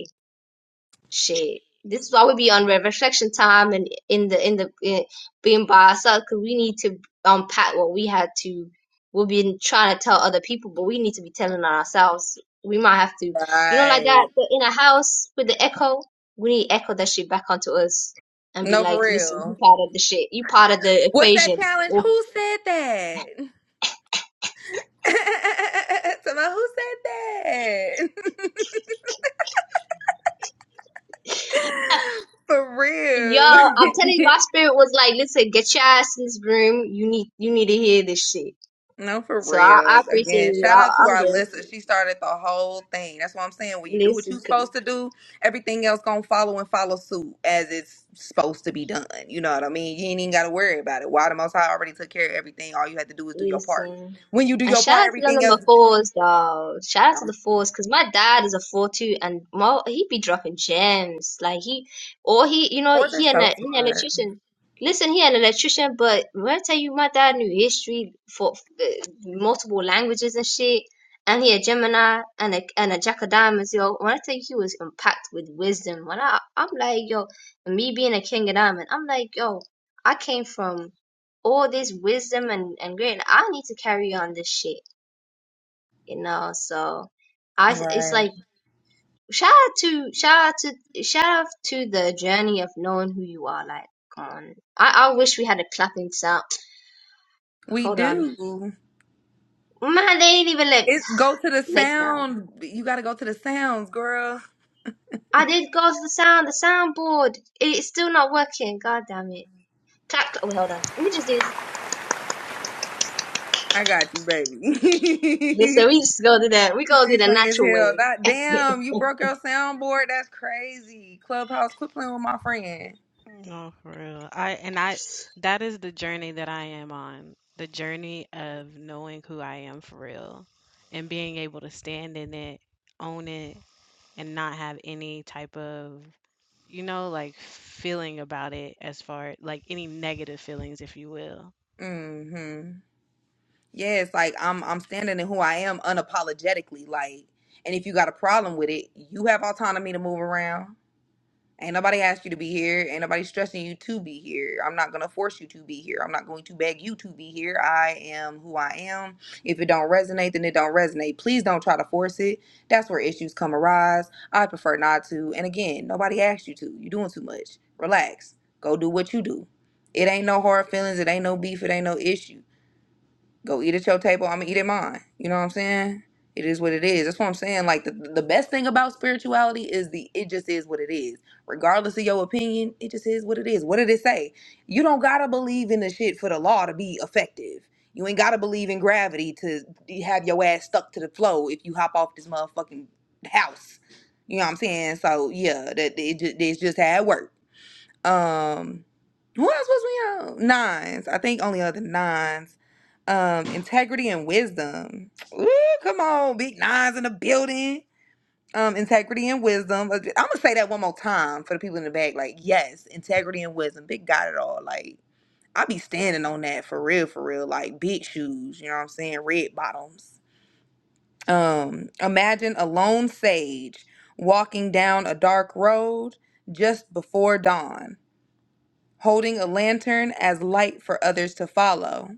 S3: Shit. This is why we be on re- reflection time and in the in the in, being by ourselves because we need to unpack what we had to. We've been trying to tell other people, but we need to be telling ourselves. We might have to, you know, like that
S2: Right.
S3: the in a house with the echo. We need to echo that shit back onto us and be
S2: No, for
S3: like, listen, you
S2: real.
S3: part of the shit. You part of the
S2: What's that
S3: equation.
S2: challenge?
S3: Or
S2: Who said that? Somehow, who said that? for
S3: Yo, I'm telling you,
S2: real.
S3: my spirit was like, listen, get your ass in this room. You need, you need to hear this shit.
S2: no, for
S3: So I,
S2: real.
S3: I appreciate
S2: Again,
S3: it. I,
S2: shout out to
S3: I'm
S2: our
S3: grateful.
S2: listener. She started the whole thing. That's what I'm saying. When you do what
S3: Listen,
S2: you're
S3: c-
S2: supposed to do, everything else gonna follow and follow suit as it's supposed to be done. You know what I mean? You ain't even gotta worry about it. Why the Most High already took care of everything. All you had to do is do your part.
S3: listen.
S2: When you do
S3: And
S2: your
S3: shout out
S2: part,
S3: to the
S2: everything
S3: number
S2: else.
S3: fours, though. Shout out to the
S2: Um,
S3: fours, because my dad is a four too, and mo he be dropping gems. Like he, or he, you know,
S2: boys are
S3: he an,
S2: so
S3: he an
S2: smart.
S3: electrician. Listen, he an electrician, but when I tell you, my dad knew history for uh, multiple languages and shit. And he a Gemini and a and a Jack of Diamonds, yo. When I tell you, he was impacted with wisdom. When I, I'm like, yo, and me being a King of Diamond, I'm like, yo, I came from. all this wisdom and and great i need to carry on this shit you know so i it's
S2: Right.
S3: like shout out to shout out to shout out to the journey of knowing who you are like come on i i wish we had a clapping sound
S2: We
S3: hold on
S2: do.
S3: man they ain't even let
S2: It go to the
S3: next time
S2: sound. You gotta go to the sounds, girl.
S3: i did go to the sound the soundboard it's still not working god damn it clap clap wait hold on let me just do
S2: I got you,
S3: this so
S2: baby.
S3: we just go do that we go do
S2: She's
S3: the
S2: funny as
S3: natural
S2: hell.
S3: way
S2: That damn, you broke your soundboard. That's crazy. Clubhouse, quit playing with my friend. Mm-hmm. Yes, like I'm I'm standing in who I am unapologetically. Like, and if you got a problem with it, you have autonomy to move around. Ain't nobody asked you to be here. Ain't nobody stressing you to be here. I'm not gonna force you to be here. I'm not going to beg you to be here. I am who I am. If it don't resonate, then it don't resonate. Please don't try to force it. That's where issues come arise. I prefer not to. And again, nobody asked you to. You're doing too much. Relax. Go do what you do. It ain't no hard feelings. It ain't no beef. It ain't no issue. Go eat at your table. I'm gonna eat at mine. You know what I'm saying? It is what it is. That's what I'm saying. Like the, the best thing about spirituality is the it just is what it is. Regardless of your opinion, it just is what it is. What did it say? You don't gotta believe in the shit for the law to be effective. You ain't gotta believe in gravity to have your ass stuck to the floor if you hop off this motherfucking house. You know what I'm saying? So yeah, that it just, it's just how it works. Um, what else was we on? Nines. I think only other nines. Um, integrity and wisdom. Ooh, come on, big nines in the building. Um, integrity and wisdom. Uh, I'm gonna say that one more time for the people in the back. Like, yes, integrity and wisdom. Big got it all. Like, I be standing on that for real, for real. Like big shoes. You know what I'm saying? Red bottoms. Um, imagine a lone sage walking down a dark road just before dawn holding a lantern as light for others to follow.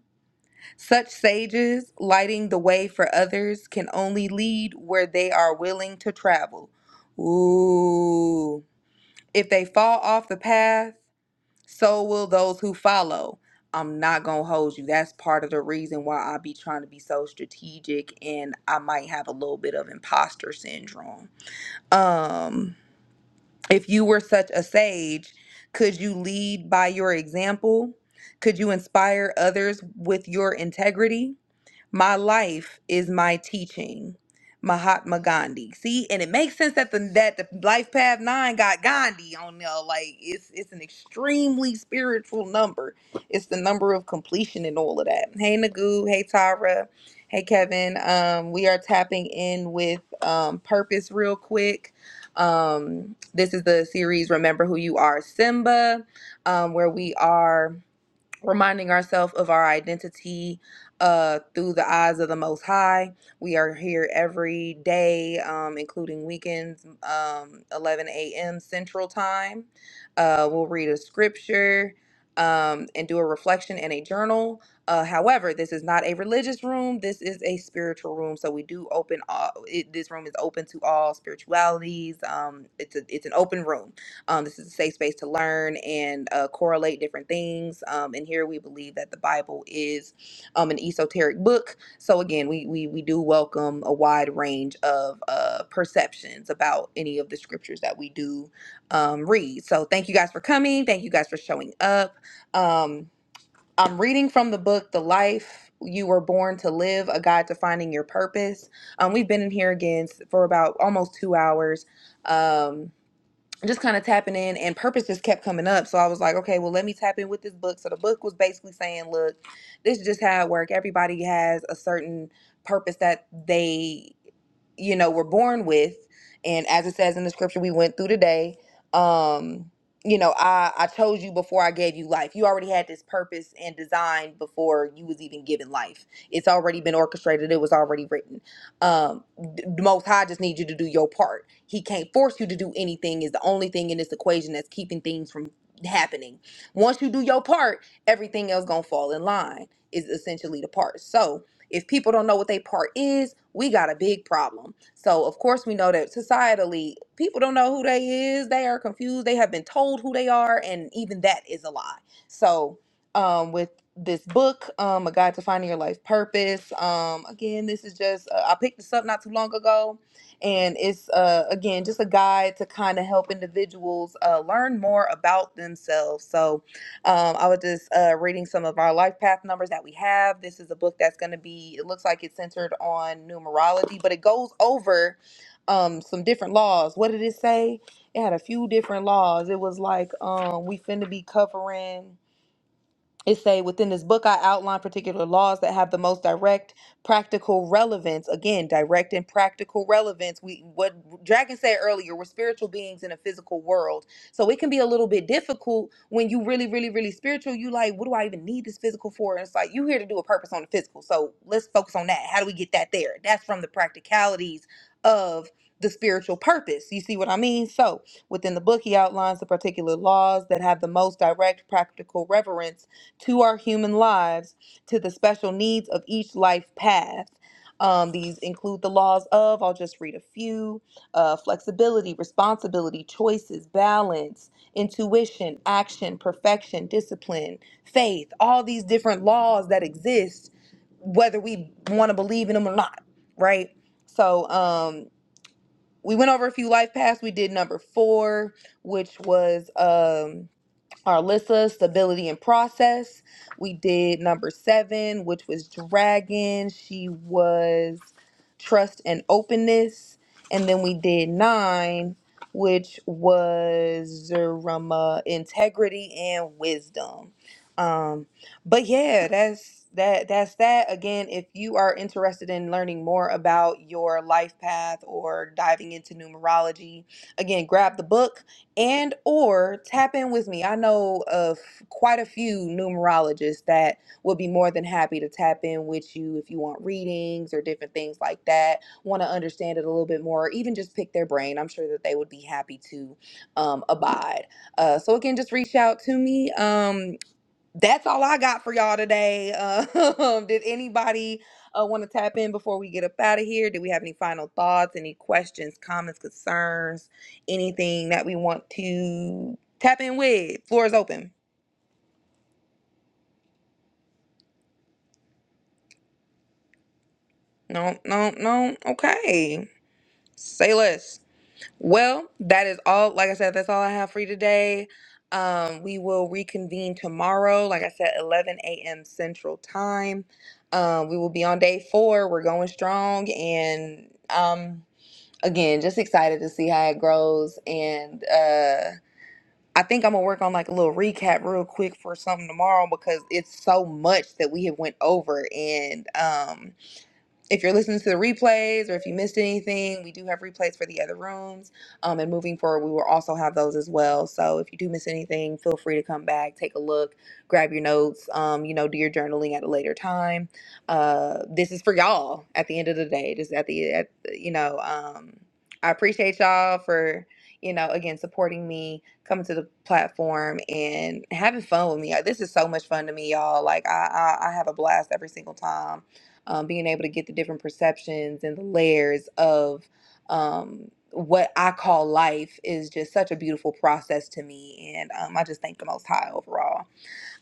S2: Such sages, lighting the way for others, can only lead where they are willing to travel. Ooh. If they fall off the path, so will those who follow. I'm not gonna hold you. That's part of the reason why I be trying to be so strategic and I might have a little bit of imposter syndrome. Um if you were such a sage, could you lead by your example? Could you inspire others with your integrity? My life is my teaching. Mahatma Gandhi. See, and it makes sense that the that the Life Path Nine got Gandhi on there. Like it's it's an extremely spiritual number. It's the number of completion and all of that. Hey Nagu, hey Tara, hey Kevin. Um, we are tapping in with um purpose real quick. Um, this is the series Remember Who You Are Simba, um, where we are reminding ourselves of our identity uh, through the eyes of the Most High. We are here every day, um, including weekends, um, 11 a.m. Central Time. Uh, we'll read a scripture um, and do a reflection and a journal. Uh, however, this is not a religious room. This is a spiritual room. So we do open all. It, this room is open to all spiritualities. Um, it's a, it's an open room. Um, this is a safe space to learn and uh, correlate different things. Um, and here we believe that the Bible is um, an esoteric book. So again, we we we do welcome a wide range of uh, perceptions about any of the scriptures that we do um, read. So thank you guys for coming. Thank you guys for showing up. Um, I'm reading from the book The Life You Were Born to Live: A Guide to Finding Your Purpose. Um, we've been in here again s- for about almost two hours. Um, just kind of tapping in and purpose just kept coming up so i was like okay well let me tap in with this book so the book was basically saying look this is just how it works. everybody has a certain purpose that they you know we're born with and as it says in the scripture we went through today um you know i i chose you before i gave you life you already had this purpose and design before you was even given life it's already been orchestrated it was already written um d- the most high just needs you to do your part he can't force you to do anything is the only thing in this equation that's keeping things from happening once you do your part everything else gonna fall in line is essentially the part so if people don't know what their part is, we got a big problem. So, of course, we know that societally, people don't know who they is. They are confused. They have been told who they are, and even that is a lie. So, um, with this book, um, A Guide to Finding Your Life Purpose, um, again, this is just, uh, I picked this up not too long ago and it's uh again just a guide to kind of help individuals uh learn more about themselves so um, I was just uh, reading some of our life path numbers that we have. This is a book that's going to be, it looks like it's centered on numerology, but it goes over um, some different laws. What did it say? It had a few different laws. It was like um, we finna be covering it say within this book i outline particular laws that have the most direct practical relevance again direct and practical relevance we what dragon said earlier we're spiritual beings in a physical world so it can be a little bit difficult when you really really really spiritual you like what do i even need this physical for and it's like you here to do a purpose on the physical so let's focus on that how do we get that there that's from the practicalities of the spiritual purpose you see what i mean so within the book he outlines the particular laws that have the most direct practical reverence to our human lives, to the special needs of each life path. Um, these include the laws of, I'll just read a few uh, flexibility, responsibility, choices, balance, intuition, action, perfection, discipline, faith, all these different laws that exist, whether we want to believe in them or not, right? So um, we went over a few life paths. We did number four, which was. Um, Arlissa, Stability and Process. We did number seven, which was Dragon. She was Trust and Openness. And then we did nine, which was Zerama, Integrity and Wisdom. Um, but yeah, that's that that's that again if you are interested in learning more about your life path or diving into numerology again grab the book and or tap in with me. I know of quite a few numerologists that would be more than happy to tap in with you if you want readings or different things like that. Want to understand it a little bit more, or even just pick their brain. I'm sure that they would be happy to um, abide. Uh, so again, just reach out to me. Um, that's all I got for y'all today. Um, did anybody uh, want to tap in before we get up out of here? Do we have any final thoughts, any questions, comments, concerns, anything that we want to tap in with? Floor is open. No, no, no. Okay. Say less. Well, that is all. Like I said, that's all I have for you today. Um, we will reconvene tomorrow, like I said, 11 a.m. Central Time. Um, we will be on day four. We're going strong. And um, again, just excited to see how it grows. And uh, I think I'm going to work on like a little recap real quick for something tomorrow because it's so much that we have went over. And um, if you're listening to the replays or if you missed anything, we do have replays for the other rooms. Um, and moving forward, we will also have those as well. So if you do miss anything, feel free to come back, take a look, grab your notes, um, you know, do your journaling at a later time. Uh, this is for y'all at the end of the day. Just at the, at, you know, um, I appreciate y'all for, you know, again, supporting me, coming to the platform and having fun with me. This is so much fun to me, y'all. Like, I, I, I have a blast every single time um, being able to get the different perceptions and the layers of um, what I call life is just such a beautiful process to me. And um, I just thank the Most High overall.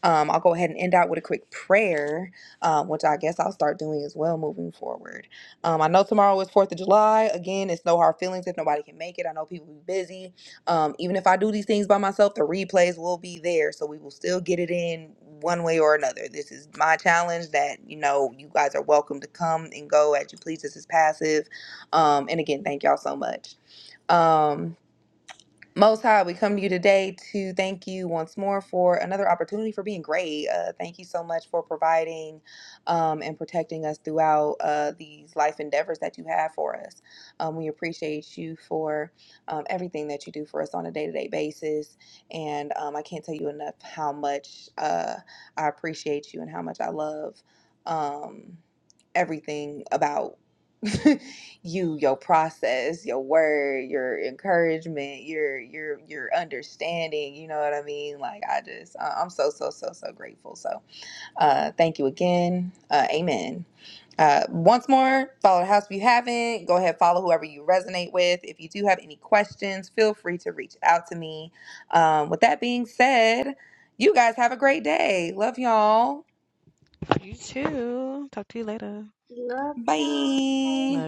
S2: Um, I'll go ahead and end out with a quick prayer, um, which I guess I'll start doing as well moving forward. Um, I know tomorrow is 4th of July. Again, it's no hard feelings if nobody can make it. I know people be busy. Um, even if I do these things by myself, the replays will be there. So we will still get it in one way or another. This is my challenge that, you know, you guys are welcome to come and go as you please. This is passive. Um, and again, thank y'all so much. Um, most High, we come to you today to thank you once more for another opportunity for being great. Uh, thank you so much for providing um, and protecting us throughout uh, these life endeavors that you have for us. Um, we appreciate you for um, everything that you do for us on a day to day basis. And um, I can't tell you enough how much uh, I appreciate you and how much I love um, everything about. you your process your word your encouragement your your your understanding you know what i mean like i just I- i'm so so so so grateful so uh thank you again uh amen uh, once more, follow the house if you haven't. Go ahead, follow whoever you resonate with. If you do have any questions, feel free to reach out to me. Um, with that being said, you guys have a great day. Love y'all.
S3: love y'all
S2: Bye.